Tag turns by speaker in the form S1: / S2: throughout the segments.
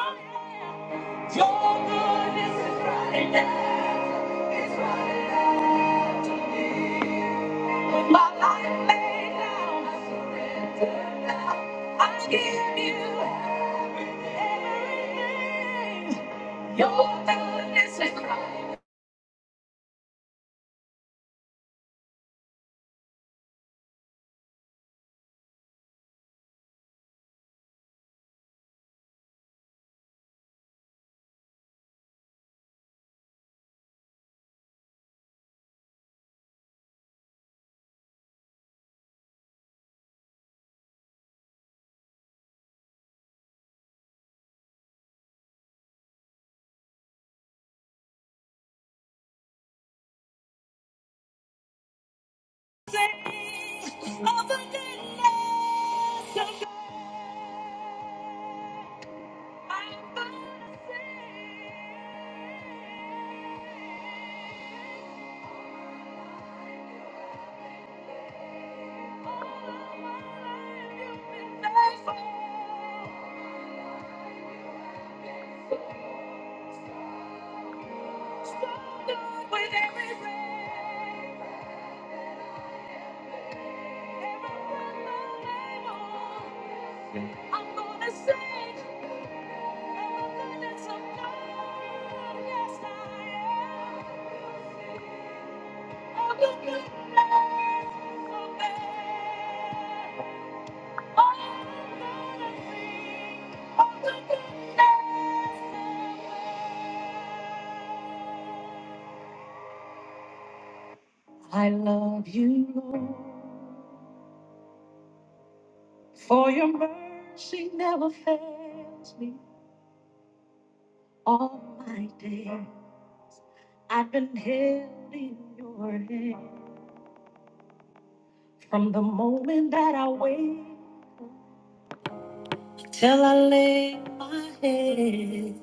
S1: Your goodness is running out, it's running out to me. With my life laid down, I surrender. I give you everything. Your goodness is running out. to me. I'm thankful for All the days I've been alive, you've been faithful. I love you, Lord, for your mercy never fails me. All my day, I've been held in your hand from the moment that I wake till I lay my head.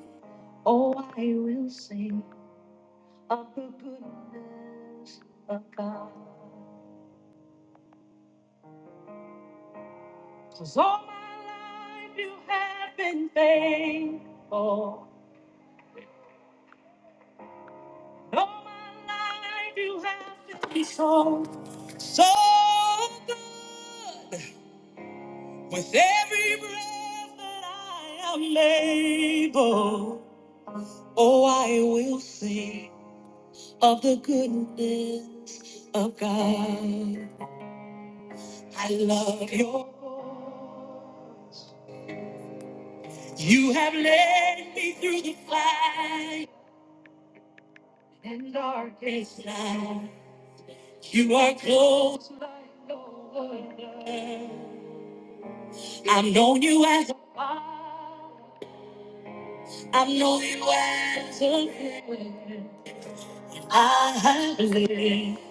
S1: Oh, I will sing of the goodness of God. Cause all my life you have been faithful. All my life you have been so, so good. With every breath that I am able, oh, I will sing of the goodness of God. I love your voice. You have led me through the fire and darkest night. You are close like no other. I've known you as a father. I've known you as a friend. I have lived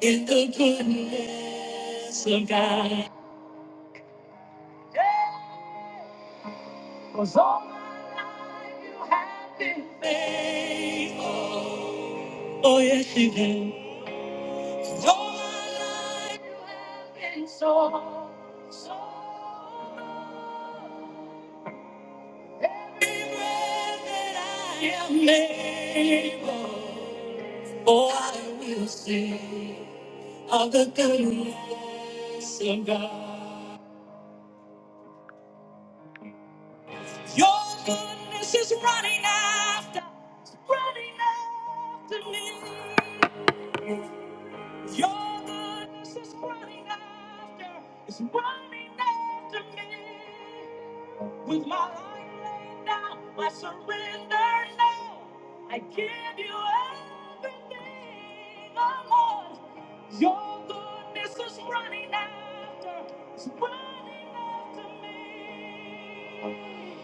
S1: in the goodness of God. Cause all my life you have been faithful. Oh, yes, you have. And All my life you have been so, so. I am able. Oh, I will sing of the goodness of God. Your goodness is running after, it's running after me. Your goodness is running after, it's running after me. With my life laid down, I surrender now. I give you everything, oh Lord. Your goodness is running after, it's running after me.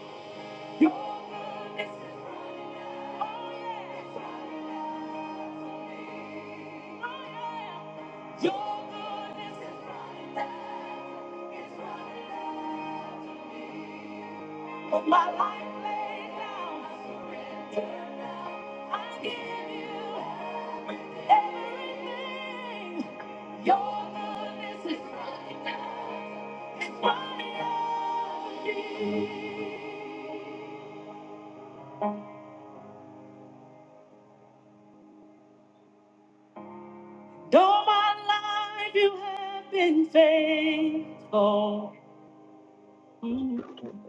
S1: My life laid down, I surrender now. I give you everything. Your goodness is running out. Running out. All my life you have been faithful. Mm.
S2: Thank you,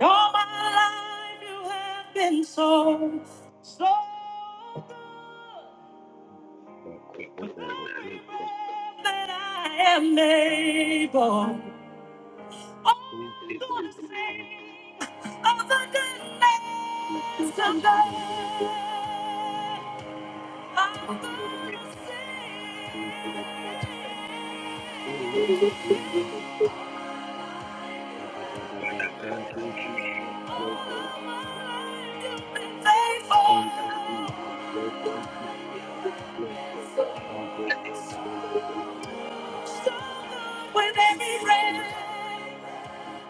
S1: All my life you have been so, so good.
S2: Jesus.
S1: With
S2: Thank
S1: every breath that I am able, I'm
S2: you, Jesus.
S1: gonna sing your goodness and grace. I'm
S2: Bless you,
S1: gonna
S2: Jesus.
S1: sing.
S2: And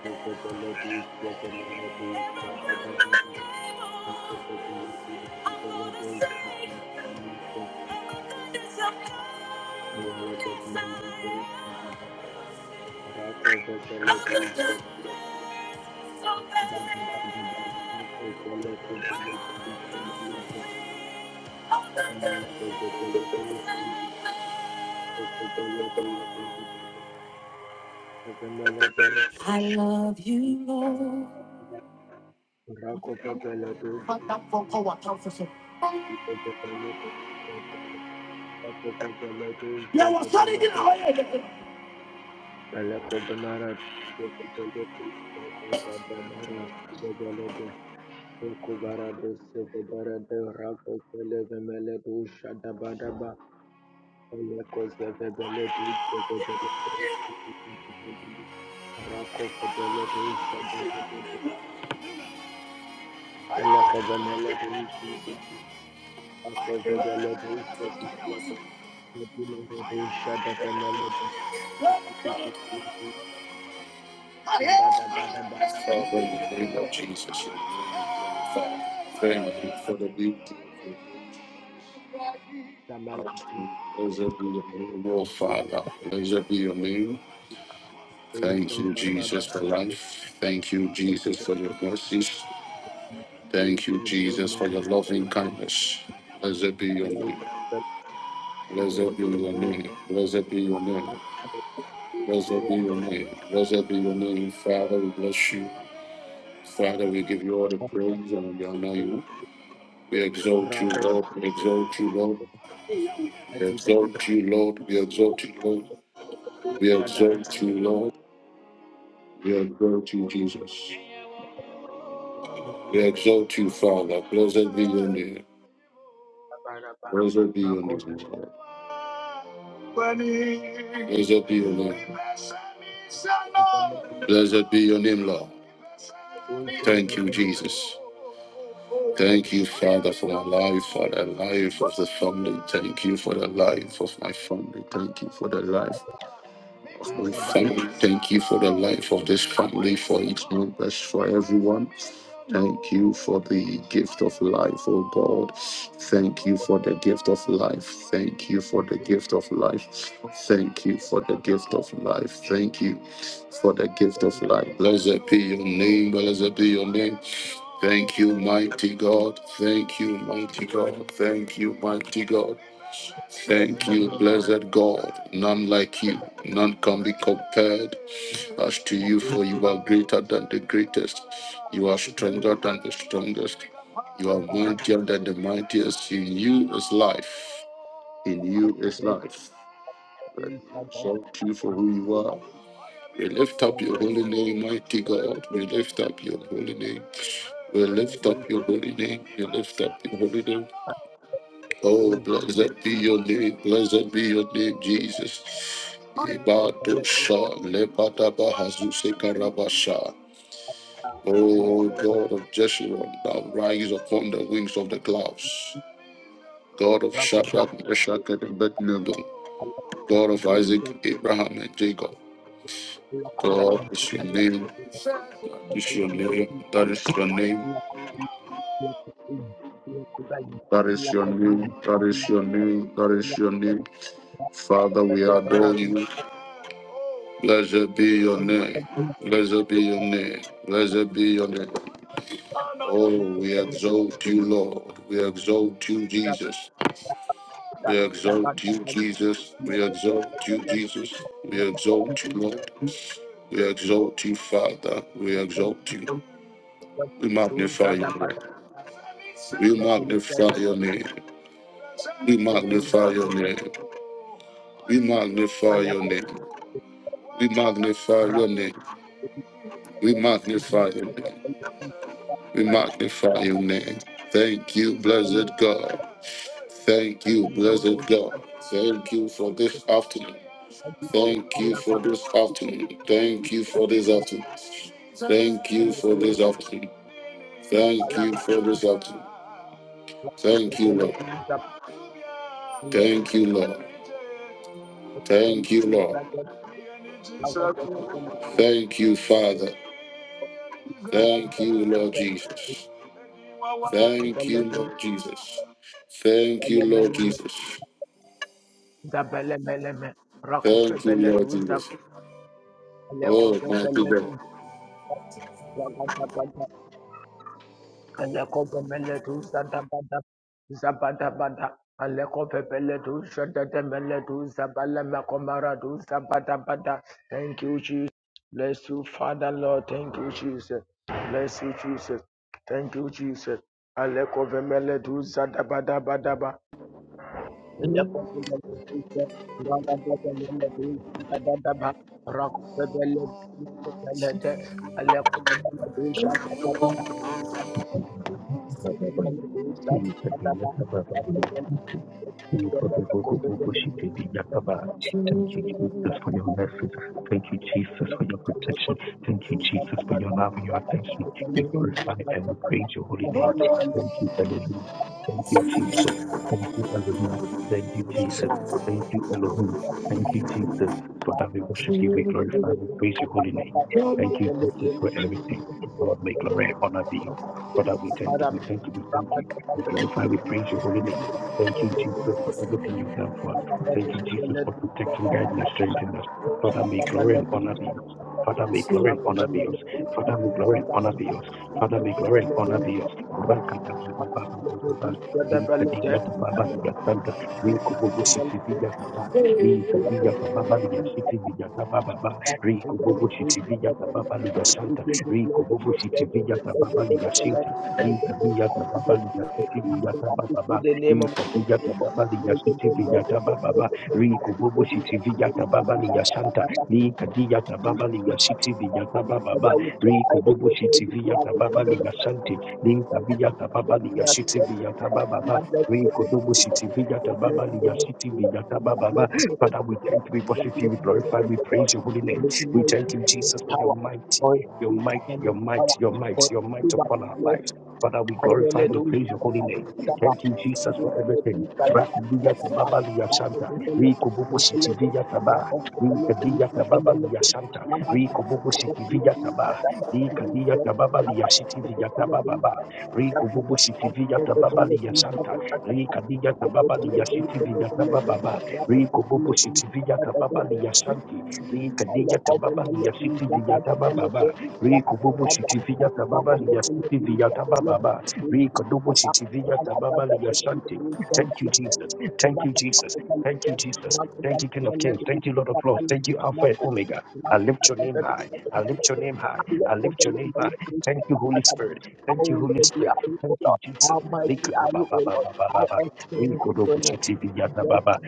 S2: the Belarus, and the Belarus, and the Belarus,
S1: I
S2: the Belarus, the Belarus, the Belarus, the Belarus, the
S1: Yes,
S2: Belarus, the Belarus, Rakov Belarus,
S1: So
S2: Rakopele
S1: I love you, Lord.
S2: Rakopeledusha Dabadaba Rakos
S1: Father, in the name of Jesus, we thank you for the beauty of your outcome. Blessed be your name, oh Father. Blessed be your name. Thank you, Jesus, for life. Thank you, Jesus, for your mercies. Thank you, Jesus, for your loving kindness. Blessed be your name. Blessed be your name. Blessed be your name. Blessed be your name. Blessed be your name. Father, we bless you. Father, we give you all the praise and we honor you. We exalt you, Lord. We exalt you, Lord. We
S2: Adiba
S1: exalt you, Lord. We exalt you, Lord. We
S2: Sadaba
S1: exalt you, Lord. We exalt you, Jesus. We exalt you, Father. Blessed be your name.
S2: Baraba
S1: Blessed be your
S2: Rakov
S1: name, Lord. Blessed be your name.
S2: Thank you.
S1: Blessed be your name, Lord. Thank you, Jesus. Thank you, Father, for my life, for the life of the family. Thank you for the life of my family. Thank you for the life We thank, thank you for the life of this family, for each members, for everyone. Thank you for the gift of life, oh God. Thank you for the gift of life. Thank you for the gift of life. Thank you for the gift of life. Thank you for the gift of life. Blessed be your name. Blessed be your name. Thank you, mighty God. Thank you, mighty God. Thank you, mighty God. Thank you, blessed God. None like you. None can be compared as to you, for you are greater than the greatest. You are stronger than the strongest. You are mightier than the mightiest. In you is life. In you is life. We Exalt you for who you are. We lift up your holy name, mighty God. We lift up your holy name. We lift up your holy name. We lift up your holy name. Oh, blessed be your name, blessed be your name, Jesus. Ibadosha, lebadabahazusekarabasha. Oh, God of Jeshurun, thou rise upon the wings of the clouds. God of Shadrach, Meshach, and Abednego, God of Isaac, Abraham, and Jacob. God is your name. That is your name. That is your name. That is your name. That is your name. That is your name. Father, we adore you. Blessed be your name. Blessed be your name. Blessed be your name. Oh, we exalt you, Lord. We exalt you, Jesus. We exalt you, Jesus. We exalt you, Jesus. We exalt you, Lord. We exalt you, Father. We exalt you. We magnify your name. We magnify your name. We magnify your name. We magnify your name. We magnify your name. We magnify your name. We magnify your name. Thank you, blessed God. Thank you, blessed God. Thank you for this afternoon. Thank you for this afternoon. Thank you for this afternoon. Thank you for this afternoon. Thank you for this afternoon. Thank you, Lord. Thank you, Lord. Thank you, Lord. Thank you, Father. Thank you, Lord Jesus. Thank you, Lord Jesus. Thank you, Lord Jesus.
S2: Zabele meleme,
S1: Thank you,
S2: rakofebele
S1: Lord
S2: du zam,
S1: Jesus. Oh, mighty
S2: lekofebele
S1: God.
S2: du, Aleko pepele tu zababa zababa aleko pepele tu shababa zababa aleko pepele tu zababa zababa thank you Jesus bless you Father Lord thank you Jesus bless you Jesus thank you Jesus aleko pepele tu zababa zababa aleko pepele tu zababa zababa rakopele tu zababa zababa rakopele tu zababa zababa
S3: That's why it's so important to have a good education. Thank you, Jesus, for your message. Thank you, Jesus, for your protection. Thank you, Jesus, for your love and your attention. We glorify and we praise your holy name. Thank you, Elohim. Thank you, Jesus. Thank you, Elohim. Thank you, Jesus. Thank you, Elohim. Thank you, Jesus, for that we worship you. We glorify and we praise your holy name. Thank you, Jesus,
S2: Thank
S3: for everything. Lord, may glory and honor be yours. For that we thank you. We thank you. We thank you. We glorify. We praise your holy name. Thank you, Jesus, for everything you've done for us. Thank you, Jesus, for protecting, guiding, and strengthening us. Father, may glory and honor be yours. Father, may glory and honor be yours. Father, may glory and honor be yours. Father, may glory and honor be yours. Rakata baba baba baba. Lisa diya
S2: Thank
S3: baba baba diya santa. Riku bubu shiti viya baba. Lisa diya baba baba diya
S2: you
S3: shiti viya baba baba. ba.
S2: the name of the Lord. Make the name, make the
S3: Riku bubu shiti viya baba baba diya santa. Riku bubu shiti viya baba baba diya shinki. Lisa diya baba baba diya shiti viya baba baba. ba.
S2: name,
S3: Inka diya tababa
S2: make
S3: liya
S2: the
S3: siti viya tababa. Riku bubu siti viya tababa liya santa. Lika diya tababa liya siti viya tababa. Riku bubu siti viya tababa liya santi. Lika viya tababa liya siti viya tababa. Riku bubu siti viya tababa liya siti viya tababa.
S2: name,
S3: Father, we thank you, we
S2: I
S3: worship you,
S2: speak
S3: we
S2: for
S3: glorify, we
S2: you
S3: praise your holy
S2: for
S3: name.
S2: the
S3: We
S2: mighty
S3: thank you,
S2: of his
S3: Jesus, for your
S2: power,
S3: mighty,
S2: for his
S3: your
S2: super
S3: might,
S2: and
S3: your
S2: his
S3: might,
S2: power,
S3: your might,
S2: for his
S3: your might
S2: super
S3: upon our
S2: flesh,
S3: lives. Father, we
S2: for
S3: glorify, we praise your holy name. Thank you, Jesus, for everything. Rakubiya tababa liya santa. Riku bubu City Villa taba. Rikadiya tababa liya santa. Riku bubu City Villa taba. Rikadiya tababa liya sitiviya taba baba. Riku bubu sitiviya tababa liya santa. Rikadiya tababa liya sitiviya taba baba. Riku
S2: the
S3: bubu sitiviya tababa
S2: little
S3: liya santi. Rikadiya tababa liya sitiviya taba baba. Riku bubu sitiviya tababa liya sitiviya taba baba. Rikodobo shitiviya tababa liyashante. Thank you, Jesus. Thank you, Jesus. Thank you, Jesus. Thank you, King of Kings. Thank you, Lord of Lords. Thank you, Alpha and Omega. I lift your name high. I lift your name high. I lift your name high. Thank you, Holy Spirit. Thank you, Holy Spirit. Thank you, Jesus.
S2: Almighty are you, O Lord?
S3: Likadababababababa.
S2: I experience the
S3: Rikodobo shitiviya
S2: goodness.
S3: tababa.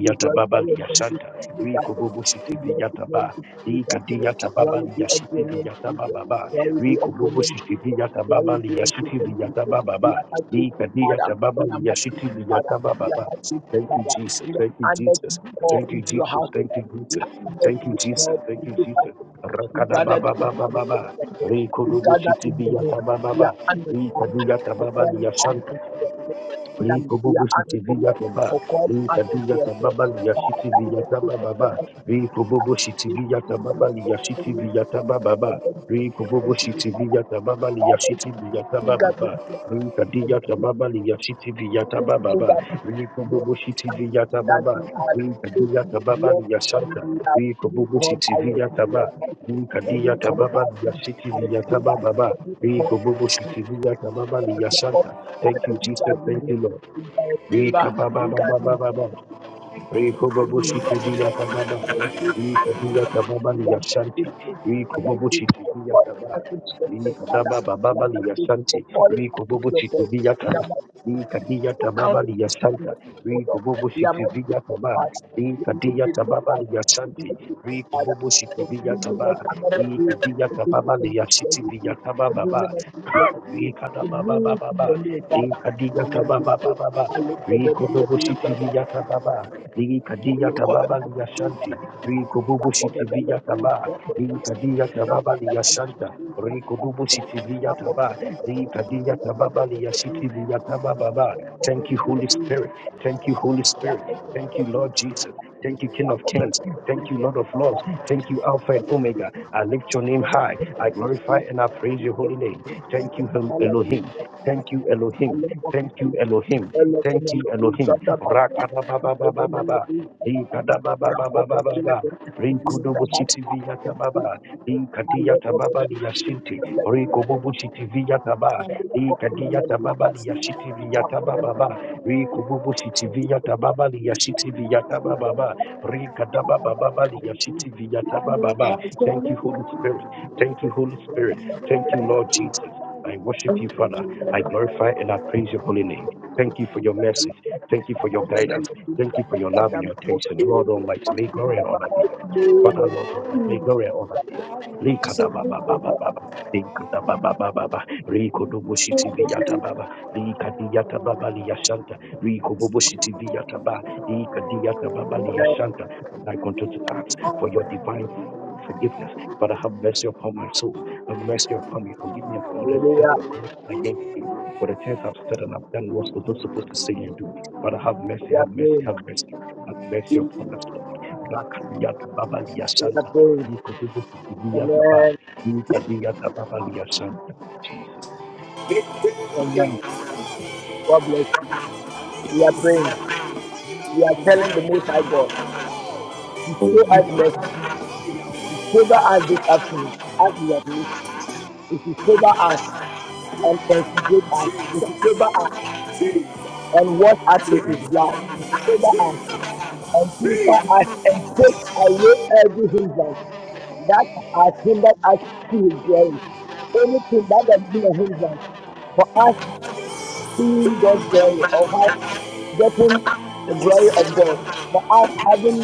S2: We
S3: tababa
S2: glorify your name this
S3: liyashanta.
S2: this afternoon.
S3: Rikobobo
S2: We bless
S3: shitiviya
S2: your name
S3: tababa.
S2: this this afternoon.
S3: Likadiya tababa
S2: Glory be unto your name,
S3: liyashitiviya
S2: Jesus.
S3: tababa.
S2: Glory be unto your
S3: Rikurubu
S2: name, Jesus.
S3: sitidi yata baba
S2: Glory be
S3: liya
S2: unto your name,
S3: sitidi yata
S2: Jesus.
S3: baba
S2: We
S3: ba.
S2: are happy to
S3: Ikadi
S2: Father.
S3: yata baba
S2: We are
S3: liya
S2: happy to
S3: sitidi
S2: Father.
S3: yata
S2: We
S3: baba
S2: are
S3: ba.
S2: happy to
S3: Thank you,
S2: Father.
S3: Jesus.
S2: We are
S3: Thank you,
S2: honored to
S3: Jesus.
S2: be called
S3: Thank you,
S2: into your
S3: Jesus.
S2: house with
S3: Thank you,
S2: us. We
S3: Jesus.
S2: are honored
S3: Thank
S2: to
S3: you,
S2: be
S3: Jesus.
S2: called
S3: Thank
S2: into
S3: you,
S2: this house
S3: Jesus.
S2: we
S3: Rakada
S2: gathered
S3: baba
S2: one
S3: baba
S2: for the Lord
S3: baba.
S2: We
S3: Rikurubu
S2: gathered in
S3: sitidi
S2: the name.
S3: yata baba
S2: We
S3: ba.
S2: are honored Father,
S3: Ikadi yata
S2: for
S3: baba
S2: calling us
S3: liya
S2: into your presence. We
S3: li
S2: are we are
S3: Rikobobushi
S2: honored O
S3: tiviya
S2: Lord,
S3: taba,
S2: for calling us into
S3: rikadiya
S2: your presence.
S3: tababa
S2: Father,
S3: liyashiti
S2: we are
S3: viya
S2: grateful
S3: taba
S2: for
S3: baba,
S2: the
S3: rikobobushi
S2: gift
S3: ba.
S2: of your
S3: tababa
S2: love, for
S3: liyashiti
S2: me,
S3: viya taba
S2: for
S3: baba,
S2: them, for them, for
S3: rikobobushi
S2: me.
S3: tiviya tababa
S2: Father, you
S3: liyashiti viya
S2: you- you
S3: taba
S2: gathered
S3: baba,
S2: here to
S3: rikadiya
S2: confess,
S3: tababa liyashiti viya taba
S2: you
S3: baba,
S2: gathered here
S3: rikobobushi
S2: and
S3: tiviya
S2: that
S3: tababa,
S2: we are
S3: rikadiya
S2: faithful to
S3: tababa
S2: you, and
S3: liyashanta,
S2: we are being
S3: rikobobushi
S2: called by your
S3: tiviya
S2: your
S3: taba,
S2: voice, we are
S3: rikadiya
S2: being called by
S3: tababa
S2: our
S3: liyashiti
S2: by
S3: viya taba li kadiya taba ba li yashiti viya taba baba, li kobobo shiti viya taba ba tiviya tababa
S2: Therefore,
S3: Thank
S2: Father,
S3: you,
S2: we
S3: Jesus.
S2: thank you
S3: Thank
S2: that
S3: you, Lord.
S2: we are favor,
S3: Rika ba
S2: we
S3: ba ba
S2: thank
S3: ba ba
S2: you
S3: ba ba.
S2: for being
S3: Rikoboboshiti
S2: here, we
S3: Viyatababa.
S2: thank You grateful,
S3: Viyatababa
S2: we are not
S3: Liyashanti.
S2: grateful, we are not
S3: Rikoboboshiti
S2: grateful for all
S3: Viyataba.
S2: that you have done, Father.
S3: Vikadaba
S2: We are
S3: Baba
S2: not grateful for
S3: Liyashanti.
S2: all that you have
S3: Rikoboboshiti
S2: done. We are
S3: Viyataba.
S2: not
S3: Vikadiya
S2: to count
S3: Tababa
S2: it on the
S3: Liyasanta.
S2: oh We are
S3: Rikoboboshiti
S2: mindful,
S3: Viyataba.
S2: Father. We are
S3: Vikadiya
S2: mindful,
S3: Tababa
S2: Father. We are
S3: Liyashanti.
S2: mindful, Father.
S3: Rikoboboshiti
S2: For giving us
S3: Viyataba.
S2: another day,
S3: Vikadiya
S2: for giving
S3: Tababa
S2: us this
S3: Liyashiti
S2: pleasant day,
S3: Viyataba
S2: for giving
S3: Baba.
S2: us this pleasant day. For
S3: Vikadaba Baba
S2: me, To live in your name, Father.
S3: liya shanti. Rikobobo shiti
S2: We
S3: viyata Baba. Vikadiya
S2: are mindful.
S3: Tababa Baba.
S2: I look for the beloved is
S3: Rikoboboshiti
S2: that I
S3: Viyataba. Hii kadia
S2: look for the beloved
S3: tababa liya
S2: is that
S3: shanti. Riko
S2: I
S3: bubu
S2: for the
S3: shitivi ya
S2: beloved is
S3: taba.
S2: that the
S3: Hii
S2: beloved
S3: kadia tababa
S2: Rabba that
S3: liya
S2: I
S3: shanta.
S2: is that
S3: Riko
S2: that
S3: dubu shitivi ya
S2: for the
S3: taba.
S2: beloved
S3: Hii kadia
S2: and the for the
S3: tababa liya
S2: beloved is
S3: shitivi ya taba baba.
S2: that for the
S3: Thank you, Holy
S2: beloved
S3: Spirit. Thank you, Holy Spirit.
S2: is
S3: Thank you,
S2: that
S3: Lord Jesus. Thank you, King of
S2: Thank
S3: Kings. Thank you, Lord of Lords. Thank you, Alpha and Omega. I lift your name high. I glorify and I praise your holy name. Thank you, Hel- Elohim. Thank you, Elohim. Thank you, Elohim. Thank you, Elohim. Rakada baba baba baba, Ikada baba baba baba baba. Rakadabababababa. baba. Rikudubuchitiviyatababa. Ikadiyatababa liyashinti. Rikububuchitiviyatababa. Ikadiyatababa liyashitiviyatabababa. Rikububuchitiviyatababa liyashitiviyatabababa. Rikadababababa liyashitiviyatabababa. Thank you, Holy Spirit. Thank you, Holy Spirit. Thank you, Lord Jesus. I worship you, Father. I glorify and I praise your holy name. Thank you for your mercy. Thank you for your guidance. Thank you for your love and your attention. Lord Almighty, may glory and honor be yours. Father, Lord Almighty, may glory and honor be yours.
S2: you.
S3: Likadabababababa, likadabababababa,
S2: Amen.
S3: rikodoboshitiviyatababa, likadiyatababa liyashanta, rikoboboshitiviyatababa, likadiyatababa liyashanta. And I continue to ask for your divine forgiveness. Father, have mercy upon my soul. Have mercy upon me. Forgive me of all the sins
S2: Hallelujah.
S3: I've committed against you, for the things I've said and I've done, was not supposed to say and do. Father, have mercy,
S2: We
S3: have
S2: are
S3: mercy,
S2: praying.
S3: have mercy, have mercy upon us, Lord. Rakadiyata Babalia
S2: We are
S3: Santa.
S2: praying.
S3: Ikodubukidiyata Ba.
S2: Amen.
S3: Ikadiyata Babalia Santa. Jesus.
S2: Amen. God bless. you. We are praying. We are telling the Most High God, show us mercy. Favor us this afternoon as we have missed. If you favor us and consider us, if you favor us and wash us with His blood, if you favor us and purify us and take away every hindrance that has hindered us to His glory. Anything that has been a hindrance for us seeing God's glory or getting the glory of God. But us having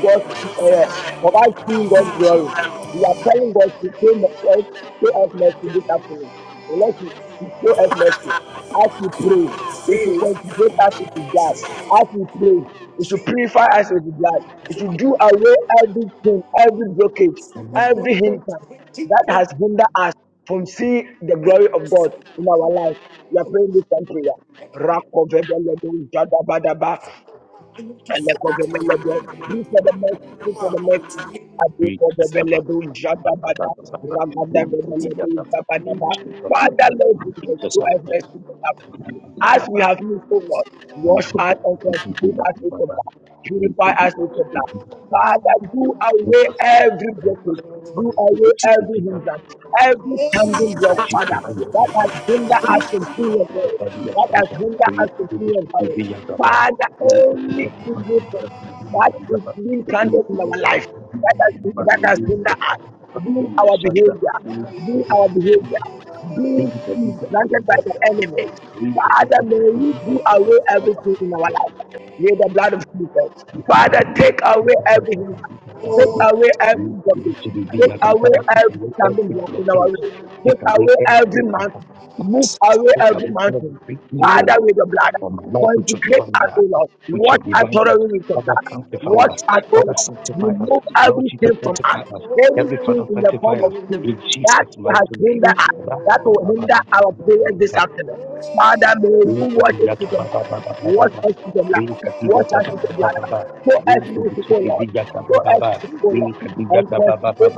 S2: God uh, provide seeing God's glory. We are telling God to show mercy, show us mercy this afternoon. Unless you you show us mercy, as we pray, it should concentrate us with His God. As we pray, it should purify us with His blood. It should do away everything, every blockage, every hindrance that has hindered us from seeing the glory of God in our life. We are praying this time prayer. Rakovebelebe jadabadaba and the Kobemelebe. Do is the most, this is the most happy
S3: Ikata Ba-
S2: Kobemelebu,
S3: Ba- Ba- Ba-
S2: Jadabada,
S3: Ba- Ba- Ba.
S2: Ragada,
S3: Ikadiyata
S2: Kobemelebu,
S3: Babalia
S2: Jabadaba.
S3: Santa.
S2: Father, Lord Jesus,
S3: Jesus,
S2: do
S3: have
S2: us
S3: mercy.
S2: mercy on us.
S3: Ikodubukidiyata
S2: As we have moved forward, wash us and consecrate us with your
S3: Baba.
S2: blood. Purify us with your blood.
S3: Ikodubukidiyata Ba.
S2: Father, do away
S3: Jesus, Lord,
S2: every
S3: thank
S2: blockage.
S3: us. For the
S2: Do away every
S3: Ikodubukidiyata Ba.
S2: hindrance. Every standing block, Father, that
S3: Ikodubukidiyata Ba.
S2: has hindered us
S3: Every
S2: to see your glory. That has hindered us to see your glory. Father, only in you that is being planted in our life. That has been, that has been that being our behavior, being our behavior, being planted by the enemy. Father, may you do away everything in our life. with the blood of Jesus. Father, take away everything. Take away every Take away every stumbling block in our
S3: blockage,
S2: way.
S3: take
S2: Take
S3: away
S2: away every
S3: every other.
S2: mountain. Move away
S3: Take
S2: every
S3: away
S2: mountain.
S3: every evil.
S2: Father, with the blood.
S3: for my life with your
S2: Consecrate
S3: divine
S2: us, O
S3: blood,
S2: Lord.
S3: with your
S2: Watch us
S3: divine blood.
S2: thoroughly with the
S3: Father,
S2: blood.
S3: sanctify
S2: Watch
S3: us.
S2: us, O
S3: Father,
S2: Lord.
S3: sanctify us.
S2: Remove
S3: Lord
S2: everything
S3: Jesus,
S2: from us.
S3: sanctify us. Every Father,
S2: Anything in the form
S3: sanctify
S2: of
S3: us.
S2: sin
S3: In
S2: that
S3: Jesus' mighty
S2: has hindered
S3: name.
S2: us, that will hinder our prayer this afternoon. Father, may you
S3: Rika
S2: watch us with the blood. Watch us with the blood. Watch us with the blood. Show us mercy, O Lord. Show us mercy, O Lord. And consecrate us.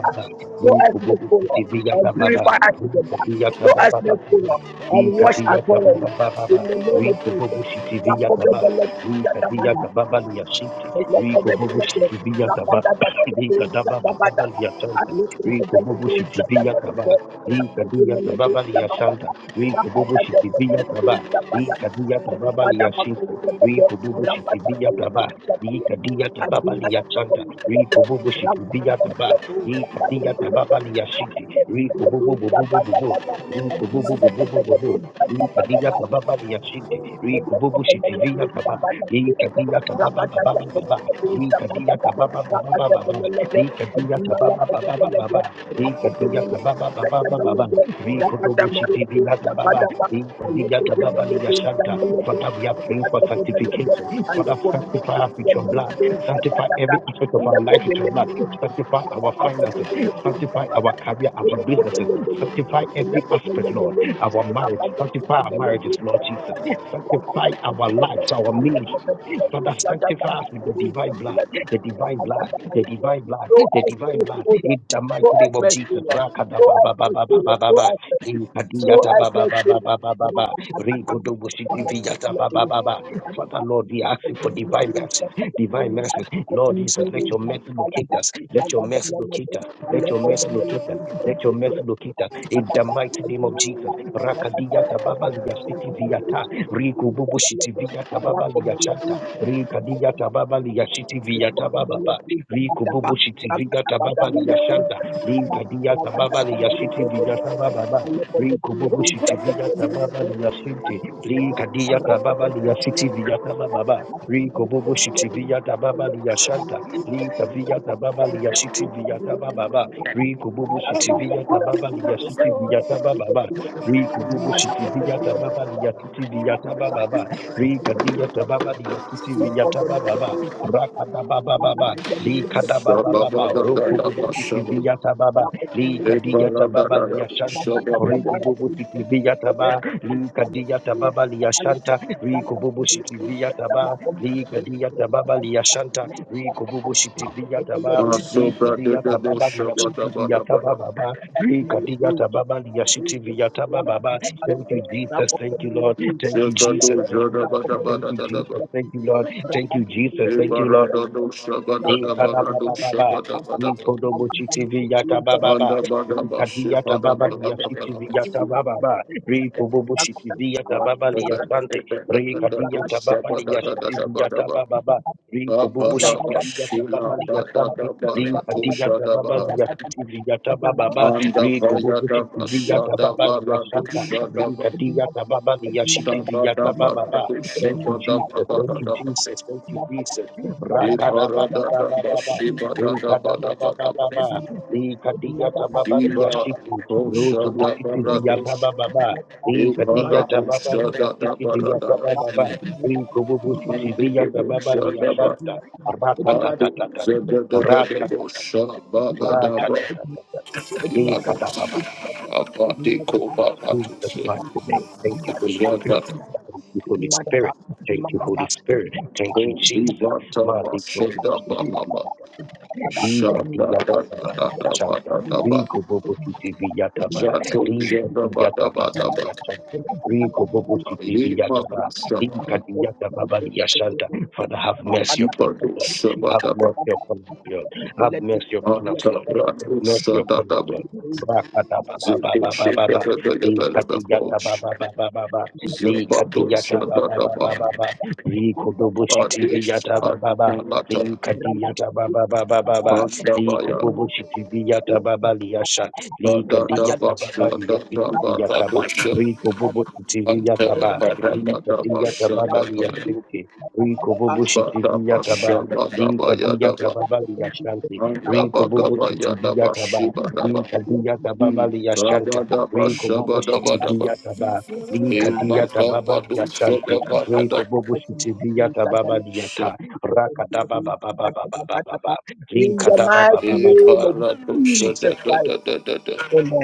S2: So as mercy, O Lord, and purify us with your blood. So as mercy, O Lord, and wash us thoroughly in the name of Jesus. Thank
S3: Rika Ikadiya tababa liyashinki, rikububu shikibiya taba, ikadiya tababa liyachanta, rikububu shikibiya taba, ikadiya tababa liyashinki, rikububu bububu bubu, rikububu bububu bubu, ikadiya
S2: you.
S3: tababa liyashinki,
S2: Thank
S3: rikububu shikibiya taba, ikadiya tababa baba baba, ikadiya tababa baba baba baba, ikadiya tababa baba baba baba, ikadiya tababa baba baba baba, Ri kububu shikibiya taba Father, we are praying for sanctification. Father, sanctify us with your blood. Sanctify every aspect of our life with your blood. Sanctify our finances. Sanctify our career, our businesses. Sanctify every aspect, Lord. Our marriage. Sanctify our marriages, Lord Jesus.
S2: you. So
S3: Sanctify
S2: as
S3: our lives, our ministries. Father, sanctify us with the divine blood. The divine blood. The divine blood. The divine
S2: mercy,
S3: blood.
S2: O Lord.
S3: In the
S2: So
S3: mighty
S2: as
S3: name of
S2: mercy,
S3: Jesus.
S2: Lord. So as mercy, O Lord. So
S3: Rakadababababababa.
S2: as mercy. So
S3: Limpadiata
S2: as
S3: ba ba ba ba
S2: mercy,
S3: ba ba ba Father Lord, we ask you for divine mercies, divine mercies. Lord Jesus, let your mercy locate us. Let your mercy locate us. Let your mercy locate us. Let your mercy locate us. In the mighty name of Jesus. Rakadiyata
S2: Lord.
S3: baba
S2: Thank
S3: liyashitiviata. Rikoboboshitiviata baba liyashanta. Rikadiyata baba liyashitiviata ba ba ba. Rikoboboshitiviata baba Rikububu shiti viga tababa liyashanta. Linkadiyata baba liyashitiviata ba ba ba. Li kububu shiti viya tababa liya shinti. Li kadiya tababa liya shiti viya tababa. Li kububu shiti viya tababa liya shanta. Li kaviya tababa
S1: Oh,
S3: liya shiti viya tababa. Li kububu shiti
S1: Shabada
S3: viya tababa liya shiti viya tababa. Li kububu shiti viya tababa liya
S2: you.
S3: shiti viya tababa. Li kadiya tababa liya shiti viya tababa. Rakadabababa. Li kadabababa. Roku bubu shiti li kadia tababa li ashanti riko bobo sitivia taba li kadia tababa li ashanta riko bobo sitivia taba li kadia tababa li ashanta riko bobo sitivia taba li kadia tababa li asitivia taba baba li kadia tababa li asitivia taba baba
S2: Thank
S3: thank
S2: you.
S3: you jesus thank you lord thank you jesus thank you lord thank you jesus thank you lord thank you jesus thank you lord Ekababababa, Nikodobochitivi Yatabababa, Nikadiyata Baba Liashitivi Yatabababa, Rikobobochitivi Yatababa Liasante, Rikadiyata Baba Liashitivi Yatabababa,
S1: Shada
S2: Zabada
S3: Rikobobochitivi Yatababa
S2: Thank
S3: Liasante, Likadiyata Baba Liashitivi Yatabababa, viyata Yatababa Liasanta, Rikadiyata Baba Liashitivi Yatabababa. Thank you, Jesus. Thank you, Jesus. Thank you, Jesus. Rakada Rakadababababa, Rikadababababa, Likadiyababa liyashiku, Rutubutiti viyabababa, Likadiyababa liyasiki viyabababa, Rikububutiti viyababa liyasharta, Rakatatata,
S2: you.
S3: Rakatatata,
S2: Thank
S3: Rakatatata, Likadababa.
S1: Abati Koba
S3: Jesus
S1: Batuse,
S3: by the name. Thank you, Holy Spirit.
S1: Jagata,
S3: Thank you, Holy Spirit. Thank you, Holy Spirit. Thank you, Jesus.
S1: Zivata,
S3: Mali
S1: Sheda Baba,
S3: Liga
S1: Shada
S3: Diata
S1: Dada
S3: Baba Liga
S1: Dada
S3: Chanta,
S1: Bada Daba,
S3: Rico Bobo City viyata Ba,
S1: Jato
S3: Liga
S1: Jada Bada
S3: Diata Baba
S1: Bada
S3: Liga
S1: Bada,
S3: Chanta, Rico Bobo
S2: you.
S3: City
S1: Ayima
S3: viyata Ba, Liga
S1: Kusama,
S2: Thank
S3: Diata Baba Liga Chanta. Father, have mercy
S1: Antipa
S3: upon us, Lord.
S1: Kusaba
S3: Have
S1: Daba,
S3: mercy upon us, Lord. Have mercy upon us,
S1: Anta
S3: Lord. Have
S1: Brato
S3: mercy
S1: Sada
S3: upon us,
S1: Daba,
S3: Lord. Rakata Baba
S1: Zito
S3: Baba Baba
S1: Sheda
S3: Baba,
S1: Dada Dada
S3: Liga
S1: Dada
S3: Diata
S1: Coach,
S3: Baba Baba Baba, Liga
S1: Zabato
S3: Diata
S1: Sada
S3: Baba Baba
S1: Daba,
S3: Baba, Rico Bobo City
S1: Adesh
S3: Viata Baba li
S1: Adinalata,
S3: kadiyata baba baba baba li
S1: Pandabaya,
S3: kububu shitibiyata baba liyasha li
S1: In the name
S3: kadiyata baba liyasitibiyata ba ri kububu shitibiyata ba li kadiyata baba liyashinti ri kububu shitibiyata ba
S2: you.
S3: li kadiyata
S2: In
S3: baba
S2: the
S3: liyashanti ri kububu shitibiyata ba li kadiyata baba liyashanta ri kububu shitibiyata ba li kadiyata baba liyashanti ri kububu shitibiyata baba liyata Rakadabababababababa.
S2: mighty
S3: Rikadabababababa.
S2: name of Jesus
S3: Jesus.
S2: Christ, Amen.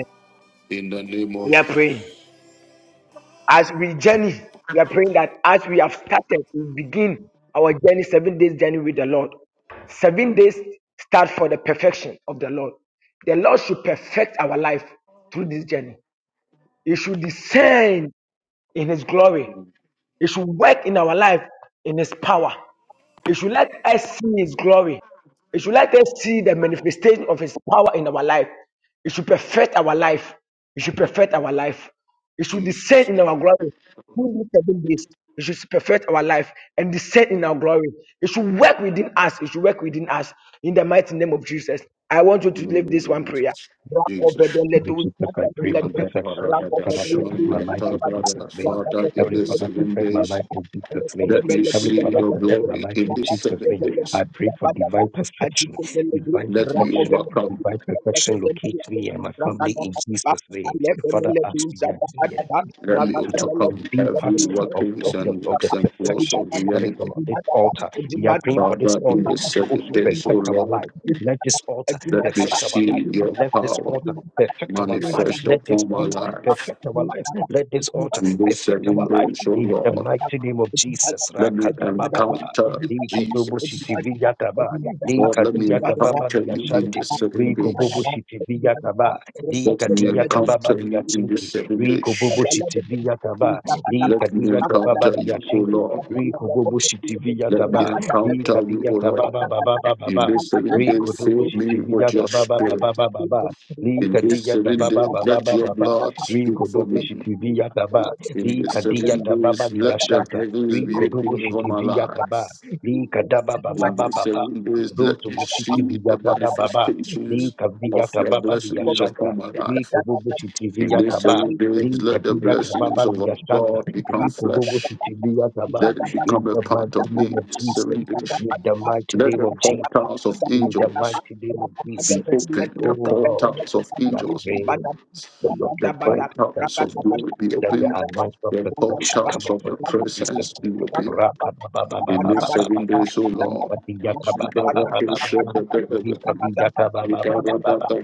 S1: of
S2: We are praying. As we journey, we are praying that as we have started, we begin our journey, seven days journey with the Lord. Seven days start for the perfection of the Lord. The Lord should perfect our life through this journey. He should descend in His glory. He should work in our life in His power. It should let us see His glory. It should let us see the manifestation of His power in our life. It should perfect our life. It should perfect our life. It should
S1: Jesus.
S2: descend in our glory. Within seven days, it should perfect our life and descend in our glory. It should work within us. It should work within us. In the mighty name of Jesus, I want you
S1: In
S2: to
S1: the
S2: leave
S1: name
S2: this
S1: of
S2: one prayer.
S1: Jesus. Jesus.
S3: Lord Jesus, I pray for perfection.
S1: Father,
S3: Father, perfect my life in Jesus' name.
S1: in
S3: Heavenly
S1: the
S3: Father,
S1: seven
S3: perfect my
S1: days,
S3: life in Jesus' name.
S1: let me
S3: Heavenly
S1: see
S3: Father,
S1: your
S3: perfect my
S1: glory
S3: life
S1: in
S3: in
S1: these
S3: Jesus'
S1: seven
S3: name.
S1: days.
S3: I pray for divine perfection, divine
S1: Let me
S3: perfection,
S1: overcome.
S3: divine perfection. Locate me and my family in Jesus' name. Father, as we are here to,
S1: Let
S3: to,
S1: me
S3: to, to, to
S1: overcome
S3: be
S1: every
S3: part of,
S1: workings
S3: of, the,
S1: and
S3: of the
S1: works and plots of the
S3: perfection that is
S1: enemy.
S3: on this altar, we are praying for this
S1: Father, in
S3: altar
S1: the
S3: to
S1: seven
S3: also
S1: days, O
S3: perfect our
S1: Lord,
S3: life. Let this altar
S1: let me
S3: perfect our life.
S1: see your
S3: Let this
S1: power
S3: altar perfect our lives.
S1: manifest
S3: Let this
S1: upon my
S3: altar
S1: life.
S3: perfect our lives. Let this altar
S1: In these
S3: perfect
S1: seven
S3: our life
S1: days, O
S3: in the
S1: Lord,
S3: mighty name of Jesus.
S1: let
S2: Thank
S1: me
S2: you.
S3: Rakadabababa.
S2: Thank
S1: encounter Jesus.
S3: Likodoboshitivigataba.
S1: Lord, let me
S3: Likadiyatababa
S1: encounter you in
S3: liyashanti.
S1: these seven days.
S3: Rikoboboshitivigataba.
S1: Let me
S3: Likadiyatababa
S1: encounter you in this
S3: liyashinti.
S1: seven days.
S3: Rikoboboshitivigataba.
S1: Let me
S3: Likadiyatababa
S1: encounter you, O
S3: liyashinti.
S1: Lord. Let me
S3: Rikoboboshitivigataba.
S1: encounter you, O
S3: Likadiyatababa
S1: Lord. In
S3: babababa.
S1: this seven days, fill me with your
S3: Rikodoboshitivigataba
S1: spirit.
S3: babababa.
S1: In this
S3: Likadiya
S1: seven days,
S3: tababa baba
S1: let
S3: baba
S1: your
S3: baba.
S1: blood speak for
S3: Rikodobo
S1: me.
S3: shitiviya taba.
S1: In this
S3: Likadiya
S1: seven
S3: tababa
S1: days, let the
S3: liyashanta.
S1: heavens be
S3: Rikodobo
S1: open over my
S3: shitiviya
S2: you.
S3: taba.
S1: life.
S2: Thank
S3: Likadaba baba
S1: In
S3: baba
S1: these
S3: baba.
S1: seven days, let
S3: Roto
S1: me see the
S3: bushitiviya taba baba.
S1: manifestations
S3: Likaviya
S1: of your
S3: tababa
S1: blessings
S3: liyashanta.
S1: upon my life.
S3: Rikodobo
S1: In
S3: shitiviya
S1: these
S3: taba.
S1: seven days, let the
S3: Likadiya
S2: you.
S1: blessings
S3: tababa
S1: of our
S3: liyashanta.
S1: God become
S2: Thank
S3: Rikodobo
S1: flesh.
S3: shitivi yataba.
S1: Let it
S3: In
S1: become a
S3: the
S1: part
S3: mighty
S1: of me.
S3: name
S1: in
S3: of
S1: these
S3: Jesus.
S1: Seven days.
S3: In the mighty
S1: Let
S3: name
S1: the
S3: of Jesus.
S1: portals of
S3: In the
S1: angels
S3: mighty name of
S1: be
S3: Jesus.
S1: opened. The
S3: Oh Lord.
S1: portals of angels be
S3: Yahweh,
S1: opened.
S3: the Lord
S1: The
S3: invite
S1: portals
S3: perfection,
S1: of
S3: Lord.
S1: glory be
S3: Let the
S1: opened.
S3: anointing of
S1: The
S3: perfection come
S1: portals of the
S3: upon us in Jesus'
S1: presence be
S3: name.
S1: opened. In these seven
S3: Rakabababababababa.
S1: days, O Lord.
S3: Rikadiyakababababababa.
S1: Ikara da
S3: Rikadiyakabababababa.
S1: da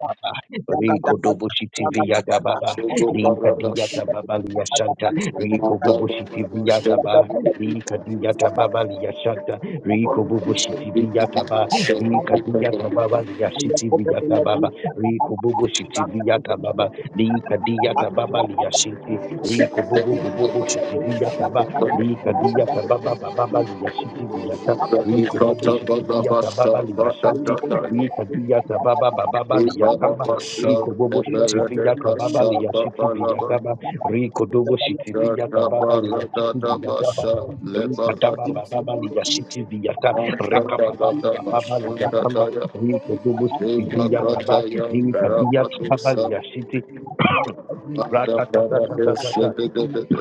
S2: you. Thank
S3: Rikodoboshitiviyatababa. Rikadiyatababa
S1: Thank
S3: Rikoboboshitiviyatababa. Rikadiyatababa Rikoboboshitiviyatababa. Rikadiyatababa Rico Bobo Shitiviata Baba, Lika Diata Baba Liashiti, Rico Bobo Bobo Shitiviata Baba, Lika Diata Baba Baba Liashiti Viata, Rico Bobo Shitiviata Baba Liashanti, Lika Diata Baba Baba Liatamba, Rico Bobo Shitiviata
S2: you.
S3: Baba Liashiti Viataba, Rico Dobo Shitiviata Baba Liashiti Viataba, Rico Daba Baba Liashiti Viata, Rika Baba Baba Liatamba, Rico Bobo Shitiviata Mimi kadia tabali ya shiti. Ratatatatata.
S1: you.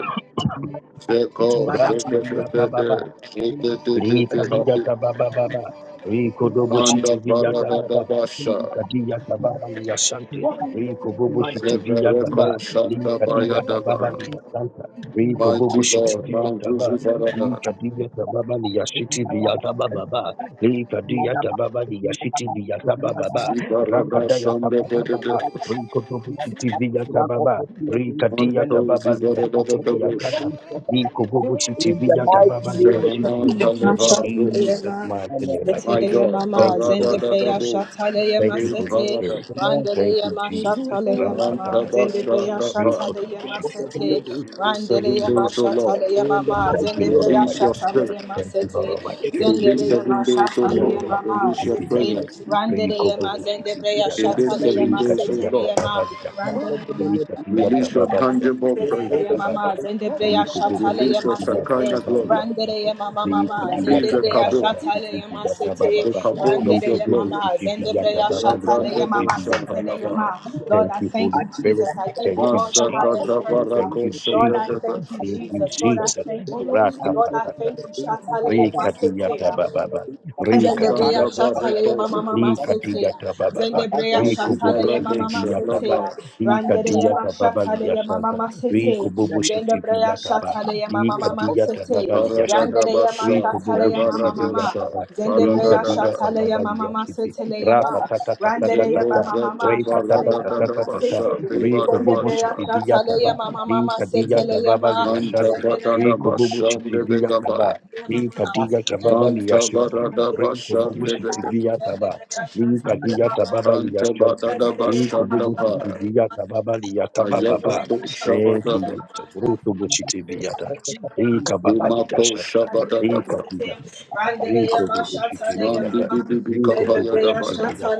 S1: Seko, seko, seko, seko, seko, seko, seko,
S2: Thank
S1: seko,
S3: Likadijata baba baba. Rikodobo
S1: Anda
S3: shiti vijata
S1: parada da
S3: baba.
S1: basha,
S3: Likadijata baba liyashante. Rikobobo shiti
S1: seko
S3: vijata ba.
S1: reko shanda baya da
S3: Likadijata baba
S1: ba.
S3: liyashanta. Rikobobo
S1: Mighty
S3: shiti
S1: God, man
S3: vijata ba.
S1: zuzi farada,
S3: Likadijata baba liyashiti vijata baba ba. Likadijata baba liyashiti vijata baba ba.
S1: si
S3: Rakadayata
S1: shanda
S3: baba
S1: bede de
S3: baba.
S2: you.
S1: bush.
S3: Rikodobo
S2: In the
S3: shiti
S2: mighty
S3: vijata
S2: name of
S3: baba.
S2: Jesus, I come
S3: Rikadijata
S1: Manto
S3: baba
S1: zivarada da
S3: liyashiti
S1: da
S3: vijata
S1: bush,
S3: baba. Rikobobo shiti vijata baba liyashiti.
S1: sevanan
S3: In
S1: talevara bush.
S4: Mashataleyema,
S3: Jesus' mighty
S2: up
S3: name, I
S1: My
S3: pray.
S4: Seteleyema
S1: God,
S4: ma,
S3: Thank you,
S1: parada
S3: Holy
S1: da da
S4: Zendebreya
S3: Spirit.
S1: bush,
S3: Thank
S4: Shataleyema
S1: he
S3: you, Holy
S4: sete,
S1: parada.
S3: Spirit.
S2: the Lord,
S3: Thank you,
S4: Randeleyema
S3: Jesus.
S4: Shataleyema ma,
S1: Anta
S3: Ra-ta-ta-ta-ta-ta.
S1: basha
S4: Zendebreya
S1: da pa.
S2: the
S4: Shataleyema
S2: Lord of the
S4: sete,
S3: Re-ko-lo-bo-shi-ti-bi-ya-ta.
S2: living.
S1: In these
S3: Thank
S1: seven
S3: you,
S4: Randeleyema
S3: Lord
S1: days, O
S3: Almighty.
S1: Lord,
S4: Shataleyema
S2: in the
S4: ma,
S2: mighty
S3: Thank you,
S2: name
S3: Lord
S2: of
S4: Zendebreya
S1: release your
S3: Almighty.
S1: spirit.
S4: Shataleyema
S3: Thank you, Lord
S4: sete,
S3: Almighty.
S2: Jesus,
S3: Thank
S1: In
S2: the
S1: these
S3: you,
S2: Lord,
S1: seven
S4: Zendeleyema
S1: days, O Lord,
S4: Shataleyema ma,
S1: release your
S4: sete,
S3: Chivijata,
S1: presence.
S2: the
S3: Bring
S4: Randeleyema
S3: Kobobushi
S4: Zendebreya
S2: Lord
S1: In
S3: Chivijata,
S2: the
S1: these seven
S3: Bring
S4: Shataleyema
S1: days, O
S3: Katinjata
S1: Lord,
S4: seteleyema,
S3: Baba Ligata,
S2: Lord, the Lord, the
S4: Randeleyema
S3: Rei
S2: Lord,
S3: Katinjata
S1: release your
S4: Shataleyema
S3: Baba
S4: ma,
S3: Ligata,
S1: tangible
S2: the Lord, the Lord,
S4: Seteleya
S3: Chivijata
S2: the
S1: presence.
S3: Baba,
S4: mama zendebreya
S3: Rei Kobobushi
S4: shataleya
S1: Release your
S3: Chivijata
S4: masete.
S1: Shekinah
S3: Baba
S1: glory.
S3: Ligata,
S4: Brandereya mama
S3: Bring
S4: mama
S1: Release
S3: Katinjata
S1: the
S4: zendebreya
S3: Baba
S1: kabod,
S3: Ligata,
S4: shatale yama
S3: Chivijata
S4: sete.
S1: the
S3: Baba,
S4: Brandere
S1: kabod
S3: Bring
S1: of your
S4: Brandereya
S1: glory.
S4: mama
S2: Thank
S3: Kobobushi Chivijata
S4: zendebreya
S3: Baba
S4: shataleya
S3: Ligata,
S1: Sabrande bo
S4: mama
S3: Chivijata
S4: seteleya
S3: Baba.
S4: ma.
S1: shahalabaha.
S4: Lord,
S3: Thank
S4: I
S3: you,
S4: thank
S3: Holy
S4: you,
S3: Spirit.
S4: Jesus. I give
S3: Thank
S4: you
S3: you,
S4: all the
S3: Jesus.
S1: Masakata
S4: highest praise.
S3: Thank
S1: barako
S3: you,
S4: Lord, I
S3: Jesus.
S1: shadadaba.
S4: thank you,
S3: Thank you,
S4: Jesus. Lord, I
S3: Jesus.
S4: thank you. Lord, I
S3: Ratatatata.
S4: thank you. Shataleya
S3: Bring Katinjata
S4: sete.
S3: Baba. Re
S4: Zendebreya
S3: kadiga
S1: Santa
S3: taba
S4: shataleya
S3: baba.
S4: mama
S1: barekose.
S4: mama
S3: Li kadiga
S4: seteya.
S3: taba baba.
S4: Zendebreya
S3: Re kububu
S4: shataleya mama mama
S1: Mazibarabosha
S3: shitibiya taba.
S4: seteya.
S1: labaha.
S3: Li
S4: Randereya
S3: kadiga
S4: ma
S3: taba baba
S4: shataleya mama
S3: liyashanta.
S4: mama
S3: Re
S4: seteya.
S3: kububu
S4: Zendebreya
S3: shitibiya taba.
S4: shataleya
S3: Li
S4: mama mama
S3: kadiga taba
S4: seteya.
S3: baba liyashinti.
S4: Randereya ma
S3: Re
S1: Paradadabasha.
S3: kububu
S4: shataleya mama
S3: shitibiya
S4: mama.
S1: Lebaradosha.
S3: taba. Li
S4: Zendebreya
S3: kadiga
S1: Paradadada.
S3: taba
S4: shataleya
S3: baba
S4: mama mama
S3: liyashinti.
S4: seteleya
S3: Ra ta
S4: ma.
S3: ta ta ta ta ta ta
S4: Randereya
S2: you.
S1: Zoko
S3: ta.
S4: mama
S1: zata
S4: mama
S3: Re
S2: In
S1: bara
S3: katata
S1: da
S4: shataleya
S3: ta
S1: da
S3: ta
S4: mama
S3: ta
S4: mama
S3: ta ta.
S1: basha,
S4: seteya.
S2: the
S3: Re
S1: riba da
S3: kububu
S4: Zendebreya
S1: basha.
S3: shitibiya
S4: shataleya
S3: taba.
S4: mama
S3: Li
S4: mama
S3: kadiga
S4: seteleya
S3: taba baba
S4: ma.
S1: Anta
S3: liyashanti.
S1: bara
S4: Zendebreya
S3: Re
S1: da
S3: kububu
S1: basha de
S3: shitibiya
S1: begabaya.
S3: taba. Hii kadija tababa
S1: Anta
S3: liyashiki.
S1: bara da
S3: Rinko
S1: basha
S3: bubu
S1: de bege.
S3: shitibiya taba. Lika diya
S4: Thank you.
S3: tababa liya
S1: Anta bara
S3: shanti.
S1: da
S4: Randere yama
S1: basha
S3: Rinko
S1: da
S3: bubu
S1: paya.
S3: shitibiya tababa liya
S1: Ayaba
S3: tabababa.
S1: do
S3: Thank
S1: shabada
S3: you,
S1: ba.
S3: Jesus. Ruto bu shitibiya ta. Lika baba
S1: Ima
S3: liya
S1: po
S3: shanta.
S1: shabada da
S3: Lika
S1: ba.
S3: diya tababa. Rinko bubu shitibiya
S1: Nandi
S3: ta.
S1: bi
S4: Shata,
S1: bi bi
S3: Rinko
S1: kapaya
S3: bubu
S1: da baya.
S3: shitibiya ta.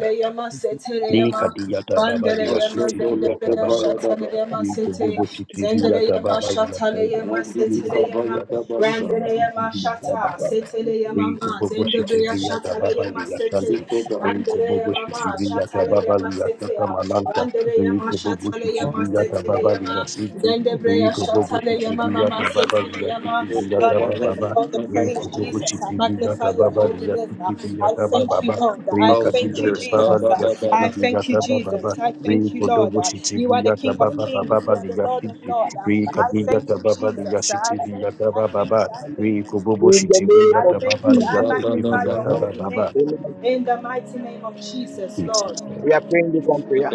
S3: Ni kadiyata baba liya
S1: Masho
S3: shiti
S1: dolo
S3: liyata baba
S1: kopaya
S3: ba.
S1: da ba.
S3: Ni kububu shiti liyata baba liya selva.
S1: Nandi
S3: Ni
S1: bi kapaya
S3: kadiyata
S1: da
S3: baba
S1: basha.
S3: liya shiti liyata baba ba.
S4: Setele
S3: Ni
S4: Yamama,
S3: kububu shiti
S4: Zendebrea
S3: liyata
S4: Shatale
S3: baba liya selva.
S4: Yamasete,
S1: Biko ba.
S3: Ni kububu
S4: Randere
S3: shiti
S4: mama
S3: liyata
S4: shatale
S3: baba
S4: yama
S3: liya
S4: sete
S3: sata
S4: ya.
S3: malanta.
S4: Randere
S3: Ni
S4: yama
S3: kububu
S4: shatale
S3: shiti
S4: yama
S3: liyata
S4: setele
S3: baba liya
S4: yama.
S3: shiti.
S4: Zendebre
S3: Ni
S4: ya
S3: kububu
S4: shatale
S3: shiti
S4: yama mama
S3: liyata baba
S4: setele
S3: liya shiti
S4: yama. Lord,
S3: liyata
S4: I
S3: baba
S4: give
S3: ba.
S4: you all the praise,
S3: Rico Bobo
S4: Jesus. I
S3: City
S4: magnify
S3: Vigata
S4: your
S3: Baba
S4: holy
S3: Liga
S4: name.
S3: City
S4: I
S3: Vigata
S4: thank you,
S3: Baba
S4: Lord. I
S1: Oh
S3: Rica
S1: Jesus.
S4: thank you,
S3: Vigata
S1: Jesus.
S3: Baba
S4: Jesus.
S1: In
S3: Liga
S1: the
S3: City
S4: I thank you,
S3: Vigata Baba
S4: Jesus. I thank you,
S3: Rico
S4: Lord.
S3: Dobo City
S4: You are the
S3: Vigata
S4: King of
S3: Baba
S4: Kings.
S3: Baba
S4: You are the
S3: Liga
S4: Lord of
S3: City
S4: Lords.
S3: Rica
S4: I thank
S3: Vigata
S4: you,
S3: Baba Liga
S4: Jesus. I
S3: City
S4: thank you.
S3: Vigata
S4: I thank
S3: Baba
S4: you. I thank
S3: Rico
S4: you,
S3: Bobo
S4: Jesus.
S3: City
S2: name
S4: I
S2: of
S3: Vigata
S4: thank
S3: Baba
S4: you. I
S3: Liga
S2: Jesus,
S3: City
S1: name
S4: magnify your
S3: Vigata
S4: holy
S3: Baba
S4: name
S2: amen.
S4: in the mighty name of Jesus, Lord.
S3: Jesus
S2: We are praying this one prayer.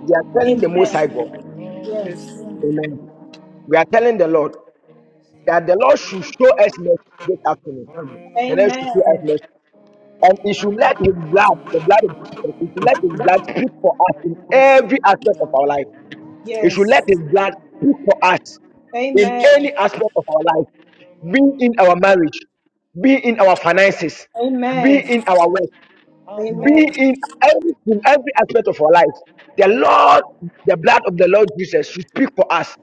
S2: We are telling
S4: Amen.
S2: the Most High God,
S4: Yes.
S2: amen. We are telling the Lord that the Lord should show us mercy this afternoon. The Lord should show us
S4: Amen.
S2: mercy. And He should let His blood, the blood of Jesus, He should let His blood speak for us in every aspect of our life. It should
S4: Yes.
S2: let His blood speak for us in
S4: Amen.
S2: any aspect of our life, be in our marriage, be in our finances, be
S4: Amen.
S2: in our work,
S4: Amen.
S2: be in every, in every aspect of our life. The Lord, the blood of the Lord Jesus should speak for us.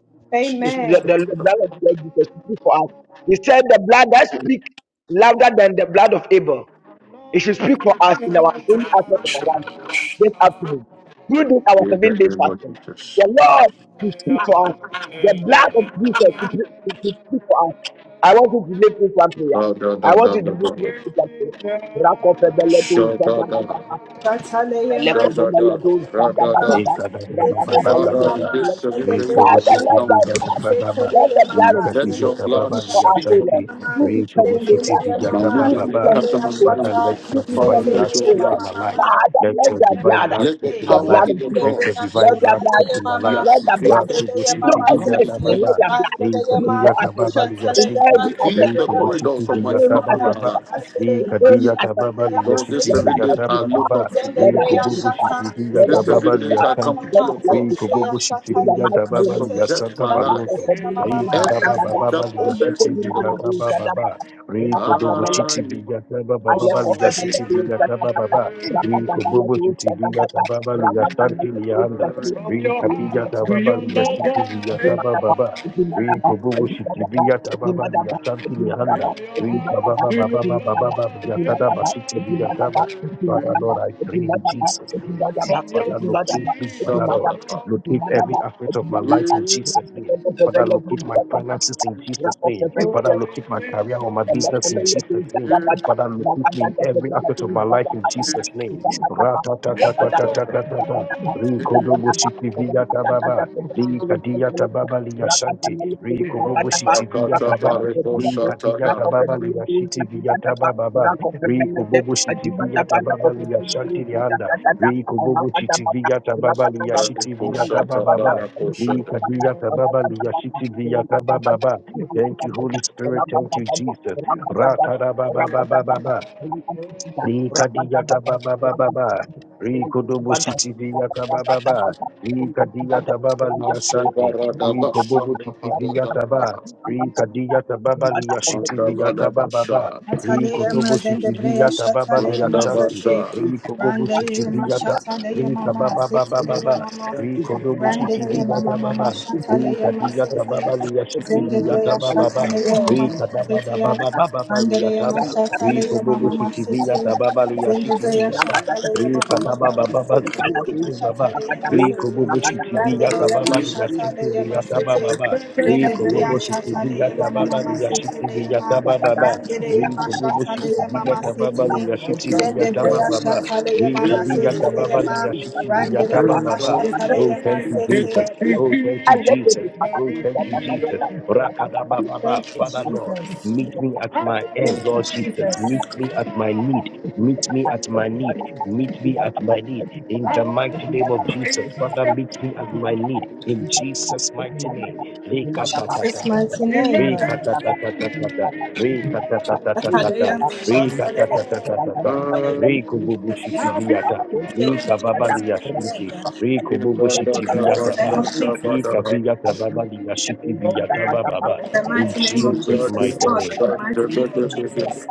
S2: It's
S4: Amen.
S2: the, the blood of the Lord Jesus should speak for us. He said the blood that speaks louder than the blood of Abel. It should speak for us in our any aspect of our life this afternoon. During this our seven days fasting,
S1: of Jesus.
S2: the Lord will speak for us. The blood of Jesus will pre- will- will speak for us. I want you to lift this one prayer.
S1: da da
S2: I
S1: da
S2: want
S1: da
S2: you to
S1: da
S2: lift lift
S1: da,
S2: this one prayer. Rakofebeledo,
S1: Sha da da
S2: zadabadaba,
S4: Kataleya
S1: sha da,
S4: mazede
S1: da
S2: elekofebeledo,
S1: ra da da.
S4: shaka.
S2: zadabadaba,
S4: Seteleya
S2: rakadabaledo,
S1: Father,
S3: Ekadabababababa.
S1: in this
S4: mama.
S2: zadabadaba.
S1: seven
S4: Yende
S1: days
S4: beya
S1: of
S2: Father, let
S4: shaka.
S1: encounter,
S2: us
S3: Retogoshitivigatabababa.
S2: let
S4: Seteleya
S2: the blood of
S4: mama.
S1: let
S2: Jesus
S4: Yende
S1: your
S4: beya
S1: blood
S2: be for
S4: shaka.
S2: us,
S1: speak
S4: yende
S2: O
S1: for me.
S2: Lord.
S3: Ikadigatababaligashanti.
S4: Mama,
S2: Who be serving this
S4: Seteleya
S2: person?
S1: Now,
S4: mama.
S2: Who be
S1: Mujane,
S4: Yende
S3: Retogoshitivigatabababa.
S2: serving
S4: beya
S2: this O
S1: Kasamani,
S2: Lord?
S3: Father,
S4: shaka.
S3: let
S1: Yankuto.
S2: Who
S3: your
S2: be
S1: Father,
S3: divine
S2: serving
S1: let
S2: this
S3: blood
S1: your
S2: O
S4: Seteleya
S3: speak in
S1: blood
S2: Lord?
S4: mama
S3: my
S1: speak.
S3: life.
S2: Father,
S3: Let
S2: let
S3: your
S2: the
S4: mama.
S3: divine
S2: blood,
S3: blood
S1: Let
S3: speak
S1: the
S4: say,
S3: in
S2: the
S3: my
S1: power
S3: life.
S2: blood
S1: in
S2: of
S1: the
S4: the
S3: Let
S2: Jesus,
S3: your
S4: Bena
S1: cross
S2: let
S3: divine
S2: the
S3: blood
S2: blood,
S3: speak
S4: Shatale
S3: in my
S1: be
S3: life.
S4: Mama,
S2: let the blood,
S1: activated
S4: Setele
S2: No,
S4: Mama,
S2: us
S1: strongly
S2: mercy
S1: in
S4: Sete,
S2: let
S1: this
S3: Ratogoshitivigatababa.
S2: the
S1: place.
S2: blood
S4: Randele
S2: be
S4: Mama,
S2: for us, O Lord. In
S4: Shatale
S3: Ikadigatababaligashanti.
S4: Mama,
S2: every
S4: the
S1: Redeem
S2: aspect of
S1: the
S2: our
S4: Bena
S2: life,
S1: corridors of
S2: in
S4: Shatale
S1: my
S2: any
S1: family
S4: Mama,
S1: in
S2: aspect
S1: my
S2: of
S3: Retogoshitivigatabababa.
S1: life.
S2: our life,
S4: Randele
S2: in
S4: Mama,
S2: any aspect of our
S4: Shatale
S2: life,
S4: Mama,
S1: Lord, these
S3: Ikadigatababaligashanti.
S2: let
S4: Sete.
S2: the
S1: seven days
S2: blood be
S1: I
S2: for us.
S1: look up to.
S2: Let
S1: you.
S3: We
S2: the
S4: Zendebreya
S2: blood be
S3: kobobo
S2: for us.
S4: shata,
S2: Let
S3: shikiviya
S2: the
S1: These
S2: blood
S4: zeteya
S3: tababa
S1: seven
S2: be for
S1: days
S2: us.
S1: I
S4: mama
S1: come
S3: liyashanti. shanti.
S1: to
S2: Let the
S4: mama,
S1: your
S2: blood
S3: We
S2: be
S1: cross.
S2: for us.
S4: zendebreya
S3: kobobo
S4: shata
S2: In the
S4: le
S3: shikiviya
S2: mighty
S4: yama
S1: I
S2: name
S3: tababa
S2: of Jesus.
S3: liya
S4: sete,
S1: subject
S3: santa
S1: my
S2: Rapa
S4: Randere
S1: life.
S3: maloto.
S4: yama
S2: Kodimana
S3: Re
S4: mama,
S2: Brisada
S3: kadaba
S1: Everything
S2: Baba,
S4: shatale
S3: bababa
S1: that
S4: yama,
S2: Rapa
S1: concerns
S3: liyashiti
S1: me to the
S2: Kodimana
S3: shitiviya kaba
S1: cross.
S2: Brisada
S3: baba.
S2: Baba,
S3: Re
S2: Rapa
S3: kodobo
S2: Kodimana
S1: I need.
S3: shitiviya kaba
S2: Thank
S3: bababa
S4: shatale
S3: liyashiti
S4: yama
S3: shitiviya
S4: mama.
S3: kaba baba. We kobobo shitiviya tababa liya shanti liya anda.
S1: From
S3: Re
S1: your
S3: kadiya
S1: heart to
S3: tababa
S1: your lover.
S3: liyashiti
S1: yeah.
S3: shitiviya kaba baba. Re kobobo shitiviya tababa liya shanti liya anda.
S1: From your
S3: Re
S1: heart
S3: kababa
S1: to your
S3: bababa
S1: lover.
S3: bababa liya
S1: yeah.
S3: kadaba shitiviya kaba. Father Lord, I pray in Jesus' name.
S1: From your
S3: Father, locate me,
S1: spirit. to your
S3: Father Lord.
S1: Father.
S3: Locate every aspect of my life in Jesus'
S1: Yeah.
S3: name. Father, locate my finances in Jesus' name. Father,
S2: you.
S1: Mandabasha,
S3: locate my career or my business in Jesus' name. Father, locate me in every aspect of my life in Jesus' name. Ra-ta-ta-ta-ta-ta-ta-ta-ta. Ri-ko-do-bo-shi-ti-vi-ya-ta-ba-ba. ya ta ba ba li ya shanti ri ko bo vi ya ta ba li ka di ya ta ba ba li ya shi vi ya ta ba ba ba Rico Bobo City viyata Baba Lia Shantilianda, Rico Bobo City Viata Baba liya shiti viyata Baba, ba. Lika Diata Baba Lia City Viata Baba. ba. Thank you,
S2: Rakata
S3: Holy
S2: Thank
S3: Spirit. Thank you, Jesus. Rata da Baba Baba Baba. Rikadiyata baba baba ba. Rikodobo sitiviyata baba ba. Rikadiyata baba liya santi. Rikobobo sitiviyata ba. Rikadiyata baba liya sitiviyata baba ba.
S1: Mandabasha,
S4: Ataleya
S3: Rikodobo
S4: mazende breya
S3: sitiviyata baba
S4: shataleya
S3: liya santi.
S4: masete.
S3: Rikobobo
S4: Randeleya
S3: sitiviyata
S4: mashataleya
S3: Rika
S4: mama
S3: baba baba
S4: seteleya
S3: baba.
S4: mama.
S3: Rikodobo
S4: Randeleya mama
S3: sitiviyata
S4: mama
S3: baba.
S4: shataleya
S3: Rikadiyata
S4: masete.
S3: baba liya
S4: Zende breya
S3: sitiviyata baba ba.
S4: shataleya mama
S2: you.
S3: Rikadaba
S4: seteya.
S3: baba baba baba liya
S4: Randeleya
S2: Thank
S3: Riko
S4: mashataleya
S3: bobo
S4: mama
S3: shiti
S4: masete.
S3: viyata babali ya
S4: Zende
S3: shiti
S4: breya
S3: viyata.
S4: shataleya Thank you,
S3: Rika daba babali
S4: Jesus.
S3: baba. Riko bobo shiti viyata babali ya shiti viyata bababa. Riko bobo shiti viyata babali ya shiti viyata bababa. Riko bobo shiti viyata babali ya shiti viyata
S2: you.
S3: bababa. Rika
S2: Thank
S3: viyata babali ya shiti viyata bababa. Oh, thank you, Jesus. Oh, thank you, Jesus. Oh, thank you, Jesus. Rakadababa, Father Lord. Meet me at my end,
S4: Thank you,
S3: Lord Jesus.
S4: Jesus.
S3: Meet me at my need. Meet me at my need. Meet me at my need. In the mighty name of Jesus, Father, meet me at my need. In Jesus' mighty name.
S4: Jesus'
S3: Re-ka-ta-ta-ta-ta-ta.
S4: mighty name.
S3: Re-ka-ta-ta-ta-ta-ta-ta.
S4: Hallelujah. Hallelujah. Hallelujah.
S3: Re-ka-ta-ta-ta-ta-ta-ta. Re-ka-ta-ta-ta-ta-ta-ta.
S2: you.
S3: Re-ku-bu-bu-shi-ti-vi-ya-ta.
S2: Thank
S4: Thank you, Jesus, for
S3: Ni-ka-ba-ba-li-ya-shi-ti.
S4: today.
S1: Maso
S4: In the mighty name
S3: ba
S4: of
S3: re
S4: Jesus.
S3: ka vi ya ta ba ba
S4: In the
S3: in
S4: mighty name of
S3: Jesus'
S4: Jesus.
S3: mighty
S4: oh, in
S3: name.
S4: the mighty name of Jesus.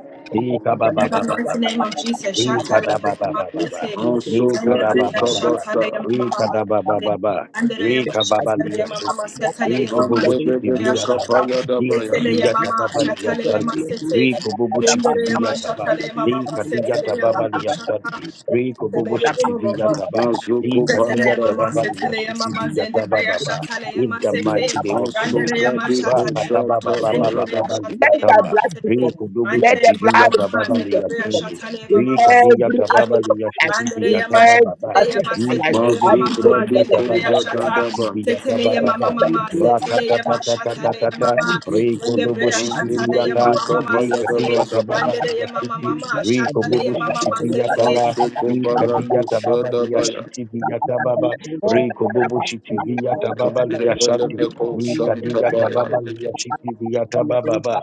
S4: In the mighty
S3: Ikabababababa.
S4: name of Jesus.
S3: Lee
S4: Shout
S3: kada ba
S4: hallelujah,
S3: ba
S4: mama,
S3: ba ba. ba,
S4: say.
S3: Lee
S4: Then the
S3: kada
S1: brandi
S3: ba
S4: brother
S3: ba ba.
S4: shout
S3: ba,
S1: kabasa,
S4: hallelujah, mama,
S3: Lee
S4: mama,
S3: kada ba ba
S4: say.
S3: ba. ba,
S4: And the raya
S3: Ri kaba
S4: shout
S3: ba liya
S4: hallelujah, mama, mama,
S3: shinti.
S4: say, hallelujah,
S3: Lee
S4: mama,
S1: mande
S3: kububu
S4: then the
S3: chiti
S1: bebe be
S4: brother
S3: viya
S2: you.
S4: shout
S3: taba.
S4: hallelujah.
S1: kapaya
S4: Say,
S3: Lee
S2: Let
S1: dabaya,
S2: the
S4: hallelujah,
S3: kadiya
S2: blood
S4: mama,
S3: ba
S4: shout
S3: liya
S4: hallelujah, mama,
S3: shanti.
S2: speak
S4: say, say.
S3: Lee kububu
S4: Then the
S3: chiti
S4: raya mama,
S3: viya
S4: shout
S3: taba.
S4: hallelujah, mama,
S3: Lee
S4: mama, say,
S3: kadiya
S4: hallelujah,
S3: ba
S4: mama,
S3: liya
S4: shout
S3: shanti. Lee kububu
S4: hallelujah,
S3: chiti
S4: mama,
S3: viya
S4: mama.
S3: taba. Lee
S1: mazuko
S4: Seteleye
S3: kadiya
S1: paradaya,
S4: mama,
S3: tababa liya
S4: seteleye
S3: shiti
S4: mama,
S3: viya ba
S4: zendebreya
S3: ba.
S4: şataleye
S3: In
S4: ma
S3: the
S4: sete.
S3: mighty name of
S1: maso
S3: Jesus.
S4: Randereye ma
S1: brandi
S3: Ra
S1: ko
S4: şataleye
S3: kada ba
S4: mama,
S3: ba
S1: shata
S3: ba ba ba
S4: zendebreya
S3: ba
S1: baradadaba,
S3: liya
S4: şataleye
S3: tamba.
S4: mama sete.
S2: for
S3: Lee
S2: me.
S3: kububu
S2: Let
S4: Randereye
S3: chiti
S2: the
S4: mama
S3: viya
S2: blood of
S4: mama,
S3: ba
S2: Jesus
S3: liya
S2: speak
S4: zendebreya
S2: for me
S3: shinti.
S4: şataleye
S2: in
S4: mama ma
S3: Vika diya
S2: every
S4: seteleye ma.
S3: tababa
S2: aspect of
S3: liya
S2: my life.
S3: shiti, diya
S2: In
S4: Randereye ma
S2: every
S3: tababa ba.
S4: şataleye
S3: Vika
S2: aspect
S4: ma
S2: of my life.
S4: seteleye
S3: dubu
S2: I
S4: mama
S1: masu
S3: shiki
S2: declare that
S4: mama,
S2: the blood
S1: brandi
S2: of
S1: ko
S3: tababa
S4: zendebreya
S3: liya
S2: Jesus.
S4: şata.
S3: shiti,
S1: zadandaba,
S3: diya
S4: Seteleye
S3: tababa
S4: mama
S3: ba.
S4: mama,
S2: Ram
S3: Rata ta
S4: seteleye
S3: ta
S4: ma
S3: ta ta ta
S4: şataleye
S3: ta ta.
S4: mama.
S3: Riko dubu
S4: Zendebreya
S1: mande bebe
S4: şataleye
S1: be
S4: mama mama
S1: kapaya
S4: sete.
S1: dabadaba,
S3: tababa
S4: Randereye
S3: liya
S4: mama
S3: shiki.
S4: mama,
S3: Riko
S4: şataleye
S3: bubu
S4: mama
S3: shiki
S4: ma
S3: diya taba.
S4: sete.
S1: maso ko
S3: Vika
S1: barado
S3: tababa liya
S1: shadabaya,
S3: shiti, diya tababa. Riko bubu shiki tababa
S1: mande
S3: liya
S1: bele
S3: shanti.
S1: ko
S3: Vika diya
S1: shantabaya,
S3: tababa liya shiki diya tababa ba.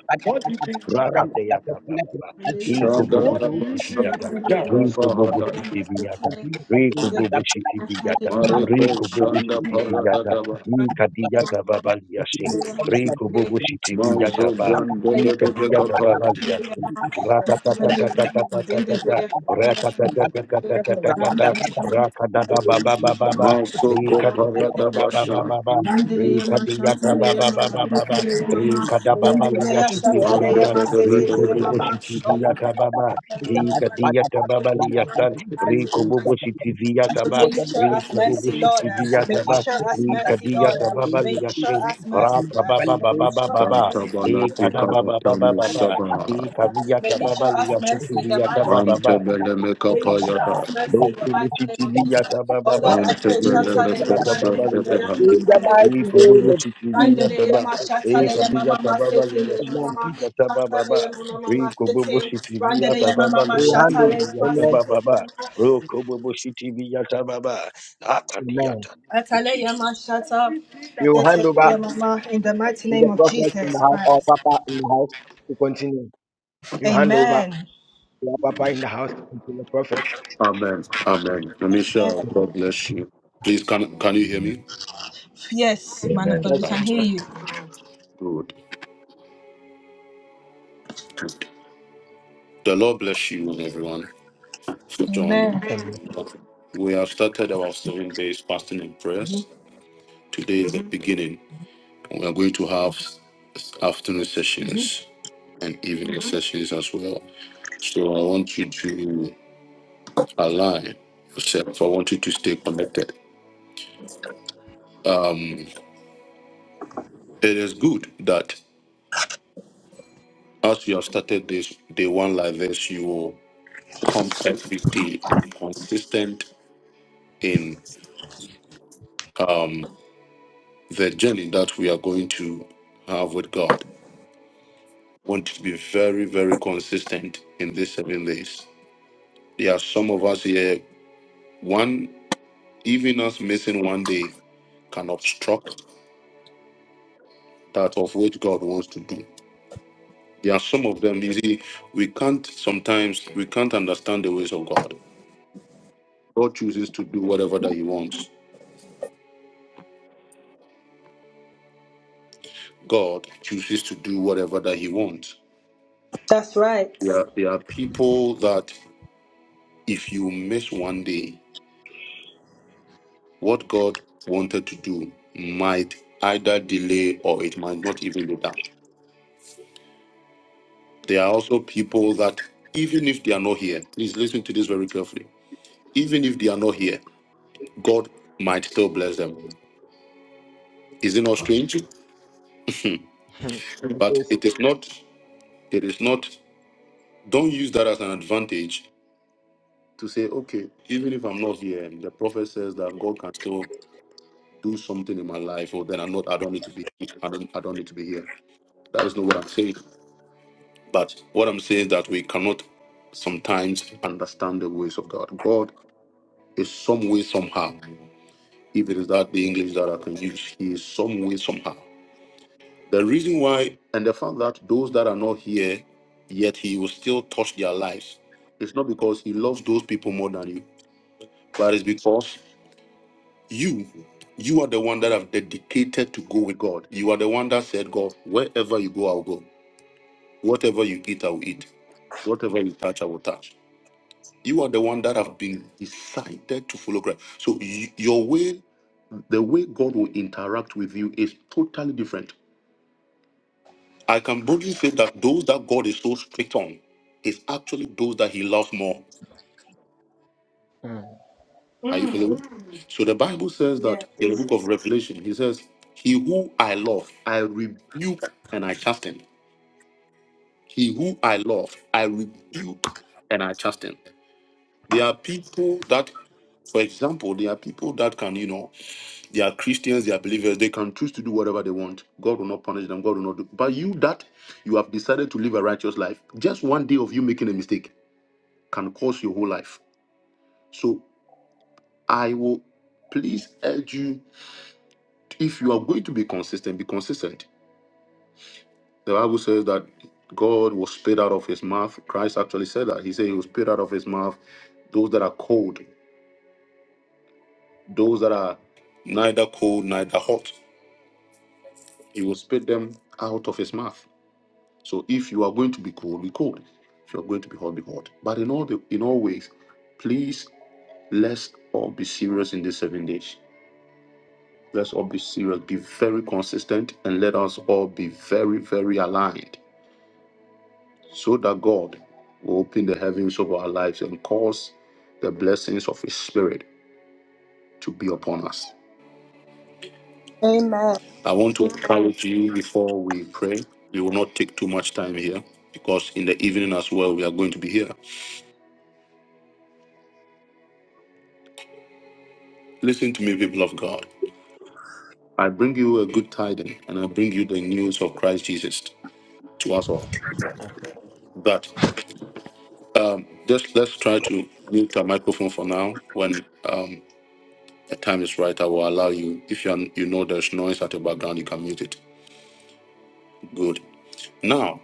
S3: Rakateyata Baba, Rico
S1: Shanda
S3: Bobo
S1: daba
S3: Shitibiyata,
S1: shanda
S4: Mama,
S3: Rico
S1: daba
S3: Bobo
S1: hadai.
S3: Shitibiyata, Rico Bobo Shitibiyata,
S1: Mareko
S3: Rico Bobo
S1: shanda
S2: you.
S1: parada
S3: Shitibiyata,
S1: daba.
S3: Ikadiyata Baba Liashin, Rico Bobo Shitibiyata
S1: Mazo
S3: Ba,
S1: ganda de de de
S3: Ikadiyata Baba
S1: kapaya.
S3: Liashin, Ratatatatatatatata,
S2: Terima
S3: Ratatatatatatatata,
S2: kasih.
S3: Rakadada
S2: Thank
S3: Baba Baba Ba,
S1: Maso ko
S3: Ikadiyata
S1: parada
S3: Baba
S1: basha.
S3: Baba Ba, Ikadiyata Baba Baba Baba, Rikadababaliya
S1: Anda de de de de
S3: Rico
S1: de de
S3: Bobo
S1: de.
S4: all
S3: Shitivia
S4: of
S3: Tababa,
S4: you.
S3: Riga Dia Tababa Liatan, Rico Bobo Shitivia
S4: may
S3: Taba,
S4: you show us
S3: Rico Bobo
S4: mercy, Lord.
S3: Shitivia
S4: May you
S3: Taba,
S4: show us
S3: Riga
S4: mercy,
S3: Dia
S4: Lord.
S3: Tababa
S4: May you show
S3: Liashin,
S4: us mercy.
S3: Rapa Baba
S4: May
S2: you.
S4: you
S3: Baba
S4: show us
S3: Baba,
S1: Danta
S4: mercy
S2: In
S4: in everything that
S3: Lika
S1: balati
S4: we
S3: Baba
S4: do in
S3: Baba
S4: the mighty
S2: the
S3: Baba,
S4: name of
S1: musaba.
S3: Lika
S4: Jesus.
S3: Via
S4: May you show
S3: Tababa
S4: us
S3: Liashin
S4: mercy in the
S3: Tivia
S4: mighty name of
S3: Tababa,
S1: Mante
S4: Jesus.
S1: bele me
S4: May you show
S1: kapaya
S4: us
S1: da.
S4: mercy
S3: Baba,
S4: in the mighty name of Jesus. Oh Lord, I
S1: Mante
S4: pray,
S1: bele me
S4: Shatale
S3: Likadiata
S4: Yama,
S1: kosha
S3: Baba
S1: de de
S4: Jendaya,
S3: Ligashinki,
S1: hati.
S4: Shatale
S2: mighty
S4: Yama,
S3: Likobo
S2: name
S4: Sete,
S2: of Jesus
S3: Chitiviata
S4: Bandele
S3: Ba,
S4: Yama,
S2: Christ,
S4: Shatale Yama,
S3: Ekadiata
S4: Mama,
S3: Baba
S4: Sete, Yama,
S2: amen.
S3: Ligashinki
S4: Mama,
S3: Vigata
S4: Shatale
S3: Baba,
S4: Yama, Mama,
S3: Rikobo
S4: Sete, Bandele
S3: Chitiviata
S4: Yama,
S3: Baba
S4: Mama,
S2: We will hand over,
S3: Ligashinki
S4: Shatale Yama,
S3: Vigata
S2: amen,
S4: Sete,
S3: Baba,
S4: Yama,
S3: Rokobo Chitiviata Baba,
S2: amen.
S3: Akadiata. In
S4: Atalaya
S3: Jesus'
S4: Mashata,
S2: We will hand over
S4: Seteleya
S2: to
S4: Mama, In the mighty name
S2: the
S4: of
S2: prophet in the
S4: Jesus
S2: house, or
S4: Christ.
S2: papa in the house, to continue. You hand over
S4: Amen.
S2: to our papa in the house, and to the prophet
S1: Amen. Amen.
S4: Amen.
S1: Namisha, God bless you. Please, can can you hear me?
S4: Yes,
S3: name,
S4: man of
S3: Amen.
S4: God, we
S2: also,
S4: can
S1: Right.
S4: hear you.
S1: Good. Good. The Lord bless you and everyone for joining.
S2: amen.
S1: We have started our seven days fasting and
S5: Mhm.
S1: prayers. Today is the beginning. and We are going to have afternoon sessions and evening sessions as well. So I want you to align yourself. I want you to stay connected. Um, it is good that as you have started this day one like this, you will come every day consistent in um, the journey that we are going to have with God. want to be very, very consistent in these seven days. There are some of us here, one, even us missing one day can obstruct that of which God wants to do. There are some of them, you see, we can't sometimes, we can't understand the ways of God. God chooses to do whatever that He wants. God chooses to do whatever that He wants.
S4: That's right.
S1: There are, there are people that if you miss one day, What God wanted to do might either delay or it might not even be done. There are also people that, even if they are not here, please listen to this very carefully. Even if they are not here, God might still bless them. Is it not strange?
S2: Hmm. It
S1: But
S2: is,
S1: it is not, it is not, don't use that as an advantage to say, okay, even if I'm not here, and the prophet says that God can still do something in my life, or then I'm not, I don't need to be, I don't, I don't need to be here. That is not what I'm saying. But what I'm saying is that we cannot sometimes understand the ways of God. God is some way, somehow. If it is that the English that I can use, He is some way, somehow. The reason why, and the fact that those that are not here, yet He will still touch their lives, it's not because He loves those people more than you, but it's because you, you are the one that have dedicated to go with God. You are the one that said, God, wherever you go, I'll go. Whatever you eat, I'll eat. Whatever you touch, I will touch. You are the one that have been decided to follow Christ. So y- your way, the way God will interact with you is totally different. I can boldly say that those that God is so strict on is actually those that He loves more.
S2: mm,
S1: Are you following? So the Bible says that
S4: Yeah.
S1: in the book of Revelation, He says, "He who I love, I rebuke and I cast him. He who I love, I rebuke them." There are people that, for example, there are people that can, you know. They are Christians, they are believers. They can choose to do whatever they want. God will not punish them. God will not do. But you that you have decided to live a righteous life, just one day of you making a mistake can cause your whole life. So I will please urge you if you are going to be consistent, be consistent. The Bible says that God was spit out of his mouth. Christ actually said that. He said he was spit out of his mouth. Those that are cold, those that are neither cold, neither hot, he will spit them out of his mouth. So if you are going to be cold, be cold. If you are going to be hot, be hot. But in all the in all ways, please let's all be serious in these seven days. Let's all be serious, be very consistent, and let us all be very, very aligned so that God will open the heavens of our lives and cause the blessings of His Spirit to be upon us.
S4: Amen.
S1: I want to encourage you before we pray. We will not take too much time here because in the evening as well, we are going to be here. Listen to me, people of God. I bring you a good tidings, and I bring you the news of Christ Jesus to us all.
S2: mm,
S1: But um, just let's try to mute our microphone for now. When um, the time is right, I will allow you. If you are, you know there's noise at the background, you can mute it. Good. Now,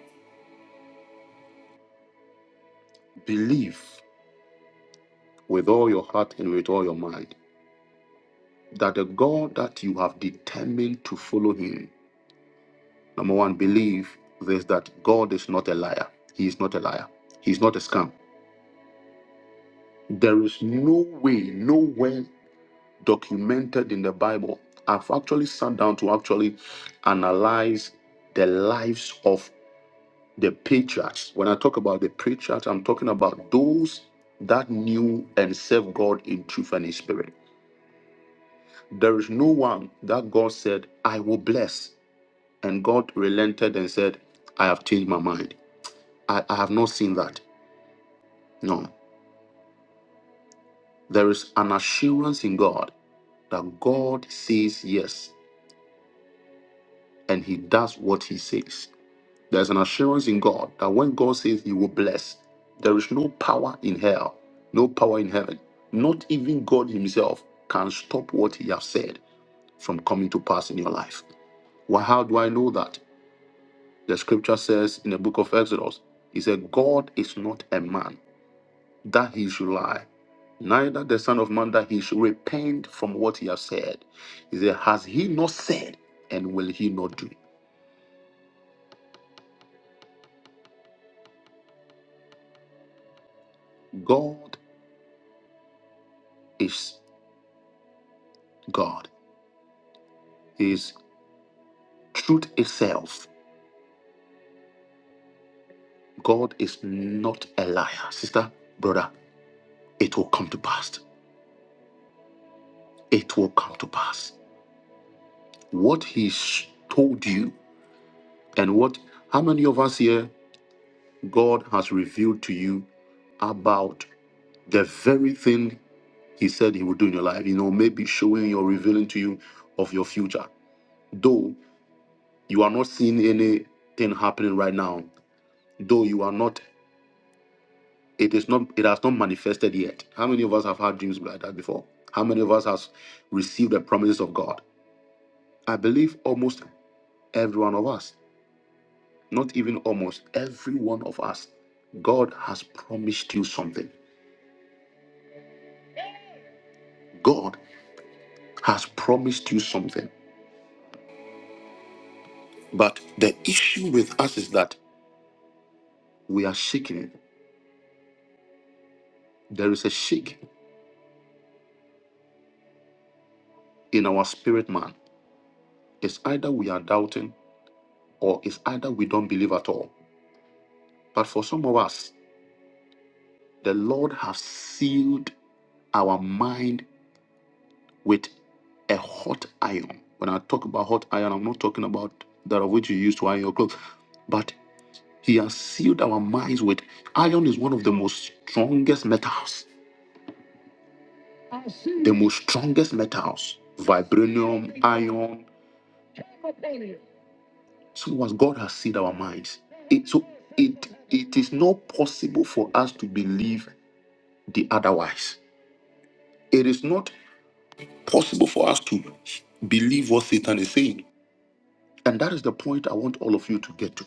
S1: believe with all your heart and with all your mind that the God that you have determined to follow Him. Number one, believe this that God is not a liar. He is not a liar. He is not a scam. There is no way, nowhere documented in the Bible. I've actually sat down to actually analyze the lives of the patriarchs. When I talk about the patriarchs, I'm talking about those that knew and served God in truth and in spirit. There is no one that God said, I will bless. And God relented and said, I have changed my mind. I, I have not seen that. No. There is an assurance in God that God says yes and he does what he says. There's an assurance in God that when God says He will bless, there is no power in hell, no power in heaven. Not even God Himself can stop what He has said from coming to pass in your life. Well, how do I know that? The scripture says in the book of Exodus, He said, God is not a man that He should lie, neither the Son of Man that He should repent from what He has said. He said, Has He not said, and will He not do? God is God Truth itself, God is not a liar. Sister, brother, it will come to pass. It will come to pass. What He told you, and what, how many of us here, God has revealed to you about the very thing He said He would do in your life? You know, maybe showing or revealing to you of your future. Though you are not seeing anything happening right now, though you are not It is not. It has not manifested yet. How many of us have had dreams like that before? How many of us has received the promises of God? I believe almost every one of us. Not even almost every one of us. God has promised you something. God has promised you something. But the issue with us is that we are shaking. There is a shake in our spirit man. It's either we are doubting or it's either we don't believe at all. But for some of us, The Lord has sealed our mind with a hot iron. When I talk about hot iron, I'm not talking about that of which you use to iron your clothes, but He has sealed our minds with iron. Is one of the most strongest metals, the most strongest metals, vibranium, iron. So as God has sealed our minds, it, so it it is not possible for us to believe the otherwise. It is not. possible for us to believe what Satan is saying. And that is the point I want all of you to get to.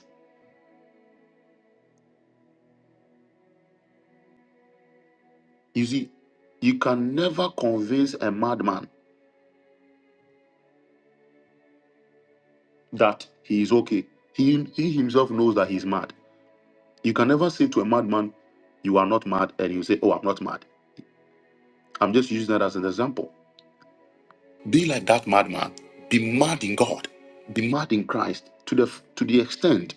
S1: You see, you can never convince a madman that he is okay. He, he himself knows that he's mad. You can never say to a madman, You are not mad, and you say, Oh, I'm not mad. I'm just using that as an example. Be like that madman. Be mad in God. Be mad in Christ to the to the extent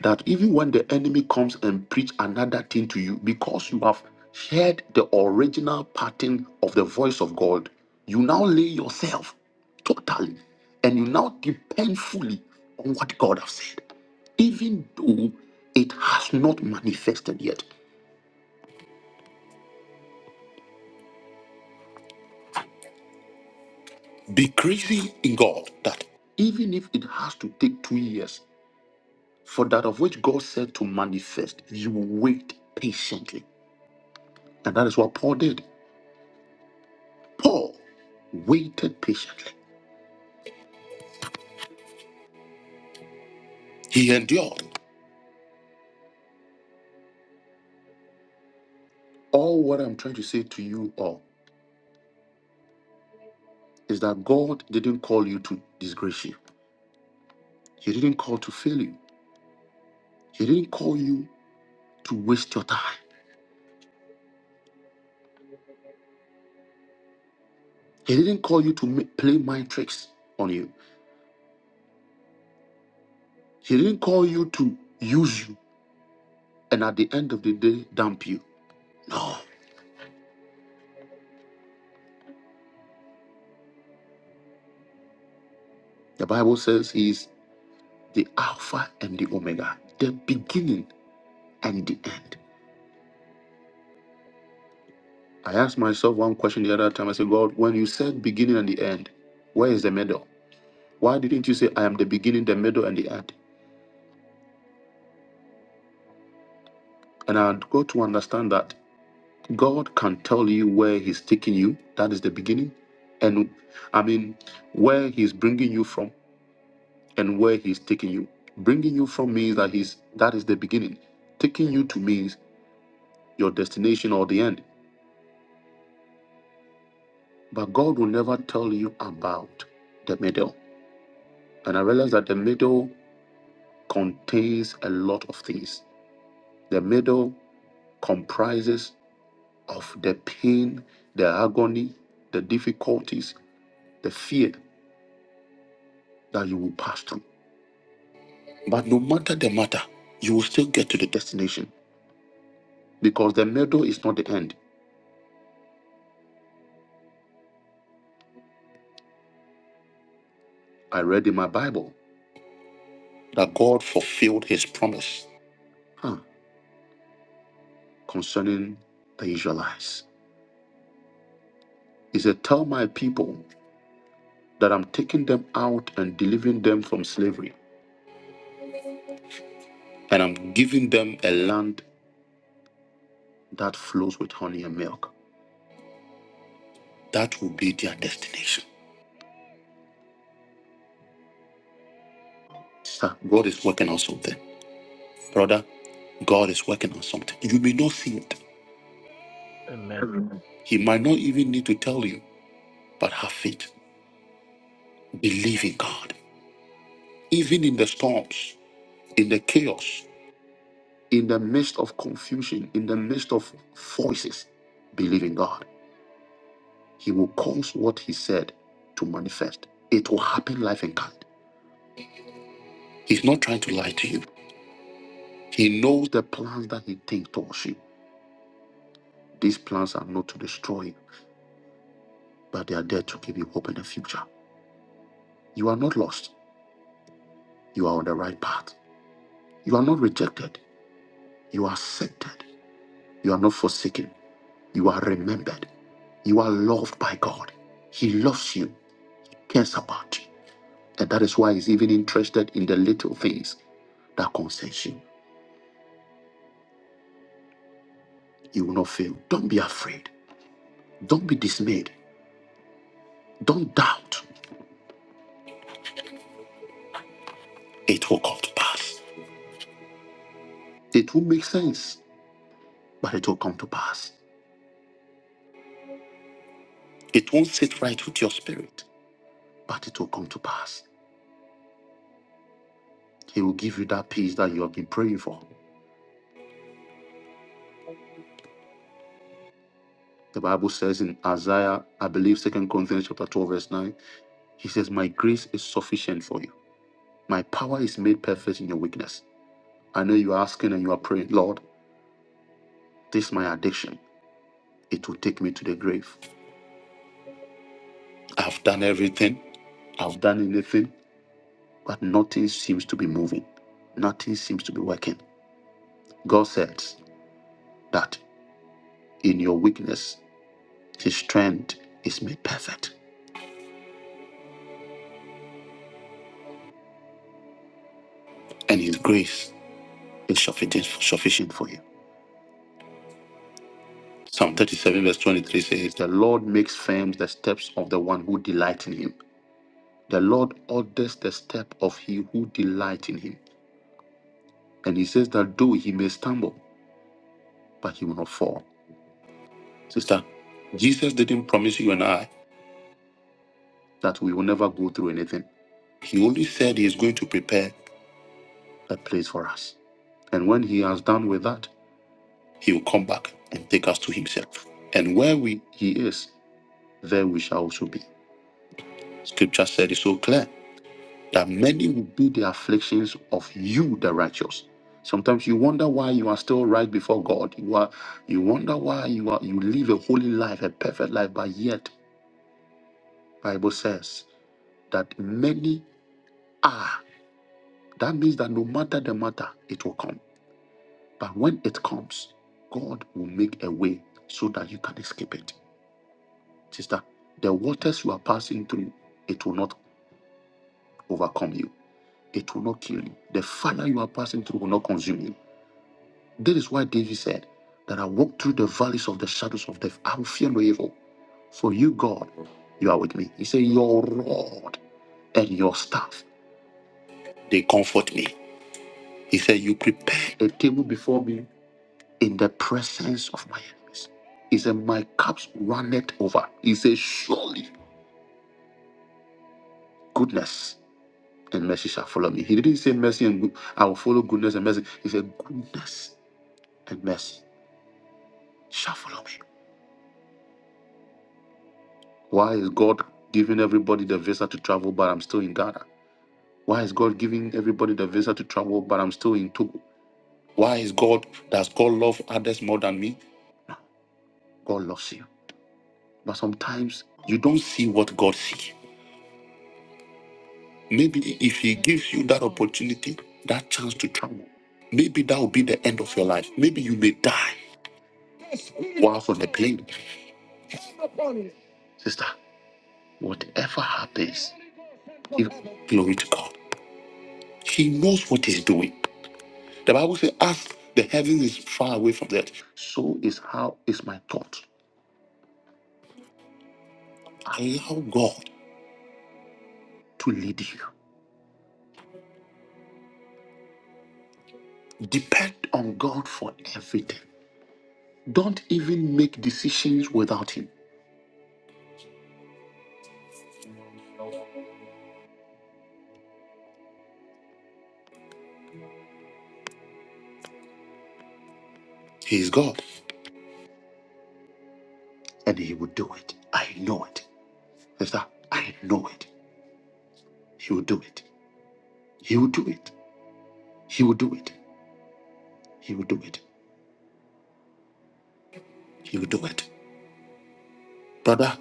S1: that even when the enemy comes and preach another thing to you, because you have heard the original pattern of the voice of God, you now lay yourself totally and you now depend fully on what God has said, even though it has not manifested yet. Be crazy in God that even if it has to take two years, For that of which God said to manifest, you wait patiently. And that is what Paul did. Paul waited patiently, he endured. All what I'm trying to say to you all is that God didn't call you to disgrace you, He didn't call to fail you, He didn't call you to waste your time, He didn't call you to ma- play mind tricks on you, He didn't call you to use you and at the end of the day dump you. No. The Bible says He is the Alpha and the Omega, the beginning and the end. I asked myself one question the other time. I said, God, when you said beginning and the end, where is the middle? Why didn't you say, I am the beginning, the middle, and the end? And I got to understand that God can tell you where He's taking you. That is the beginning. And I mean, where He's bringing you from and where He's taking you. Bringing you from means that He's that is the beginning. Taking you to means your destination or the end. but God will never tell you about the middle. And I realize that the middle contains a lot of things. The middle comprises of the pain, the agony, the difficulties, the fear that you will pass through. But no matter the matter, you will still get to the destination because the middle is not the end. I read in my Bible that God fulfilled his promise huh, concerning the Israelites. He said, Tell my people that I'm taking them out and delivering them from slavery, and I'm giving them a land that flows with honey and milk. That will be their destination. Sir, God is working on something. Brother, God is working on something. You may not see it. He might not even need to tell you, but have faith. Believe in God. Even in the storms, in the chaos, in the midst of confusion, in the midst of voices, believe in God. He will cause what he said to manifest. It will happen life and kind. He's not trying to lie to you. He knows the plans that he thinks towards you. These plans are not to destroy you, but they are there to give you hope in the future. You are not lost. You are on the right path. You are not rejected. You are accepted. You are not forsaken. You are remembered. You are loved by God. He loves you, cares about you. And that is why he's even interested in the little things that concerns you. You will not fail. Don't be afraid. Don't be dismayed. Don't doubt. It will come to pass. It will make sense, but it will come to pass. It won't sit right with your spirit, but it will come to pass. He will give you that peace that you have been praying for. The Bible says in Isaiah, I believe Second Corinthians chapter 12, verse 9, he says, My grace is sufficient for you. My power is made perfect in your weakness. I know you are asking and you are praying, Lord, this is my addiction. It will take me to the grave. I've done everything. I've done anything, but nothing seems to be moving. Nothing seems to be working. God says that in your weakness, His strength is made perfect, and His grace is sufficient, sufficient for you. Psalm 37, verse 23 says, The Lord makes firm the steps of the one who delights in Him. The Lord orders the step of he who delights in Him. And He says that though he may stumble, but he will not fall. Sister, Jesus didn't promise you and I that we will never go through anything. He only said he is going to prepare a place for us. And when he has done with that, he will come back and take us to himself. And where we he is, there we shall also be. Scripture said it so clear that many will be the afflictions of you, the righteous. Sometimes you wonder why you are still right before God. You are you wonder why you are you live a holy life, a perfect life, but yet Bible says that many are. That means that no matter the matter, it will come. But when it comes, God will make a way so that you can escape it. Sister, the waters you are passing through, it will not overcome you. It will not kill you. The fire you are passing through will not consume you. That is why David said that I walk through the valleys of the shadows of death. I will fear no evil. For you, God, you are with me. He said, Your rod and your staff, they comfort me. He said, You prepare a table before me in the presence of my enemies. He said, My cups runneth over. He said, Surely goodness and mercy shall follow me. He didn't say mercy and good, I will follow goodness and mercy. He said, Goodness and mercy shall follow me. Why is God giving everybody the visa to travel, but I'm still in Ghana? Why is God giving everybody the visa to travel, but I'm still in Togo? Why is God, does God love others more than me? God loves you. But sometimes you don't see what God sees. Maybe if he gives you that opportunity, that chance to travel, maybe that will be the end of your life. Maybe you may die whilst on the plane. Sister, whatever happens, give glory to God. He knows what he's doing. The Bible says, as the heaven is far away from the earth, so is how is my thought. Allow God to lead you. Depend on God for everything. Don't even make decisions without him. He is God and he will do it. I know it. Sister, I know it. He will do it. He will do it. He will do it. He will do it. He will do it. Brother,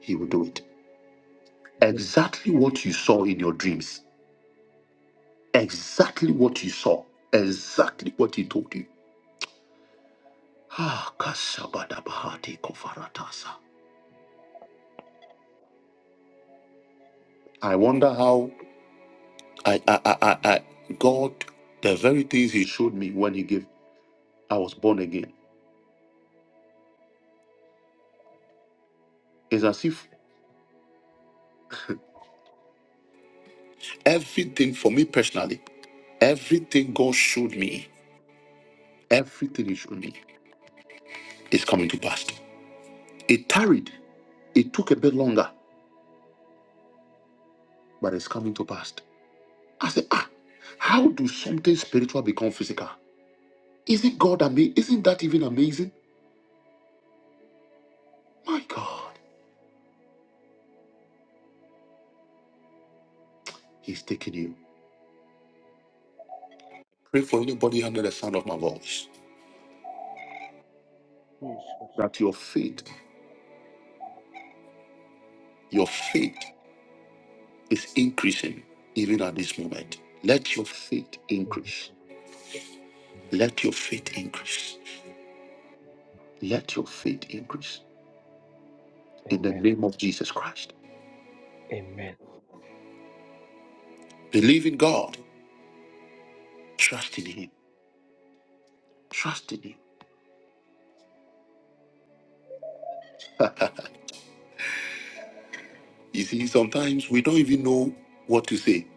S1: he will do it. Exactly what you saw in your dreams. Exactly what you saw. Exactly what he told you. Ah, kasabadabahati kofaratasa. I wonder how I, I, I, I, I, God, the very things He showed me when He gave, I was born again. It's as if everything for me personally, everything God showed me. Everything is shown is coming to pass. It tarried. It took a bit longer, but it's coming to pass. I said, ah, how do something spiritual become physical? Isn't God amazing? Isn't that even amazing? My God, He's taking you. Pray for anybody under the sound of my voice
S2: Jesus,
S1: that your faith, your faith is increasing even at this moment. Let your faith increase. Let your faith increase. Let your faith increase in the
S2: amen,
S1: name of Jesus Christ.
S2: amen.
S1: Believe in God. Trust in Him. Trust in Him. You see, sometimes we don't even know what to say.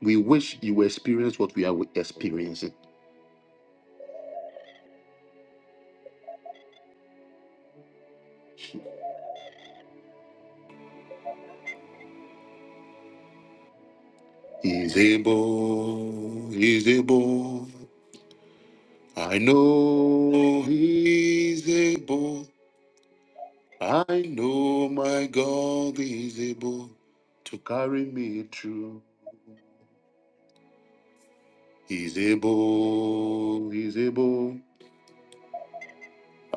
S1: We wish you experience what we are experiencing. He's able. He's able. I know He's able. I know my God is able to carry me through. He's able. He's able.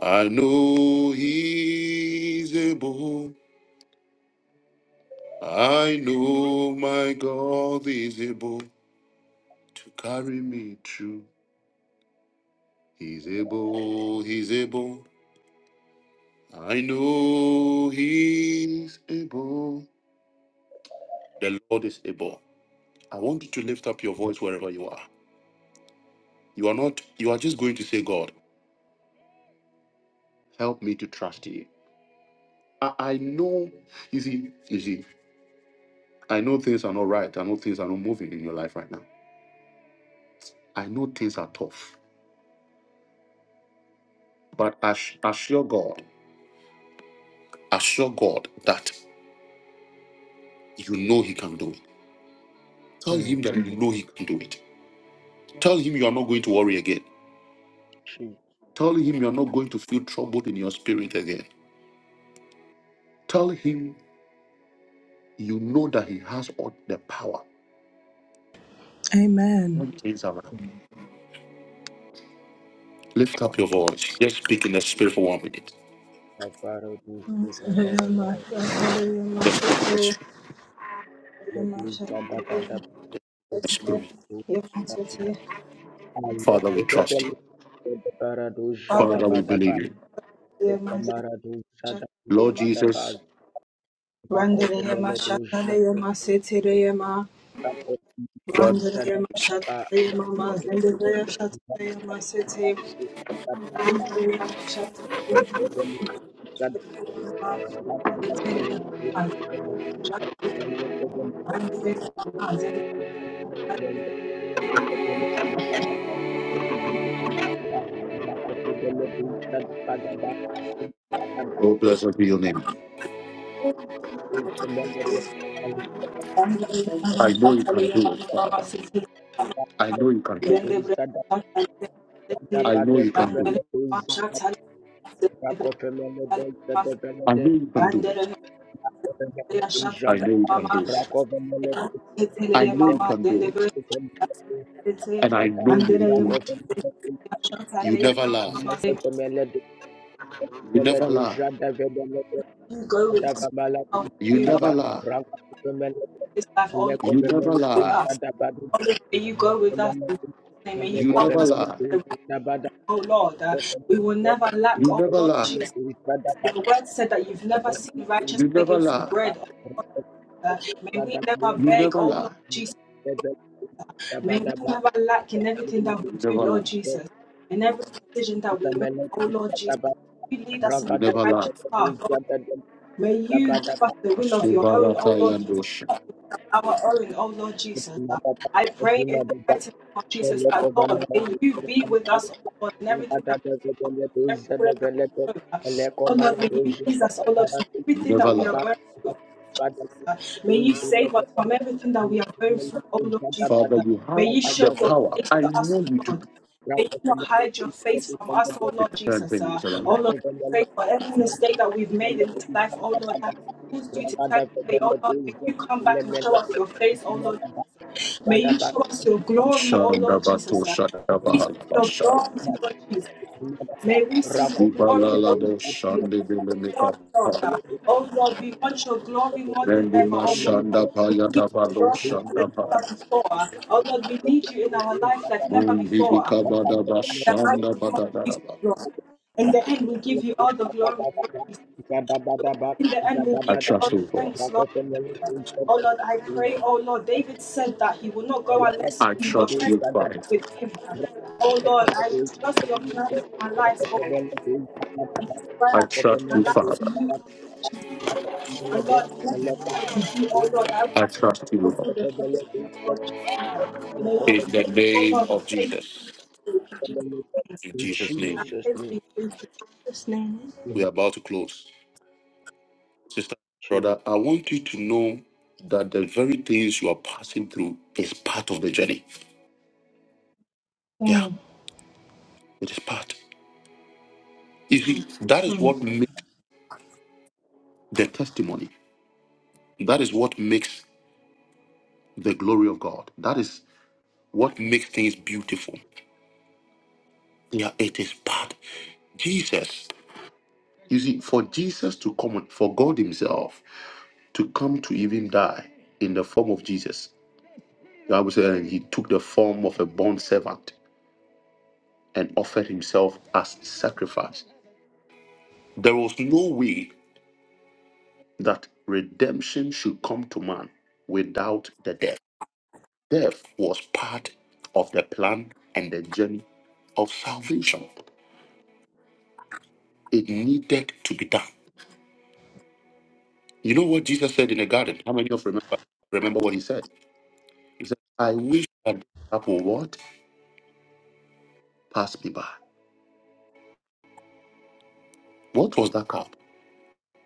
S1: I know He's able. I know my God is able to carry me through. He's able, he's able. I know he's able. The Lord is able. I want you to lift up your voice wherever you are. You are not, you are just going to say, God, help me to trust you. I, I know, you see, you see, I know things are not right. I know things are not moving in your life right now. I know things are tough. But ass- assure God, assure God that you know he can do it. Tell him that you know he can do it. Tell him you are not going to worry again.
S2: Mm.
S1: Tell him you are not going to feel troubled in your spirit again. Tell him you know that he has all the power.
S4: Amen.
S1: Turn Things around. Lift up your voice. Just speak in the spirit for one minute.
S2: Bavaro to see
S4: Atalaya
S2: Bavaro
S4: Ma-
S2: Bavaro.
S4: Atalaya Ma-
S1: Just speak in the
S4: Atalaya
S1: spirit.
S2: Let
S4: Ma-
S2: me
S4: Atalaya
S2: stand up at the
S4: Ma-
S1: the
S4: Atalaya
S1: spirit.
S4: Ma-
S2: I let
S1: Father, we
S2: the
S1: trust you.
S2: belly of the Barado
S4: Father,
S1: Father,
S4: we
S1: we
S4: Atalaya Ma-
S1: believe
S2: Shadabadaba,
S1: you.
S2: the
S4: Atalaya
S2: Marado
S1: Lord
S4: Ma- Atalaya Ma-
S1: Jesus,
S2: Shadabadaba, Zako the
S4: Randelaya Ma-
S2: Meledo
S4: Atalaya Ma.
S1: God,
S4: Mandariya
S2: Shadabadaba,
S4: Mashataya Mama Zendaya Shataya Masete Mandariya Mashataya Mashataya Mama Sete Mandariya Mama Zendaya
S2: Zadabadaba, Braco
S1: oh, blessed be your name.
S4: Mandariya Mama
S1: I know you can
S4: Shataya
S1: do it,
S4: Mama Mama
S1: Father.
S4: Sete
S1: I know you can do it.
S4: Zendaya Shataya
S1: I
S4: Sete
S1: know you can do
S4: Mandariya
S1: it.
S4: Mama Shataya Zendaya Shataya
S1: I know you can
S4: Mama
S1: do it.
S4: Sete Ela
S1: I
S4: shatale
S1: know you can
S4: mama,
S1: do it.
S4: ela
S1: I know you
S4: mama,
S1: can do
S4: dende
S1: it.
S4: bre shetele,
S1: And I know you will
S4: andere ye
S1: do it.
S4: shatale
S1: You never lie.
S4: mama.
S1: You never lie.
S4: You go with us,
S2: Adababala
S4: now,
S1: You
S4: you
S2: Zadaba
S1: never
S4: Lord,
S1: lie.
S2: Rakabemele
S4: this life, oh Lord,
S1: You
S4: may you
S1: never
S2: Lekobemele
S4: go with
S1: lie.
S4: us.
S2: Zadabada
S4: Oh Lord, may you go with us. In Jesus' name, may
S2: Lekobemele
S4: you
S1: You
S4: help
S1: never
S4: us,
S2: Lekobemele
S1: lie.
S4: with the right,
S2: Zadabada
S4: oh Lord. Uh, we will never lack,
S1: You
S4: oh
S1: never
S4: Lord
S1: lie.
S4: Jesus.
S2: Lekobemele
S4: Your word said that you've never seen righteous
S1: You never
S4: begging for
S1: lie.
S4: bread. Oh, Lord. Uh, may we never
S1: You
S4: beg,
S1: never
S4: oh
S1: lie.
S4: Lord Jesus. May we never lack in everything that
S1: You
S4: we do,
S1: never lie.
S4: Lord Jesus, in every decision that we make, oh Lord Jesus.
S2: Zadabada
S4: You lead us into
S1: You
S4: the
S1: never
S4: righteous
S1: lie.
S4: path, oh Lord. May you
S2: Ragada
S4: give us the will of your own,
S1: Ashebarata
S4: oh Lord Jesus.
S1: yandosha.
S4: not the will of Our own, oh Lord Jesus.
S2: Thank
S4: I pray in the mighty name of Jesus that Lord, may you be with us, oh Lord, in everything that we do, oh Lord, everywhere that we go. Oh Lord, may you ease us, oh Lord, from
S1: You
S4: everything that
S1: never
S4: we are
S1: lie.
S4: going through, oh Lord uh, May you save us from everything that we are going through, oh Lord Jesus.
S1: Father,
S4: uh.
S1: you
S4: May
S1: have
S4: you show
S1: the
S4: your
S1: power.
S4: face
S1: I
S4: to us,
S1: know
S4: oh
S1: you
S4: Lord.
S1: do.
S4: May you not hide your face from us, oh
S1: To
S4: Lord
S1: turn
S4: Jesus. uh.
S1: things
S4: Oh
S1: around.
S4: Lord, we pray for every mistake that we've made in this life, oh Lord, that has caused you to turn away, oh Lord. May you come back and show us your face, oh Lord Jesus. uh. May you show us your
S2: you.
S4: glory, oh Lord
S1: Shandabato
S4: Jesus. uh. we
S2: Rakopemele
S4: see your
S1: Shadabahalabasha.
S4: glory, Lord Jesus. May we see your glory, Lord
S1: Sibalalabo
S4: Jesus. May we see your glory, Lord.
S1: Shandebele
S4: God. Oh Lord, we want your glory more than ever,
S1: Rendima
S4: oh Lord. uh,
S1: Shanda
S4: We need
S1: Payata
S4: your
S1: Balo
S4: glory more than
S1: Shanda Pay.
S4: ever before. uh, Oh Lord, we need you in our life like never
S1: Mundi
S4: before.
S1: Kabada
S4: uh, In the
S1: Bashanda
S4: mighty name of Jesus,
S1: Badadaraba.
S4: Lord. In the end, we'll give you all the glory, Lord Jesus. Oh, Lord, in the end, we'll
S1: I
S4: give you all
S1: trust
S4: the
S1: you, Lord.
S4: thanks, Lord. Oh Lord, I pray, oh Lord, David said that he will not go unless
S1: I
S4: your
S1: trust
S4: presence
S1: you,
S4: was
S1: Father.
S4: with him. Oh Lord, I trust your plans for my life, oh Lord. This is why
S1: I
S4: I've given
S1: trust
S4: my
S1: you,
S4: life to
S1: Father.
S4: you, oh Lord Jesus. Oh Lord, in everything that you do, oh Lord, I will
S1: I trust you,
S4: have to
S1: Lord.
S4: do the holy oh Lord Jesus. May your
S1: In the
S4: faith, oh
S1: name
S4: Lord, the
S1: of
S4: faith
S1: Jesus.
S4: in Jesus' name.
S1: In
S2: In
S1: Jesus'
S4: I
S1: name.
S2: Jesus'
S4: faith
S2: name,
S4: be in Jesus' name.
S2: in
S1: We are about to close. Sister, brother,
S2: Jesus.
S1: I want you to know that the very things you are passing through is part of the journey. Yeah, it is part. You see, that is
S4: Hmm.
S1: what makes the testimony. That is what makes the glory of God. That is what makes things beautiful. Yeah, it is part. Jesus, you see, for Jesus to come, for God Himself to come to even die in the form of Jesus, the Bible says and He took the form of a bond servant and offered Himself as sacrifice. There was no way that redemption should come to man without the death. Death was part of the plan and the journey of salvation. It needed to be done. You know what Jesus said in the garden? How many of you remember remember what he said? He said, I wish that the cup will what? Pass me by. What was that cup?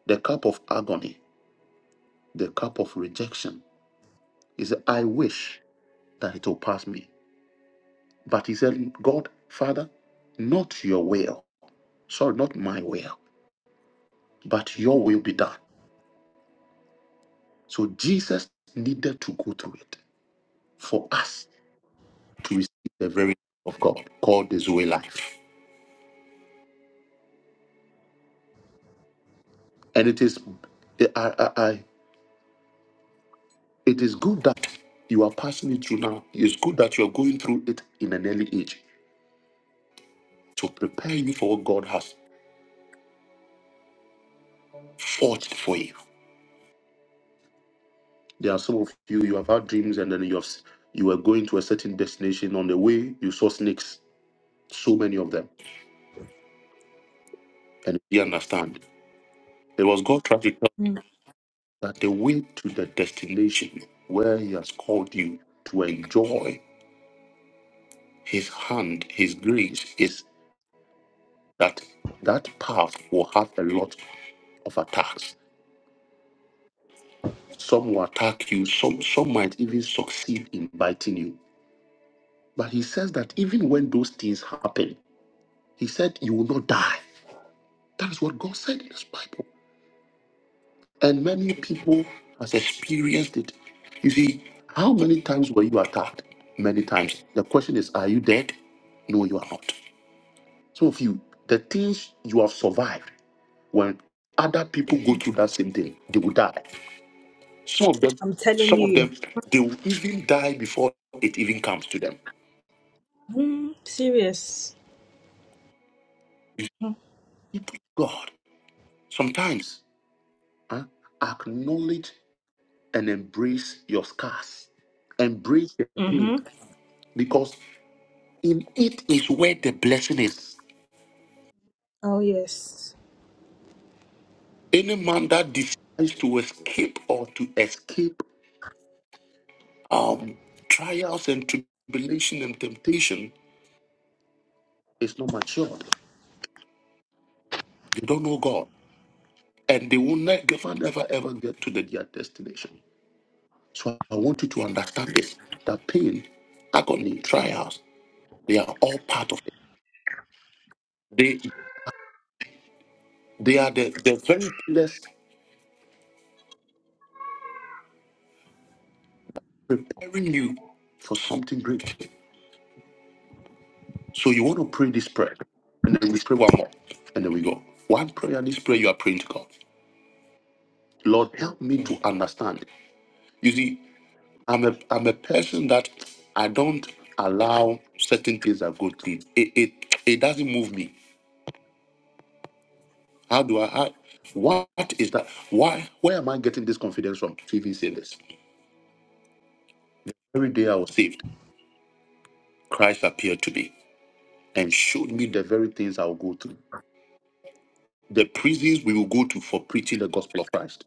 S1: The cup of agony, the cup of rejection. He said, I wish that it will pass me. But he said, God, Father, not your will. Sorry, not my will, but your will be done. So Jesus needed to go through it for us to receive the very of God called the Zoe life. And it is, eh, I, I, I, it is good that you are passing it through now. It's good that you are going through it in an early age to prepare you for what God has forged for you. There are some of you, you have had dreams and then you have, s- you were going to a certain destination. On the way, you saw snakes, so many of them. And you understand. It was God trying to tell you that the way to the destination where He has called you to enjoy His hand, His grace, is that that path will have a lot of attacks. Some will attack you, some, some might even succeed in biting you. But he says that even when those things happen, he said you will not die. That is what God said in his Bible. And many people has experienced it. You see, how many times were you attacked? Many times. The question is, are you dead? No, you are not. Some of you, the things you have survived, when other people go through that same thing, they will die. Some of them,
S4: I'm telling
S1: some of
S4: you.
S1: them, they will even die before it even comes to them.
S4: Hmm, serious.
S1: You see, God, sometimes huh, acknowledge and embrace your scars, embrace the pain, because in it is where the blessing is.
S4: Oh yes.
S1: Any man that decides to escape or to escape um, trials and tribulation and temptation is not matured. They don't know God, and they will never, never, ever get to the, their destination. So I want you to understand this that pain, agony, trials, they are all part of it. They they are the, the very pillars preparing you for something great. So you want to pray this prayer, and then we pray one more, and then we go. One prayer, this prayer you are praying to God. Lord, help me
S2: Mm,
S1: to understand. You see, I'm a I'm a person that I don't allow certain things that go through. It it, it doesn't move me. How do I? How, what is that? Why? Where am I getting this confidence from? TV series. Every day I was saved. Christ appeared to me and showed me the very things I will go through. The prisons we will go to for preaching the gospel of Christ.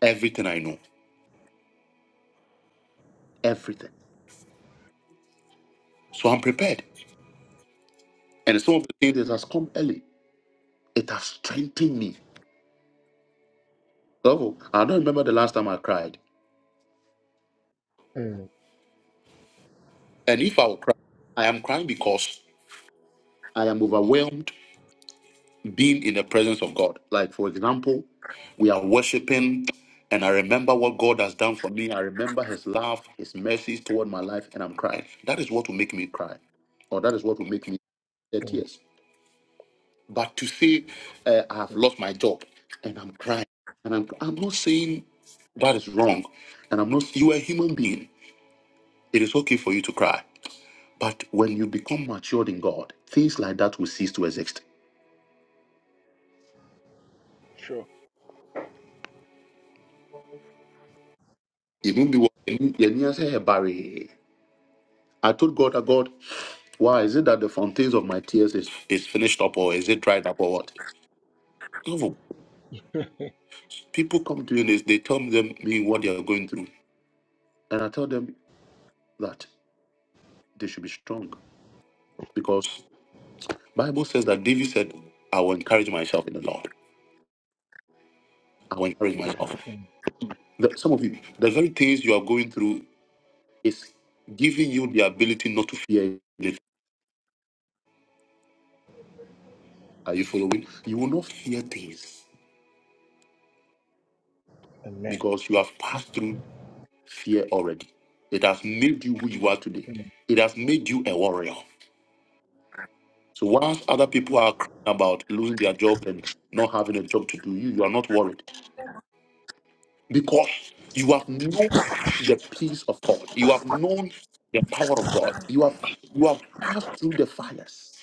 S1: Everything I know. Everything. So I'm prepared. And some of the things that has come early. It has strengthened me. Oh, I don't remember the last time I cried.
S2: mm,
S1: And if I will cry, I am crying because I am overwhelmed being in the presence of God. Like, for example, we are worshiping, and I remember what God has done for me. I remember His love, His mercies toward my life, and I'm crying. That is what will make me cry, or that is what will make me shed
S2: mm.
S1: tears. But to say, uh, I have lost my job, and I'm crying, and I'm, I'm not saying that is wrong, and I'm not, you are a human being. It is okay for you to cry. But when you become matured in God, things like that will cease to exist.
S2: Sure.
S1: It be I told God, "Ah, God, why is it that the fountains of my tears is, is finished up or is it dried up or what? No, people come to me and they, they tell them me what they are going through. And I tell them that they should be strong because Bible says that David said, I will encourage myself in the Lord. I will encourage myself.
S2: Mm,
S1: The, some of you, the very things you are going through is giving you the ability not to fear it. Are you following? You will not fear things
S2: Amen.
S1: because you have passed through fear already. It has made you who you are today.
S2: Mm,
S1: It has made you a warrior. So whilst other people are crying about losing their jobs and not having a job to do, you, you are not worried because you have known the peace of God. You have known the power of God. You have you have passed through the fires.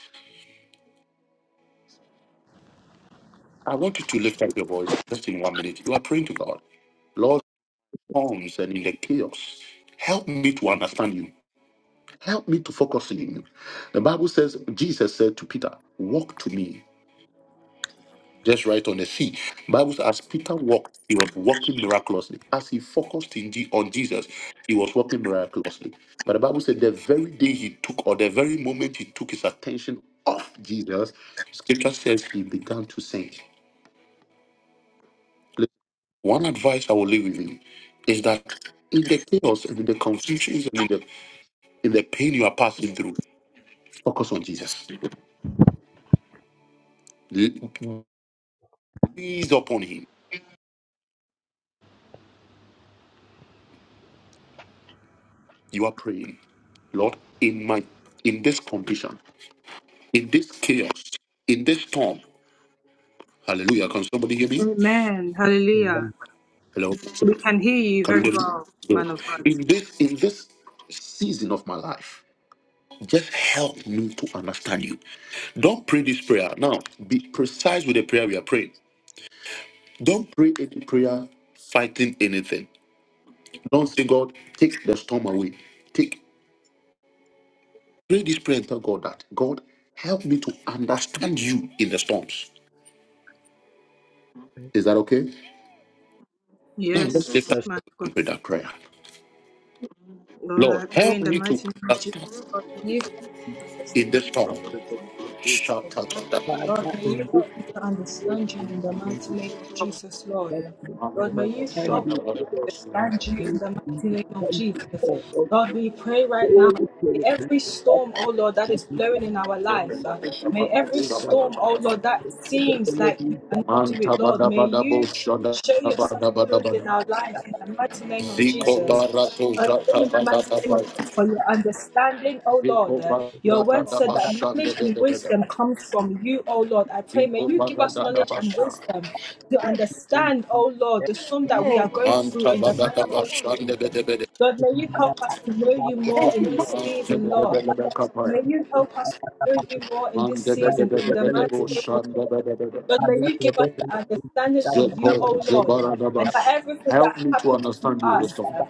S1: I want you to lift up your voice just in one minute. You are praying to God. Lord, storms and in the chaos, help me to understand you. Help me to focus on you. The Bible says, Jesus said to Peter, Walk to me. Just right on the sea. Bible says, as Peter walked, he was walking miraculously. As he focused in Je- on Jesus, he was walking miraculously. But the Bible said, the very day he took, or the very moment he took his attention off Jesus, scripture says he began to sink. Listen, One advice I will leave with you is that in the chaos and in the confusions and in the, in the pain you are passing through, focus on Jesus. Gaze upon him You are praying, Lord, in my in this condition, in this chaos, in this storm. Hallelujah. Can somebody hear me?
S4: Amen. Hallelujah.
S2: Amen.
S1: Hello.
S4: We can hear you
S1: Can
S4: very
S1: you hear me?
S4: well,
S1: No.
S4: man of God.
S1: In this in this season of my life, just help me to understand you. Don't pray this prayer. Now, be precise with the prayer we are praying. Don't pray any prayer fighting anything. Don't say, God, take the storm away. Take pray this prayer and tell God that God help me to understand you in the storms. Is that okay? Now let's lift up
S4: Yes,
S2: Let's
S4: man of God.
S1: with that prayer.
S4: Lord, I
S1: Lord,
S4: pray
S1: help
S4: in the
S1: me to
S4: mighty name of Jesus.
S1: understand
S4: Lord, may you help me to
S1: in this
S4: understand you
S1: storm.
S4: in the
S2: pray for
S4: mighty name
S2: you.
S4: of Jesus.
S1: Shut up.
S2: Father,
S4: Lord, may you
S2: in this
S4: help me to
S2: place
S4: understand you in the
S2: and in
S4: mighty
S2: this
S4: name of Jesus, Lord.
S2: person,
S4: Lord, may you
S2: and
S4: help
S2: in this place,
S4: me to understand you in
S2: in this
S4: the
S2: place, in
S4: mighty
S2: this
S4: name of
S2: place,
S4: Jesus. Lord,
S2: in
S4: we
S2: this place,
S4: pray right now.
S2: Holy
S4: Every
S2: Spirit,
S4: storm, oh Lord, that
S2: Thank
S4: is blowing in our life, uh, may every storm, oh Lord, that seems like you cannot do it, Lord, may you show yourself approved in our life in the mighty name of
S1: Ziko
S4: Jesus.
S1: barato
S4: I pray
S1: zata
S4: in the
S1: bada
S4: mighty name of
S1: bada.
S4: Jesus for your understanding, oh Lord.
S1: Ziko
S4: Uh, your word
S1: barata da
S4: said that knowledge
S1: bashande
S4: and
S1: bede bede.
S4: wisdom comes from you, oh Lord. I pray, may
S1: Ziko
S4: you give us
S1: barata da
S4: knowledge and
S1: basha.
S4: wisdom to understand, oh Lord, the storm that we are going through
S1: Anta
S4: in the
S1: bada
S4: mighty
S1: da
S4: name of Jesus.
S1: bashande
S4: Jesus.
S1: bede bede.
S4: God, may you help us to know you more in this
S1: Anta
S4: season, Lord.
S1: bede bede kapaya.
S4: May you help us to know you
S2: you.
S4: more in
S1: Help
S4: this
S1: me to
S4: season, in the mighty name of Jesus. God, may you give us the understanding of you, O Lord, uh, and for everything that happens to
S1: understand you,
S4: us. uh,
S1: Mustafa.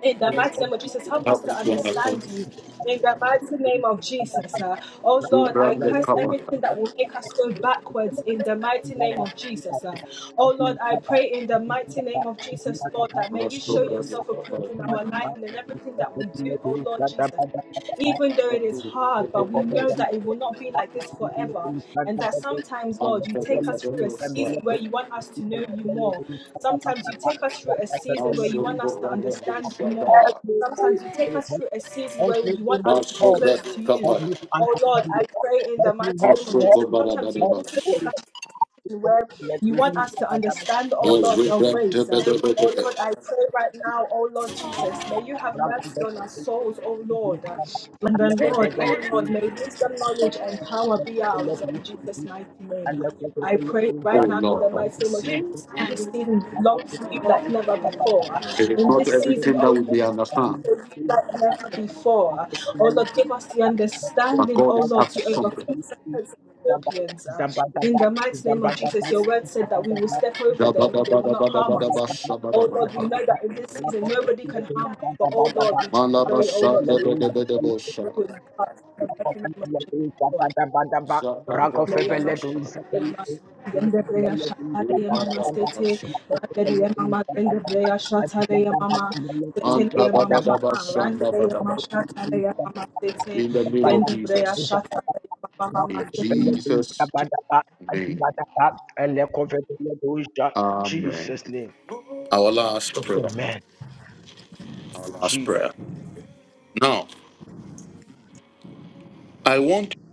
S4: in the mighty name of Jesus, help us
S1: Help me
S4: to
S1: to understand
S4: understand
S1: you.
S4: you. In the mighty name of Jesus, uh,
S2: Every
S4: oh Lord, I
S1: Subranda
S2: old
S4: curse
S1: Kabaya.
S4: everything that will make us go backwards. In the mighty name of Jesus, uh, oh Lord, I pray in the mighty name of Jesus, Lord, that may you show
S1: Masobranda
S4: yourself approved
S1: Kabaya.
S4: in our life and in everything that we do, oh Lord Jesus even though it is
S1: Masobranda
S4: hard,
S1: Kabaya.
S4: but we know that it will not be like this forever. And that sometimes, Lord, you take
S1: Masobranda
S4: us through a
S1: Kabaya.
S4: season where you want us to know you more. Sometimes you take us through a season where you want us to understand you more. Sometimes you take
S2: spirit,
S4: us through a season where
S2: every
S4: you want
S2: in
S4: us
S2: this
S4: to be
S2: world.
S4: close
S1: Masobranda
S4: to you.
S2: Help
S1: Kabaya.
S2: me to
S4: Oh
S2: understand
S4: Lord, I
S2: you, Lord.
S4: pray in the
S2: Help me,
S4: mighty
S2: help
S4: name
S2: me,
S4: of
S2: help
S4: Jesus.
S2: me.
S4: Sometimes you also
S2: Help
S4: take
S2: me,
S4: us
S2: Lord. Help
S4: where
S2: me, Lord. Help me,
S4: you want us to understand, oh Lord,
S2: Help
S4: your
S2: me,
S4: grace. uh,
S2: Lord. Help
S4: Oh Lord, I pray right now, oh Lord Jesus, may you have mercy on our
S2: me,
S4: souls, oh Lord. uh, And
S2: Allah
S4: then,
S2: ko de
S4: Lord,
S2: bele
S4: oh Lord,
S2: is
S4: may wisdom, knowledge, and power be
S2: Allah ko
S4: ours
S2: de
S4: in Jesus' mighty name. uh.
S2: Allah ko de
S4: I
S2: bele
S4: pray
S2: is
S1: Oh
S4: right
S2: God
S4: now in the
S1: Lord.
S2: and
S4: mighty
S2: the
S4: name of Jesus.
S2: Lord.
S1: It
S4: that In
S2: is
S4: this season, we
S2: Allah ko
S4: long
S2: de
S4: for you
S2: bele
S4: like
S2: is
S4: never before. uh.
S1: is
S4: In
S2: Allah
S1: not
S4: this
S2: ko
S4: season,
S1: everything
S4: oh
S1: that we may
S4: Lord, we
S2: de
S4: long
S1: understand,
S2: bele
S4: for you like
S2: is
S4: never before.
S2: Thank
S4: uh. Oh Lord, give us the
S1: but
S4: understanding,
S1: God
S4: oh
S1: is
S4: Lord,
S1: up to
S4: to
S1: something.
S4: overcome serpents and scorpions. uh. In the mighty name of Jesus, your word said that we will step
S1: In
S4: over them and they will
S1: the
S4: not harm us. Oh Lord, we know that in this season nobody can harm us. But oh Lord, we just pray, oh Lord, for your love to grow in our hearts in the mighty name of Jesus, Lord. Hallelujah, hallelujah. Gende breya shatale ya mama sete, randere mama gende breya shatale ya mama sete le mama mama, randere mama shatale ya mama sete,
S1: name of
S4: gende breya
S1: Jesus.
S4: shatale ya mama mama
S1: In
S4: sete.
S1: Jesus' name. Amen.
S2: Jesus' name.
S1: Our last prayer.
S2: Amen.
S1: Last
S2: Jesus.
S1: prayer. Now, I want to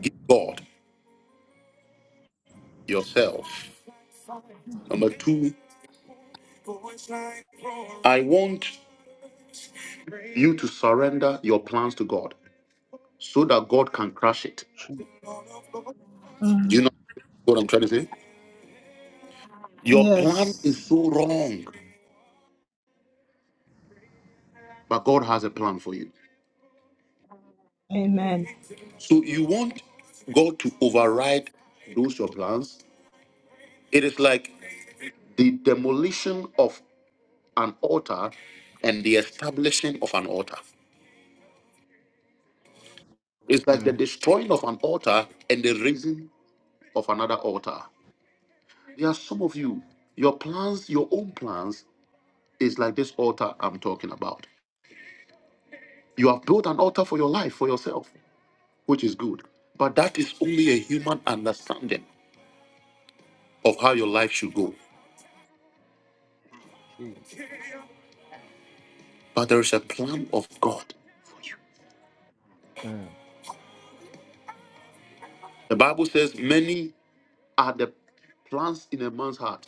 S1: give God yourself. Number two, I want you to surrender your plans to God so that God can crush it. Do you
S4: Mm,
S1: know what I'm trying to say? Your plan
S4: Yes.
S1: is so wrong, but God has a plan for you.
S4: Amen.
S1: So you want God to override those your plans? It is like the demolition of an altar and the establishing of an altar. It's like the
S2: Mm,
S1: destroying of an altar and the raising of another altar. There are some of you, your plans, your own plans, is like this altar I'm talking about. You have built an altar for your life, for yourself, which is good. But that is only a human understanding. of how your life should go.
S2: Jesus.
S1: But there is a plan of God.
S2: mm,
S1: The Bible says, Many are the plans in a man's heart.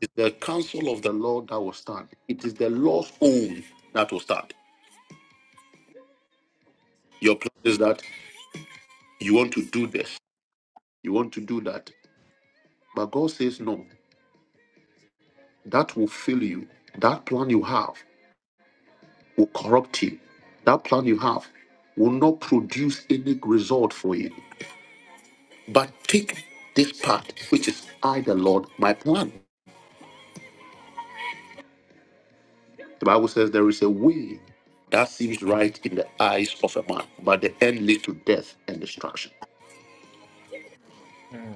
S1: It's the counsel of the Lord that will stand. It is the Lord's own that will stand. Your plan is that you want to do this, you want to do that. But God says, No, that will fail you. That plan you have will corrupt you. That plan you have will not produce any result for you. But take this part, which is I, the Lord, my plan. The Bible says there is a way that seems right in the eyes of a man, but the end leads to death and destruction.
S2: mm,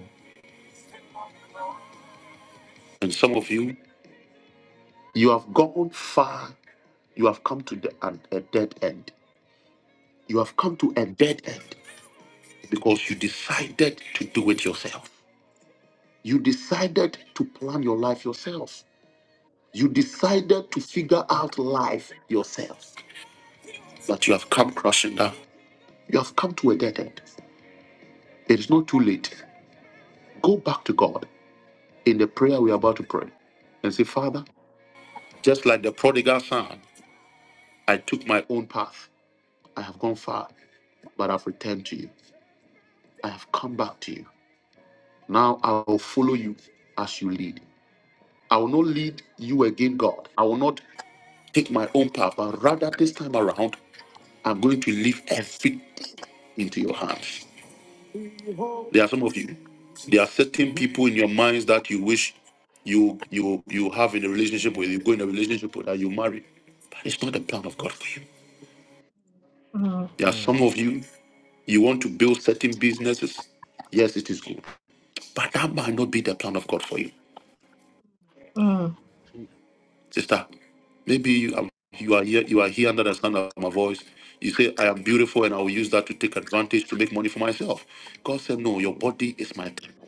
S1: And some of you, you have gone far. You have come to the, an- a dead end. You have come to a dead end because you decided to do it yourself. You decided to plan your life yourself. You decided to figure out life yourself. But you have come crashing down. You have come to a dead end. It is not too late. Go back to God. in the prayer we're about to pray and say, Father, just like the prodigal son, I took my own path. I have gone far, but I've returned to you. I have come back to you. Now I will follow you as you lead. I will not lead you again, God. I will not take my own path, but rather this time around, I'm going to leave everything into your hands. There are some of you. There are certain people in your minds that you wish you you you have in a relationship with, you go in a relationship with, that you marry. But it's not the plan of God for you. There are some
S2: mm,
S1: of you, you want to build certain businesses. Yes, it is good. But that might not be the plan of God for you.
S2: Je-
S1: Sister, maybe you are, you are here, you are here under the sound of my voice. You say, I am beautiful and I will use that to take advantage to make money for myself. God said, No, your body is my temple.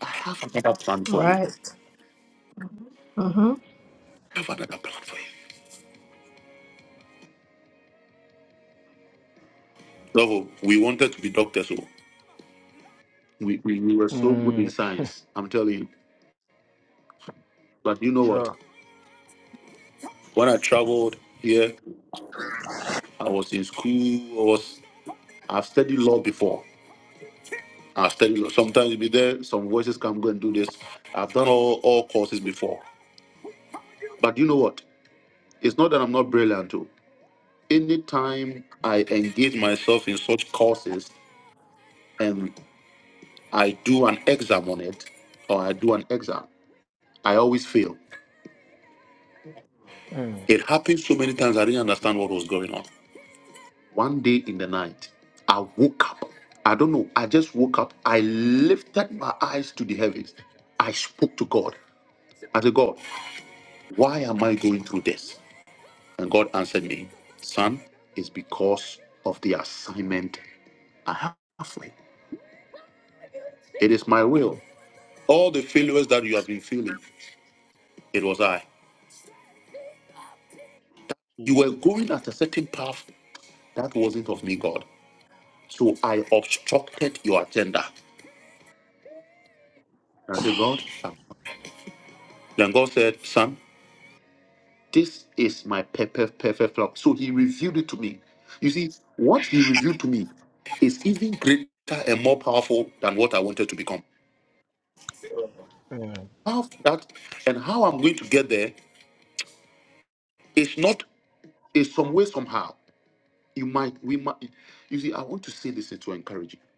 S1: I have another plan for you.
S4: Right. Uh-huh.
S1: I have another plan for you. So we wanted to be doctors. So we, we, we were so good in
S2: mm,
S1: science, I'm telling you. But you know what?
S2: sure.
S1: When I traveled here, I was in school. I was. I've studied law before. I've studied law. Sometimes you be there, some voices come, go and do this. I've done all, all courses before. But you know what? It's not that I'm not brilliant too. Anytime I engage myself in such courses and I do an exam on it, or I do an exam, I always fail.
S2: Mm,
S1: It happened so many times I didn't understand what was going on. One day in the night, I woke up. I don't know. I just woke up. I lifted my eyes to the heavens. I spoke to God. I said, God. Why am I going through this? And God answered me, Son, it's because of the assignment I have for you. It is my will. All the failures that you have been feeling, it was I. You
S2: Je-
S1: were going at a certain path that wasn't of me, God. So I obstructed your agenda. And I said, God, I'm- then God said, Son, this is my perfect, perfect flock. So he revealed it to me. You see, what he revealed to me is even greater and more powerful than what I wanted to become.
S2: mm,
S1: How that and how I'm going to get there is not is some way somehow. You might we might you see. I want to say this to encourage you.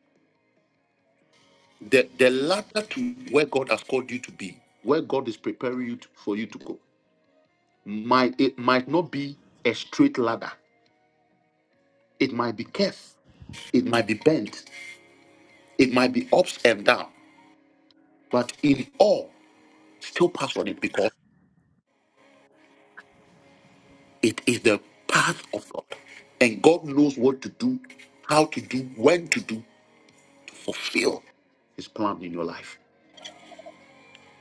S1: The the ladder to where God has called you to be, where God is preparing you to, for you to go, might it might not be a straight ladder. It might be curved. It might be bent. It might be ups and down. But in all, still pass on it because it is the path of God, and God knows what to do, how to do, when to do, fulfill His plan in your life.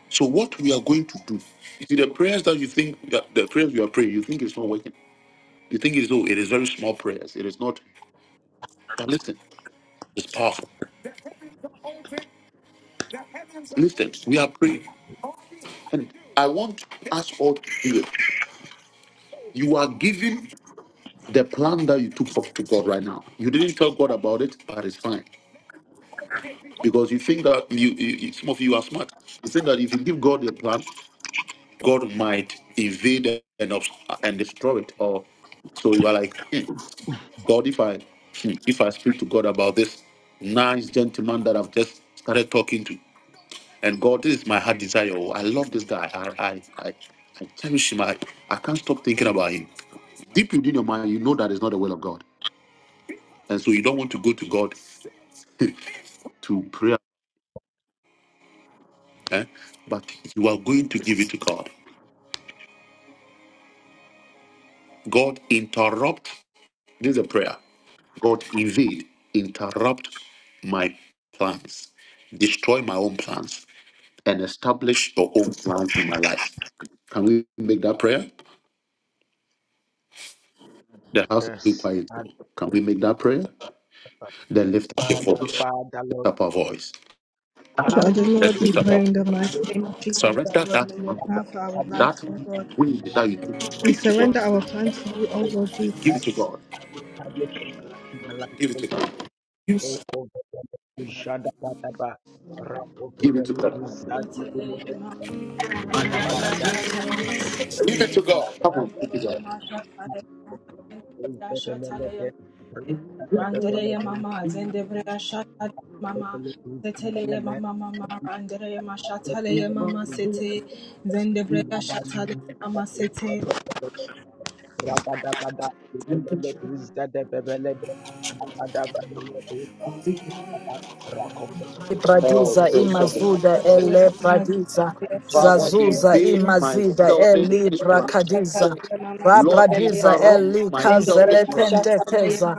S1: So what we are going to do, you see, the prayers that you think that the prayers you are praying, you think it's not working. You think it's no, it is very small prayers. It is not. But listen, it's powerful. Listen, we are praying, and I want us all to do it. You are giving the plan that you took up to God right now. You didn't tell God about it, but it's fine because you think that you, you you- some of you are smart. You think that if you give God a plan, God might invade and obs- and destroy it. Or so you are like. hmm. God, if I if I speak to God about this nice gentleman that I've just started talking to, and God, this is my heart desire. Oh, I love this guy. I I I, I cherish him. I, I can't stop thinking about him. Deep within your mind, you know that is not the will of God. And so you don't want to go to God to prayer, eh? but you are going to give it to God. God interrupt. This is a prayer. God invade, interrupt my plans, destroy my own plans and establish your own plans in my life. Can we make that prayer? The house is too
S2: yes.
S1: quiet.
S2: And,
S1: though. Can we
S2: uh,
S1: make that prayer? Then lift up your voice. Lift
S2: Father, Lord,
S1: up our voice.
S2: Father,
S4: Father Lord,
S1: Let's
S4: we
S1: lift up our
S4: pray in the mighty name of Jesus that
S1: Surrender
S4: Lord
S1: that
S4: may your plan for our
S2: establish
S4: life,
S1: that
S4: oh God.
S1: wind
S2: my
S1: that you
S2: life.
S1: took. Give it to God. Give it to God.
S2: Establish my life.
S1: Give it
S2: O
S1: to
S2: Lord.
S1: God.
S2: No
S1: Yes.
S2: covenant, no shada, Father, ba. Rapo,
S1: Give it to
S2: Femele,
S1: God.
S2: Guza,
S4: Randere
S2: Femele,
S4: mama
S2: Father,
S4: zendebrea
S2: ba.
S4: shatale
S1: Give it to God. Come on, give it to God.
S2: Thank
S4: mama setele mama mama randere ma shatale mama sete zendebrea shatale mama sete
S1: Oh,
S6: Ibradiza
S1: praise somebody.
S6: imazuda ele
S4: atale mama
S6: bradiza
S1: Father,
S4: zendebrea
S6: zazuza
S1: invade my
S6: imazida
S4: Your plan,
S1: selfish
S6: eli
S1: plans.
S4: oh
S6: brakadiza
S1: Lord,
S6: rabradiza
S1: interrupt
S6: eli
S1: my
S6: kazele
S1: selfish plans.
S6: kazelekendekeza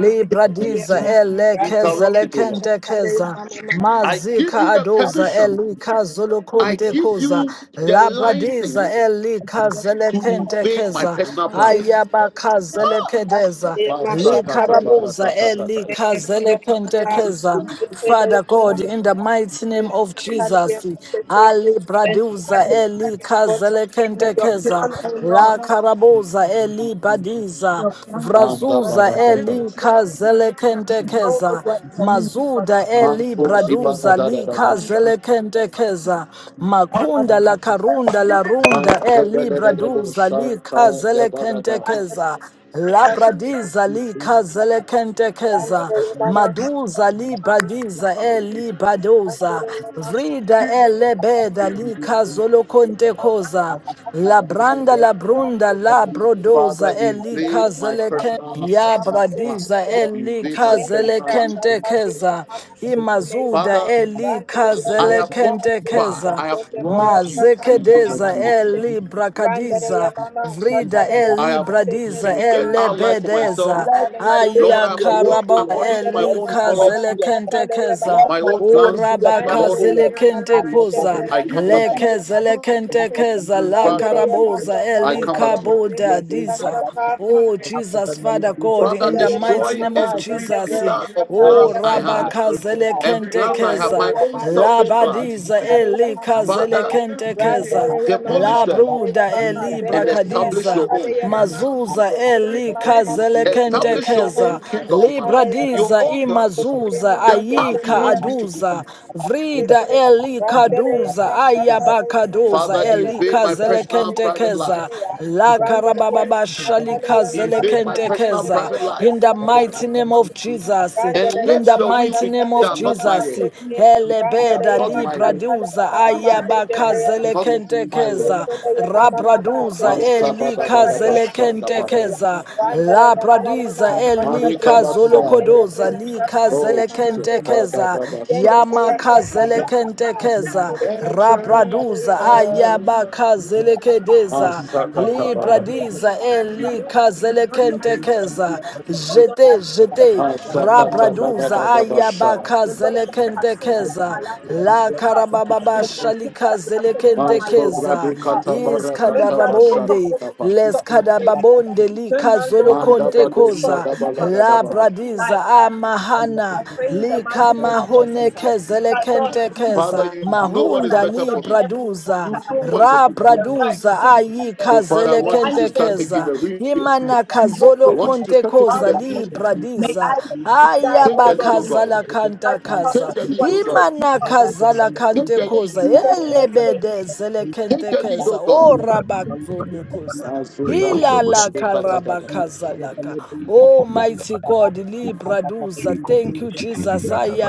S6: libradiza ele
S1: Interrupt it, O Lord.
S6: kezelekendekeza
S1: I
S6: mazika
S1: give you the
S6: adoza
S1: permission.
S6: eli
S1: I give
S6: kazolokondekoza
S1: you the
S6: labradiza
S1: license
S6: eli kazele
S1: to invade my
S6: kazelekendekeza
S1: personal plans.
S6: ayabakazelekedeza
S1: Masakata
S6: Likaraboza
S1: barakata
S6: eli
S1: kataya.
S6: kazele kentekeza. Father God, in the mighty name of Jesus, Ali Braduza Eli Kazele Kentekeza,
S4: Lord,
S6: La Karabuza Eli Badiza,
S4: your plan, oh
S1: Manda
S4: Lord,
S6: Vrazuza Eli
S1: barakata.
S6: Kazele
S4: know the
S6: Kentekeza,
S4: word for me, but
S6: Mazuda
S4: not to
S6: Eli
S4: do
S1: Manko
S4: the word of
S1: zibara
S6: Braduza
S1: da da
S6: Li
S4: any
S1: da
S4: other man.
S1: basha.
S6: Kazele Kentekeza, Makunda La Karunda La Runda
S1: Manta da
S6: Eli
S1: da da da bo
S6: Braduza Li
S1: shanta da
S6: Kazele
S1: ba da
S4: Landere,
S6: Kentekeza.
S4: Katale,
S6: Labradiza li kazelekentekeza,
S4: Landere, Mama,
S6: maduza li
S4: Sekele, Mama, Mama,
S6: bradiza e li
S4: Sekele,
S6: badoza,
S4: Landere, Mama, Sekele, Mama,
S6: vrida e lebeda li
S4: Mama,
S6: kazolokontekoza,
S4: Mama, Katale,
S6: labranda labrunda la brodoza
S1: Father,
S6: e li
S1: invade my
S6: kazeleken,
S1: personal
S6: ya
S4: Mama, Mama, Sekele, Mama, Mama, Katale, Mama, Sekele,
S6: bradiza e
S1: plans.
S6: li
S1: Invade my
S4: Dende,
S1: personal
S4: Dera, Katale,
S1: life.
S6: kazelekentekeza,
S4: Mama, Mama, Mama,
S6: imazuda
S1: Father,
S6: e li
S4: Landere,
S1: I
S4: Mama,
S1: have gone
S4: Katale,
S1: far.
S6: kazelekentekeza,
S4: Mama,
S1: I have
S4: Sekele,
S1: wronged you in
S4: Mama, Sekele,
S1: so
S4: Mama,
S6: mazekedeza
S1: many
S6: e
S1: ways.
S6: li
S4: Sekele, Randere
S6: brakadiza,
S4: ye mama,
S6: Vrida
S4: shatale ye
S6: eli
S1: I
S4: mama,
S1: have
S6: elibradiza
S4: setele ye
S2: you.
S1: figured
S4: mama,
S1: out life
S4: Jesus
S1: for
S4: ye
S1: myself.
S6: elebedeza
S2: Let
S4: shatale ye
S2: my
S4: mama,
S2: ways
S1: Lord,
S6: aya
S2: be
S1: I've
S2: your
S4: sete.
S2: ways,
S1: walked
S2: O
S6: karaba
S2: Lord.
S1: according to
S4: Randere
S1: my
S4: ye
S2: Let my
S1: own
S4: mama
S2: thoughts
S4: mama,
S1: knowledge,
S2: be your thoughts.
S4: shatale ye
S6: elikazelekentekeza
S4: mama,
S2: Let
S1: my
S2: my
S1: own
S4: sete.
S2: plans
S1: plans.
S2: be your
S1: But
S2: plans,
S1: Lord,
S4: Randere
S2: O
S4: ye
S2: Lord.
S4: mama mama,
S2: And let
S4: zede
S2: all
S6: urabakazelekentekoza
S2: the
S4: breya,
S1: I
S2: living
S1: come
S2: things
S1: back to
S2: that
S4: shatale
S1: you.
S4: ye mama, mama,
S2: not
S4: sete.
S2: for the
S6: lekezelekentekeza
S2: many
S6: la
S2: things
S4: Randere
S2: that
S1: Father,
S4: ye
S2: we
S4: mama,
S2: do.
S6: karaboza
S1: I
S4: shatale
S2: Not
S6: eli
S4: ye
S1: come
S2: for
S1: back
S2: the
S4: mama,
S1: to
S4: mama,
S1: you.
S4: zede
S6: kaboda
S2: opportunities
S4: breya,
S2: that
S6: diza
S2: God
S4: shaka.
S2: has.
S6: Oh,
S2: Not for the
S6: Jesus,
S2: many
S6: Father
S2: things that
S6: God,
S1: Father,
S6: in
S2: we
S4: Jetele
S6: the
S4: ye
S2: do.
S4: mama
S6: mighty
S1: destroy
S2: But
S6: name
S2: we
S6: of
S4: mama,
S2: think that
S1: every
S2: we
S4: jende
S6: Jesus.
S4: breya
S1: pillar of
S2: Not
S4: katale
S6: Oh,
S1: plans
S4: ye
S2: for
S1: I
S2: the many
S4: mama,
S1: had
S2: things
S4: sete
S2: that
S6: Rabakazele
S4: ya.
S2: God has.
S1: and
S4: Ni
S1: plans I have,
S2: Not
S4: randere
S1: my
S6: Kentekeza,
S2: for
S4: ye
S1: own
S2: the
S4: ma
S2: many
S4: jende
S1: selfish
S4: breya
S1: plans.
S2: things
S6: Labadiza
S2: that we do.
S4: katale ye
S6: Eli
S4: mama,
S2: We have
S6: Kazele
S4: sete.
S1: Father,
S2: that. We have
S6: Kentekeza.
S4: Randere
S2: that.
S4: ye ma
S2: We
S1: demolish
S6: La
S2: have
S1: them
S2: that.
S4: shatale ye
S6: bruda
S4: mama,
S6: eli
S1: and
S4: jende breya
S1: establish your
S6: brakadiza.
S4: shatale
S1: own.
S4: ye mama.
S6: Mazuza
S4: Setele ye
S6: eli
S2: Thank
S4: mama mama, setele
S1: Establish
S4: ye mama
S1: your own
S6: kazelekentekeza.
S4: mama,
S1: kingdom in my
S4: shatale
S1: life,
S4: ye mama.
S1: your
S6: Libradiza
S1: own plans,
S4: Setele ye
S6: imazuza
S1: the
S4: mama, jende
S1: path you
S6: ayika
S4: breya
S1: want me to go.
S6: aduza.
S4: shatale ye mama,
S6: Vrida
S4: sete.
S6: eli
S4: Randere ye
S6: kaduza
S4: ma shatale ye mama,
S6: ayabakadoza
S1: Father,
S4: jende
S6: eli
S1: invade
S4: breya.
S1: my personal private
S6: kazelekentekeza.
S1: life,
S4: Maketea,
S6: La
S4: Randele Yema
S6: karabababa shali
S4: Shatale Yema Mama
S1: invade my
S4: Ma,
S1: personal
S4: Zende
S6: kazelekentekeza.
S1: private
S4: Breya
S1: life,
S6: In the
S4: Shatale Yema
S6: mighty name of
S4: Setea,
S6: Jesus.
S1: and
S4: Randele
S6: In
S1: let
S4: Yema
S6: the
S1: your
S4: Ma
S1: will
S6: mighty
S1: be
S4: Shatale
S6: name of
S1: done,
S4: Yema
S1: not my
S4: Mama
S6: Jesus.
S1: will,
S4: Setea, Randele
S6: Helebeda
S1: not
S4: Yema
S1: my will,
S4: Shatale
S6: libraduza
S4: Yema Mama Zende Breya
S1: not my will.
S6: ayabakazelekentekeza
S4: Shatale Yema Mama Ma,
S6: rabraduza
S4: Zende Breya Shatale Yema Mama
S1: Masabadabadabashadabada.
S4: Setea,
S6: elikazelekentekeza
S4: Randele Yema Mama Ma,
S6: labradiza
S4: Shatale Yema Ma,
S1: Marikabasade.
S4: Zende
S6: elikazolokodoza
S4: Breya Shatale
S1: Oh
S4: Yema Mama Zenebrea Shatalayama
S1: Jesus,
S4: Setea,
S6: likazelekentekeza
S1: Badabadasha.
S4: Zende Breya Shatale Yema Ma,
S6: yamakazelekentekeza
S4: Zende
S1: Get a
S4: Breya
S1: journey.
S4: Shatale
S6: rabraduza
S4: Yema
S6: ayabakazelekedeza
S4: Oh Lord, I
S1: Masakatabada.
S4: pray for your
S6: libradiza
S4: blood over my life in the mighty name of
S6: elikazelekentekeza
S4: Jesus. Oh Lord, I
S6: jete
S4: pray for the
S6: jete
S4: plan over my life will
S2: you.
S6: rabraduza
S4: never be
S6: ay
S4: able to.
S1: Asakatabadabasha.
S4: But whatever you have said over
S2: Thank
S6: Ayabakazelekentekeza,
S4: my life will come
S6: La
S4: to pass. uh.
S6: Karababa
S4: The good things that you have said over my life will come
S6: Shalikazelekentekeza,
S4: to pass. uh.
S6: Is
S4: No man go from a
S6: Kadarabonde,
S4: woman
S1: Masobradikatabarakatabasanapa.
S4: can
S6: Les
S4: stop my greatness. uh.
S6: Kadababonde,
S4: No
S6: Lika
S4: man go from a woman can stop
S6: Zolokontekoza,
S4: what you have
S6: La
S4: started in
S1: Mandabadosadabalagadabaha.
S4: my
S6: Bradiza
S4: life. uh. I
S6: Amahana,
S4: pray in the mighty
S6: Lika
S4: name of Jesus, sir. That Lord, may you be
S1: Father,
S4: with
S6: Mahonekazelekentekeza,
S1: you
S4: me in
S1: know
S4: everything
S1: what
S4: that
S1: is
S4: I
S6: Mahunda
S4: do,
S1: better
S6: Li
S1: for
S4: Lord,
S1: me.
S4: and every decision
S6: Braduza,
S1: You
S4: that I
S1: know what
S4: make
S1: is
S4: will
S6: Ra
S1: good
S4: be
S1: for me.
S4: the right
S6: Braduza
S4: decision, Lord.
S6: Ayika
S1: So, Father, I
S4: May
S1: want you
S4: I not
S1: to start
S4: make
S1: taking
S4: mistakes
S6: Zelekentekeza,
S1: the
S4: in
S1: wheel.
S4: this season
S6: Imana
S4: because you walk
S1: I
S6: Kazolo
S4: with
S2: you.
S4: me
S1: want you to
S4: and
S1: start
S4: you
S1: taking
S4: are
S1: the
S4: with
S2: Thank
S6: zali
S1: lead.
S4: me. May
S6: bradiza
S4: I decide,
S6: haya
S1: Take
S4: oh
S1: the lead,
S4: Lord,
S1: O
S4: in
S1: God.
S4: the
S6: bakazala kanta
S4: righteous path
S1: Take
S6: kaza
S4: that
S1: the
S4: you
S1: lead, O
S4: want to
S1: God.
S4: take me
S6: himana
S4: on. that.
S6: kazala
S1: Take
S6: kante
S1: the
S4: In
S1: lead,
S6: koza
S4: Jesus'
S1: O God.
S4: name, I pray.
S6: elebede zele
S1: Take
S6: kente
S1: the lead, O
S6: keza
S1: God.
S6: o rabazulu koza
S3: Rikobo
S6: Hilala
S3: Chitiviata
S6: kalabakazalaka. Oh, mighty
S3: Baba
S6: God,
S3: Ligashinki,
S6: Libraduza.
S3: Rikobo
S6: Thank you, Jesus.
S3: Chitiviata Baba.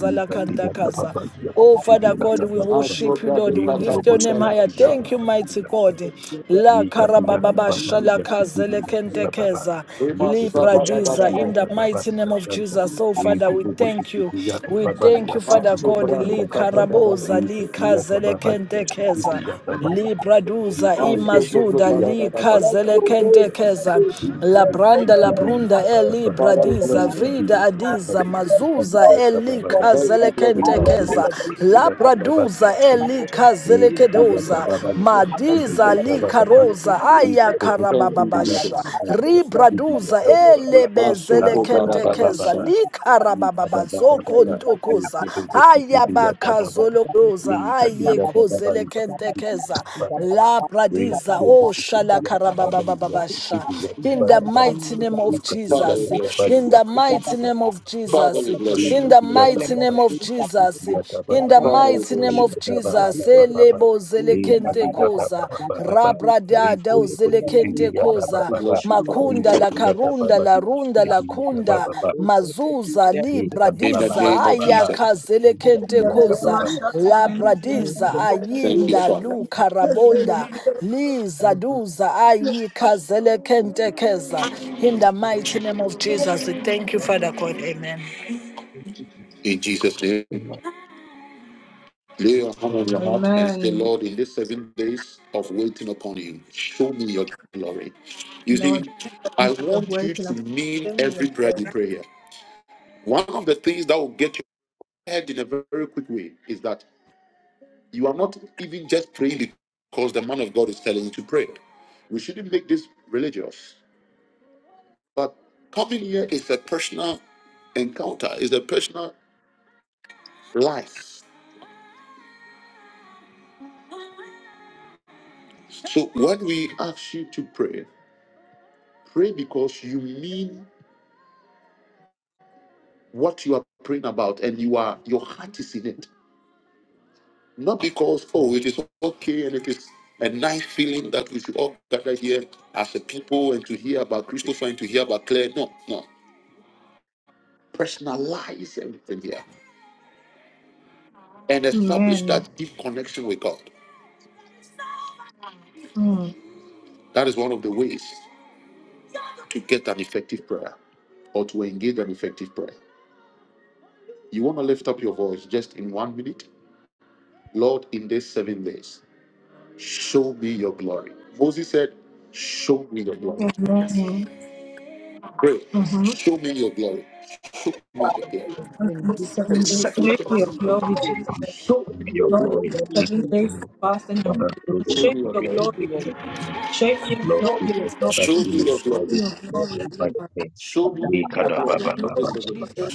S3: Nikapigata baba bila
S6: Oh, Father
S3: kupigata
S6: God, we
S3: baba
S6: worship you, Lord. We
S3: niko
S6: lift your
S3: bobo
S6: name higher.
S3: sikipigata
S6: Thank you,
S3: baba
S1: Masobradikatabarakatabasanapa.
S6: mighty
S3: bila
S6: God.
S3: sisi
S6: La
S3: nikapigata
S6: karababa
S3: baba bila
S6: shalaka
S2: you.
S3: kupigata baba
S6: zelekentekeza
S3: niko bobo
S6: lipradiza in the
S3: sikipigata baba
S6: mighty
S3: bila
S6: name of
S3: santa
S6: Jesus. Oh, Father,
S3: niko
S6: we
S3: bobo
S6: thank you.
S3: sikipigata
S6: We
S3: baba
S6: thank
S3: bila
S6: you, Father
S1: Master
S6: God.
S3: sikipigata
S1: Brother
S6: Li
S3: baba
S1: Katababa.
S6: karaboza li
S3: nikapigata baba bila
S6: kazelekentekeza.
S3: sikipigata baba
S6: Libraduza
S3: niko bobo
S1: Master
S6: imazuda
S3: sikipigata baba
S1: Kotobarababa.
S2: Let
S3: bila
S2: your
S3: sisi
S2: ways be
S6: likazelekentekeza
S2: made.
S3: niko
S2: Let
S3: bobo
S2: your
S6: labranda
S2: ways be
S3: sikipigata
S6: labrunda
S2: made.
S3: baba
S1: Father,
S2: Let
S1: we
S2: your
S1: bless
S6: elibradiza
S2: plans
S1: you.
S2: be
S6: vrida
S3: nikapigata
S2: made.
S3: baba
S6: adiza
S3: bila
S2: Let your
S6: mazuza
S2: thoughts
S3: sikipigata
S2: be
S3: baba
S1: Thank you,
S2: fulfilled. I
S1: Lord
S2: let my
S1: God.
S6: elikazelekentekeza
S2: ability be made.
S6: labraduza
S2: That was it. We got the number
S6: elikazelekedoza
S2: of the people who are
S6: madiza
S2: living and living
S6: likaroza
S2: in the
S6: aya
S2: world. We
S1: Thank
S2: are
S1: you,
S2: part of the
S6: karabababasha
S1: Jesus.
S2: narrative that is the people
S6: ribraduza
S2: who are living in the world.
S1: Master
S2: We are part of the
S6: elebezelekentekeza
S2: narrative that
S1: Kobarababa.
S6: likarabababazoko ntokoza
S2: is the people who are living in the world.
S6: ayekhozelekhentekeza
S2: Thank
S6: labradiza oshalakharababababasha in the mighty name of
S1: Father,
S2: you.
S1: we
S6: jesus
S1: bless you.
S6: in the mighty
S2: Thank
S3: Baba
S6: name of
S3: ba
S1: Father,
S6: jesus
S1: we bless you.
S6: in
S3: rita
S6: the
S3: siyata
S6: mighty
S3: ba
S6: name of jesus
S3: siyata ba
S6: in
S3: ba
S6: the
S3: ba
S1: Father, we
S6: mighty name
S1: bless you.
S3: rita
S6: of
S3: ba ba ba ba
S6: jesus
S3: ba ba ba eh ati ba ba ba
S6: elebozelekhentekoza
S3: ba ba ba rita
S6: rabradada
S3: bu bu siyata ba
S6: uzelekentekoza
S1: We
S3: ba ba
S1: bless you, Father.
S6: Makunda
S3: rita
S6: la
S3: siyata ba
S6: karunda
S3: ba
S6: la
S3: di
S6: runda la
S3: siyata ba
S6: kunda
S3: ba ba
S6: mazuza li
S3: rita
S1: In
S3: ba
S1: the
S3: ba ba
S1: name
S6: bradiza
S3: ba
S1: of
S3: ba
S6: libradiza
S3: ba
S1: Jesus.
S6: kazele kente
S3: siyata ba
S6: koza
S3: ba ba
S6: labradiza
S1: Thank you,
S6: ayinda
S1: Father.
S6: lu karabonda li zaduza ayi kazele kente keza. In the mighty name of Jesus, we thank you, Father God. Amen.
S1: In Jesus' name, lay your hand on your heart and say,
S4: Amen.
S1: Lord, in these seven days of waiting upon you, show me your glory. You
S4: Lord,
S1: see, I
S4: thank you for
S1: want
S4: your grace
S1: you
S4: and
S1: to
S4: I pray
S1: mean
S4: in your
S1: every prayer you
S4: grace.
S1: pray here. One of the things that will get you ahead in a very quick way is that you are not even just praying because the man of God is telling you to pray. We shouldn't make this religious. But coming here is a personal encounter, is a personal life. So when we ask you to pray, pray because you mean what you are praying about and you are your heart is in it Not because, oh, it is okay and it is a nice feeling that we should all gather here as a people and to hear about Christopher and to hear about Claire. No, no. Personalize everything here and establish
S4: Amen.
S1: that deep connection with God.
S4: Mm.
S1: That is one of the ways to get an effective prayer or to engage an effective prayer. You want to lift up your voice just in one minute? Lord, in these seven days, show me your glory. Moses said, Show me your glory.
S4: Amen.
S1: Pray, show me your glory. Show me your glory.
S4: On the seven days,
S1: Show me
S4: share your glory, Jesus.
S3: Be your
S1: your
S4: Lord, in
S3: glory
S1: glory.
S4: the
S3: in
S4: seven
S2: you.
S3: Jesus'
S4: days of
S3: name.
S4: fasting and
S3: Father,
S4: prayer,
S3: through
S4: Lord,
S1: Show
S3: your
S4: share
S1: me your
S4: your
S3: glory
S1: glory.
S3: in this
S4: glory.
S3: presence.
S4: Share your
S3: Lord
S4: glory,
S3: Jesus,
S4: Lord
S3: Father,
S1: Show
S3: through
S1: me your
S4: Jesus.
S3: your
S1: glory.
S4: Share
S3: glory
S4: your
S3: in
S4: glory,
S3: Jesus' mighty
S4: Lord.
S3: name.
S1: Show me
S3: We
S1: your
S3: kada ba
S1: glory
S4: Share
S3: ba
S4: your
S3: ba
S1: in
S3: ba
S1: this
S4: glory,
S3: ba
S1: seven
S3: ba ba.
S4: Jesus.
S1: days.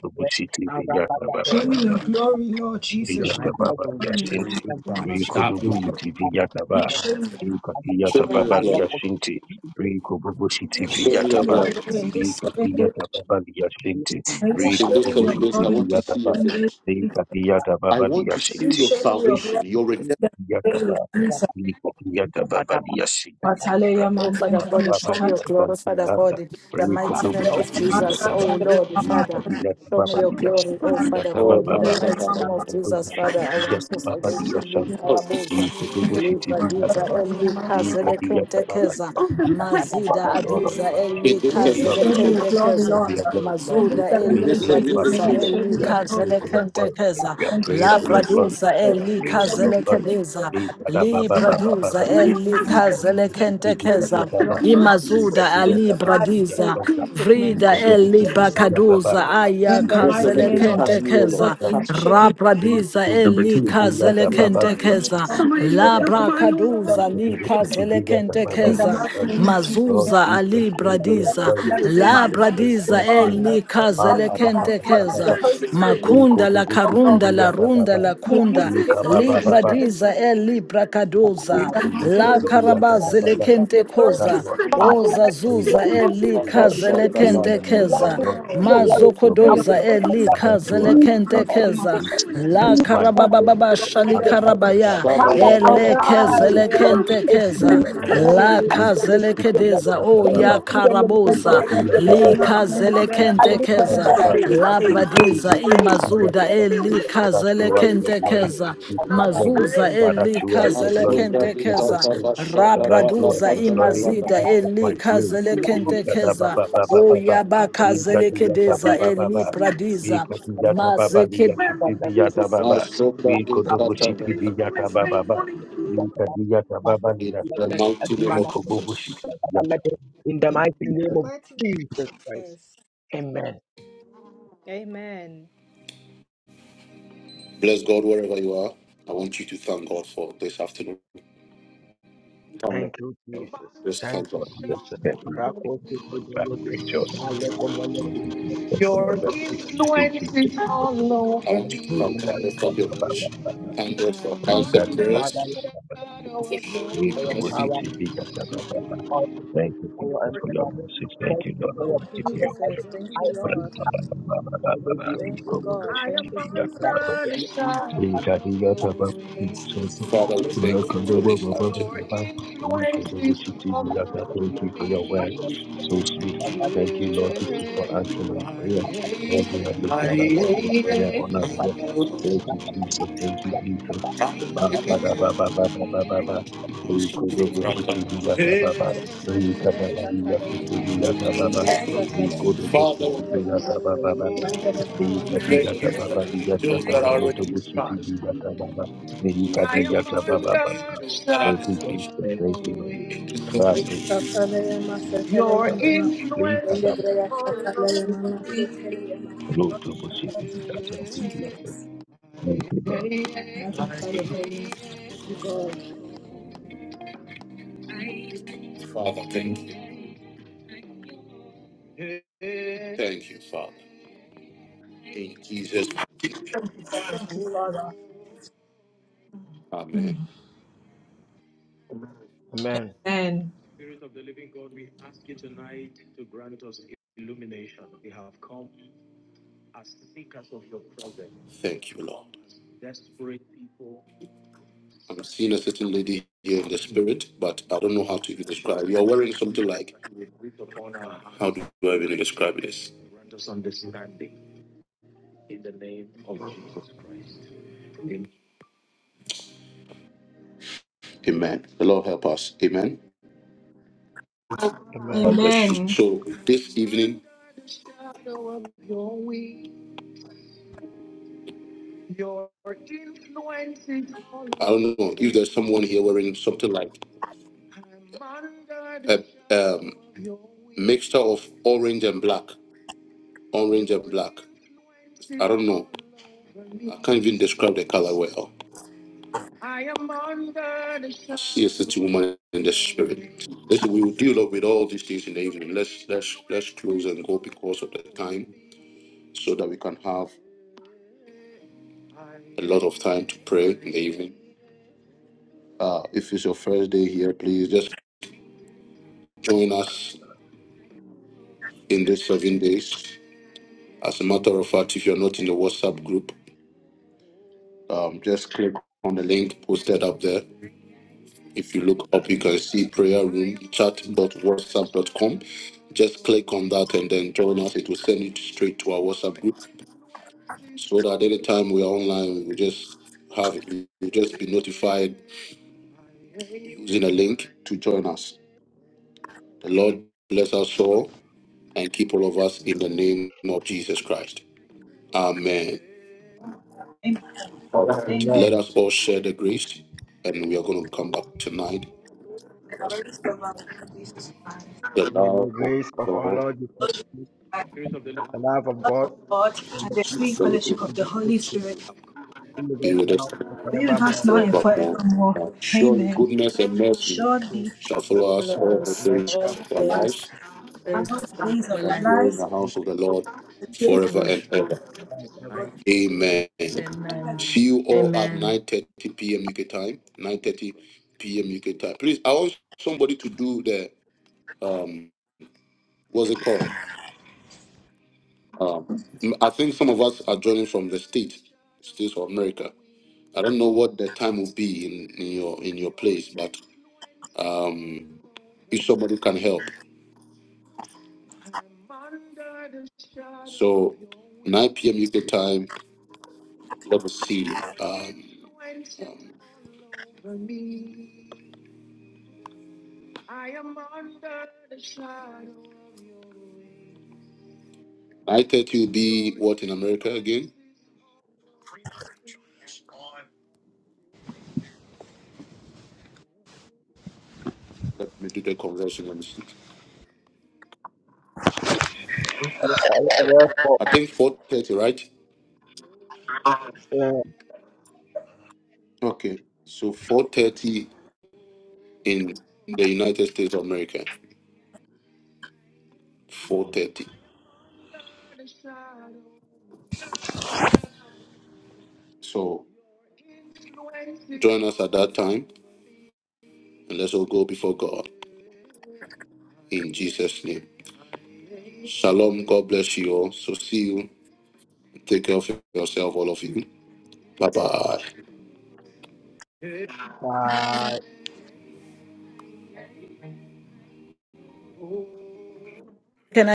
S3: Bubushiti Vijata Baba
S4: Share me your
S3: Baba
S4: glory, Lord
S1: If
S4: Jesus.
S1: your
S4: Share
S3: Vijata
S1: iPhone
S4: me
S3: Baba
S1: on that
S4: your glory,
S1: feelings
S3: Yashinti
S1: in God,
S4: Lord Jesus.
S3: Riku
S1: stop doing it.
S3: Dubushiti Vijata Ba
S4: Please Share me your
S3: Rika
S1: Show
S3: Vijata
S1: me your
S3: Baba
S1: glory.
S2: Thank
S3: Yashinti Riku Bubushiti
S4: glory.
S1: Show
S4: Share
S1: me
S3: Vijata
S1: your
S4: me
S3: Ba
S1: glory.
S4: your glory in this
S3: Rika
S4: seven days.
S3: Vijata Baba Yashinti
S4: May you
S1: In
S3: Riku
S4: show
S1: those
S4: me your
S1: seven days, I
S3: Bubushiti
S4: glory in
S1: want to
S4: this
S3: Vijata
S1: see
S3: Ba
S1: your
S4: seven days.
S1: face.
S4: Jesus.
S3: Rika Vijata
S1: I
S3: Baba
S1: want to
S4: May
S1: see
S4: you
S1: your
S3: Yashinti
S4: show me your glory
S1: salvation, your
S4: in
S1: redemption.
S4: this seven days,
S3: Yakaba,
S4: Jesus.
S3: Yakababadiashiti,
S4: Hallelujah,
S6: Oh, Father God, show me
S4: man.
S6: your glory, Father
S3: Rapatabababadiasantilanda,
S6: God, in the mighty name
S4: When
S3: Rikudubuchi,
S4: You
S6: of Jesus. Oh,
S3: Yakaba,
S6: Lord, Father. Show me your glory,
S3: Yakababadiashiti,
S6: oh Father
S1: Oh,
S6: God, in
S1: my
S6: the
S3: Yakababa,
S1: son. da,
S6: mighty
S1: da,
S6: name of
S1: da, da,
S6: Jesus,
S1: da,
S6: Father. I
S3: Kudubuchi,
S6: want
S1: da.
S6: to salvation you,
S3: Yakababadiasanti,
S1: Oh,
S6: Karabosa,
S3: Kudubuchi,
S6: Libra Diza,
S3: Yakaba,
S6: Eli Kazele Kentekeza,
S3: Yakababadiasanti,
S6: Mazida
S3: Father, Lord
S6: Adiza,
S3: Almighty,
S1: in
S6: Eli
S3: to
S1: this seven
S3: be
S4: will
S3: of
S4: show
S6: Kazele
S1: days,
S3: God
S1: O
S4: me your
S1: Lord.
S4: glory,
S3: of
S6: Kentekeza.
S4: Lord.
S3: your glory. In
S4: In
S3: this
S4: these
S6: Mazuda
S4: seven
S1: In
S3: very
S6: Eli
S1: this
S4: days,
S3: day,
S1: seven
S4: Jesus, may
S1: days,
S6: Pradiza
S4: you
S3: fasting,
S1: O
S4: show
S6: Eli
S4: me
S3: we
S4: your
S3: are
S4: glory.
S3: praying
S6: Kazele
S3: for your glory.
S6: Kentekeza
S3: We are
S4: In
S3: praying
S4: these
S6: La
S3: for
S4: seven
S3: your
S4: days,
S3: glory.
S6: Praduza
S3: We are
S6: Eli
S3: praying for
S4: show
S3: your
S4: me
S6: Kazele
S3: glory.
S6: Kedeza
S3: Hey, kada ba
S6: Li
S3: ba ba
S4: your
S3: ba
S4: glory.
S3: ba
S6: Praduza
S3: ba.
S6: Eli
S4: May
S1: Lord.
S4: you
S3: Hey, kodo
S6: Kazele
S3: bo shi ki bi
S4: show
S3: da
S4: me
S3: da
S4: your
S6: Kentekeza
S3: ba
S4: glory.
S3: ba. Hey,
S6: Imazuda
S3: kati
S4: In the mighty
S3: ya
S6: Ali
S3: ta
S4: name
S3: ba
S4: of
S3: ba ya
S6: Bradiza,
S4: Jesus,
S3: shanta.
S1: In
S4: may
S3: Hey,
S4: you show
S6: Vrida
S3: kodo
S4: me
S3: bo shi
S6: Eli
S3: ki
S4: your
S3: bi
S4: glory.
S3: da ba ba.
S6: Bakaduza, Aya
S4: In
S3: Lord, is
S4: the
S1: this
S3: the
S1: of
S4: mighty
S6: Kazele
S4: name
S1: days,
S4: of
S1: touch
S4: Jesus,
S1: me, O
S6: Kentekeza,
S1: Lord.
S4: Lord, may you
S1: Touch me.
S4: show me your glory.
S6: Rabradiza Eli Kazele
S4: Secondly, Lord, may you
S6: Kentekeza,
S4: heal me from every
S6: Labra
S4: Lord,
S6: Kaduza
S4: may
S6: Li
S4: you give
S6: Kazele
S4: me in the
S6: Kentekeza,
S4: mighty name of Jesus. may I
S6: Mazuza Ali
S3: soul
S4: So
S3: we are
S6: Bradiza,
S4: anything
S3: going
S4: that
S3: to
S4: is in
S3: is
S4: my
S3: the place
S4: body, oh
S6: Labradiza
S3: that
S4: Lord,
S3: name.
S4: uh,
S6: Eli
S3: Ma
S4: that
S6: Kazele
S4: is
S3: Ada
S4: not of God,
S3: Baba
S4: as the
S6: Kentekeza,
S3: Baba,
S4: Holy Spirit lives in
S6: Makunda
S3: Rinko
S4: me,
S3: de
S6: La
S3: Gucci
S4: oh
S3: to the
S6: Karunda
S4: Lord,
S6: La
S3: Yata
S6: Runda
S3: Baba,
S6: La
S4: may you
S6: Kunda,
S3: Rinka
S4: deliver me
S6: li
S3: Baba
S4: in
S3: Baba,
S4: Jesus'
S6: Libradiza
S4: name,
S6: Eli Brakaduza
S4: in
S6: koza
S4: the
S3: Rinko
S4: mighty
S3: Gucci
S6: la
S4: name
S3: to the
S4: of
S3: Yata
S4: Jesus.
S6: karabazele
S3: Baba.
S2: you.
S4: May
S6: kente
S4: your glory be
S3: Father,
S6: koza
S3: Lord,
S4: seen, oh
S3: mighty
S4: Lord.
S3: name,
S6: ozazuza
S3: is
S6: eli
S4: May your
S6: kazele
S4: glory
S3: the
S4: be seen,
S6: kente
S3: name of
S6: keza
S4: oh
S3: Lord,
S4: Lord.
S3: who has your
S4: May your
S6: mazokodoza
S4: glory be
S6: eli
S4: seen
S3: Father,
S4: in
S3: you
S6: kazele
S3: are
S4: the
S3: the
S6: kente
S3: Lord.
S4: mighty name of
S6: keza
S3: In
S4: Jesus.
S3: Jesus'
S6: la
S3: mighty name.
S6: karabababa
S4: The
S6: shali karabaya
S3: Now,
S1: Shabba-dabba-dabba.
S6: ele
S3: Father, show
S6: kezele kente keza
S3: us
S6: la kazele
S1: Shabba-dabba-dabba.
S6: kedeza o ya
S1: Well,
S6: karaboza
S1: they are really
S6: li
S1: supporting the
S6: kazele
S1: plot.
S6: kente
S1: They
S6: keza
S1: must be a
S6: la
S1: husband of always
S6: pradiza
S1: ready, ready.
S6: imazuda
S1: They are
S6: eli
S1: wife of
S6: kazele
S1: according
S3: your
S6: kente
S3: glory
S6: keza
S3: in Jesus'
S1: No,
S3: name.
S6: Mazuza
S3: Father,
S1: listen.
S3: show us
S1: Just
S3: your
S6: elikhazele
S3: glory
S1: Ashoka
S3: in
S6: khentekheza
S3: Jesus'
S1: Vikata
S3: name.
S1: Bashaka
S3: Father, show us
S6: rabraduza
S3: your
S1: Barakata
S3: glory in
S1: Barata.
S6: imazida
S3: Jesus' mighty
S1: I
S3: name.
S1: was
S6: elikhazele
S1: saving it.
S6: khentekheza
S1: Homes,
S3: Likadabababababa.
S6: uyabakhazele
S1: They
S6: kedeza
S1: could be
S3: Likadiyatabababa.
S1: sex.
S6: elibradiza
S3: Likadiyatababa.
S6: mazeke
S1: Where
S2: I'll be
S1: Lord
S2: right there.
S3: Liyashikibiyata
S1: Jesus Ashoka Vikata is Barata. always
S3: baba.
S1: faithfully true.
S3: Yika diga tababa
S1: In
S3: diga
S1: the
S3: santa.
S1: mighty name of
S3: Riko bobo
S1: Jesus.
S3: shiki diga.
S2: In the
S3: and
S2: mighty
S3: please
S2: name
S3: uh,
S2: of
S4: Mighty name,
S2: Jesus Christ.
S4: Jesus.
S2: Amen.
S4: Amen.
S1: Bless God wherever you are. I want you to thank God for this afternoon. Come
S2: Thank you, Jesus.
S1: Just
S2: Thank
S1: thank
S2: you,
S1: God.
S2: Jesus.
S3: that we thank
S2: Rako to
S3: you for
S2: the
S3: the family
S2: Lord.
S3: praise
S2: Aleko Thank
S3: That's
S2: you,
S3: from the Lord. Thank you, Jesus.
S1: out
S3: We
S1: of the
S3: thank
S1: lift for your
S3: you,
S2: thank
S3: Baba,
S2: you,
S3: Baba,
S1: voice.
S3: Baba.
S1: Thank God for
S3: We
S1: house
S2: thank
S3: thank
S1: of
S2: you,
S3: you, Baba,
S2: Father,
S1: prayers,
S2: Lord,
S3: Baba.
S1: for showing
S3: We
S2: for
S1: you
S3: to
S2: your
S3: worship
S2: power.
S1: mercy.
S3: you, big God,
S2: Thank you
S3: Baba,
S2: for your
S3: Baba.
S2: power. Thank
S3: Thank
S2: you
S3: you,
S2: for your
S3: Jesus, for your
S2: empowerment.
S3: message. Thank
S2: Thank
S3: you,
S2: you
S3: Lord
S2: for your
S4: Thank you,
S3: Almighty, for
S2: power.
S3: your
S2: I will
S4: Jesus.
S3: glory.
S4: Thank
S2: I
S4: you,
S3: Baba,
S2: will
S4: Lord.
S3: Baba, Baba, Baba,
S2: melody
S3: Baba.
S4: Thank
S3: We
S2: unto
S4: you,
S3: come to
S2: you.
S4: God.
S3: worship
S4: Thank
S3: you,
S4: you,
S3: big God, Baba.
S2: Rako
S4: Jesus.
S2: melede.
S3: Thank you
S4: Thank you,
S1: Father,
S4: Jesus.
S1: we thank you
S2: Thank
S1: for
S4: Thank
S1: this
S4: you, Lord.
S2: you.
S1: afternoon.
S2: Thank you,
S3: for your word. So sweet. Thank you, Lord, Jesus, for answering our prayer. Thank you, Heavenly Father, Lord. We pray on our behalf. Thank you, Jesus. Thank you, Jesus. Ba, ba, da, ba, ba, ba, ba, ba, ba, ba. Ri, ko, do, bo, shi, ti, bi, ya, ta, ba,
S4: Thank
S3: ba. Ri, ka, da, ba, li, ya, shi, ti, bi, ya, ta, ba, ba. Ri, ko, do, bo,
S1: Father,
S3: shi, ti, bi,
S1: we
S3: ya, ta, ba, ba, ba, ba.
S1: thank
S3: Nikadiyata
S1: you for
S3: baba
S1: the angels
S3: liyashata
S1: that are
S3: maloto
S1: already
S3: bushiti bidata baba.
S2: thank
S3: Nikadiyata
S2: you,
S1: for
S3: baba
S1: that
S3: baba.
S1: are
S3: Thank
S1: this.
S3: you, Jesus. Thank you, Lord.
S2: thank
S3: Rato
S2: you.
S3: bushiti bidata baba. Likadaba loto bushiti
S4: you,
S3: bidata.
S4: thank you,
S3: Thank you, Jesus.
S4: Jesus.
S3: Thank you, Lord. Thank you, Jesus.
S1: Father, thank you, thank you, Father. In Jesus,
S4: Thank you, Father.
S1: Amen.
S2: Amen.
S4: Amen.
S1: Thank you, Lord. I'm seeing a certain lady here in the spirit, but I don't know how to even describe. You're wearing something like, how do I even describe it? Amen. The Lord help us. Amen.
S2: Amen.
S1: God bless you.
S4: Amen.
S1: So this evening, your influence is all- I don't know if there's someone here wearing something like a um, mixture of orange and black, orange and black. I don't know. I can't even describe the color well. I am under the shadow. see a certain woman in the spirit. Listen, we will deal up with all these things in the evening. Let's let's let's close and go because of the time, so that we can have a lot of time to pray in the evening. Uh, if it's your first day here, please just join us in these seven days. As a matter of fact, if you're not in the WhatsApp group, um, just click on the link posted up there. If you look up, you can see prayer room chat dot whatsapp dot Com. Just click on that and then join us. It will send you straight to our WhatsApp group so that anytime we are online, we just have you just be notified using a link to join us. The Lord bless us all. and keep all of us in the name of Jesus Christ. Amen. All right.
S4: Amen.
S1: Let
S2: Amen.
S1: us all share the grace, and we are going to come back tonight.
S4: Praise the Lord, Lord Jesus Christ.
S1: The
S2: May the
S1: love
S2: grace
S1: of
S2: of our
S1: God
S2: Lord, Jesus,
S4: Lord Jesus Christ,
S2: the love
S4: the
S2: of
S4: love
S2: God,
S4: of God
S2: and
S4: and
S2: the
S4: the
S2: peace
S1: should
S4: sweet
S2: of the
S4: fellowship
S1: fellowship
S4: of the
S2: Spirit
S4: Holy Spirit
S2: be with
S1: be
S2: us
S1: with us
S2: now and
S4: be with us
S2: forevermore.
S4: now and
S1: forevermore.
S4: forevermore.
S1: Surely
S4: Amen.
S1: goodness and mercy
S4: Surely we
S1: shall follow us all
S6: Follow
S1: the
S6: us
S2: Blessed
S4: shall
S1: days
S6: all
S2: are
S1: of our
S4: follow us
S6: days
S1: lives,
S6: days
S4: all the
S6: of
S4: days of
S6: our
S1: shall
S4: our
S6: life.
S1: dwell in
S4: lives.
S1: the house of the Lord
S4: The grace of
S1: forever and ever.
S4: God
S1: Amen.
S4: forever
S6: Amen.
S1: See you all at
S6: Amen.
S1: 9.30 p.m. UK time. 9.30 p.m. UK time. Please, I want somebody to do the, um, what's it called? Um, m- I think some of us are joining from the States, States of America. I don't know what the time will be in, in your in your place, but um, if somebody can help. So 9 p.m. UK time, let us see. Um, um, 9.30 will be what in America again? Let me do the conversion. Let me see.
S2: all the
S1: I think 4.30, right? Okay. So 4.30 in the United States of America. 4.30. So join us at that time and let's all go before God in Jesus' name. Shalom. God bless you all. So see you. Take care of yourself, all of you. Bye-bye.
S2: uh,
S6: Can I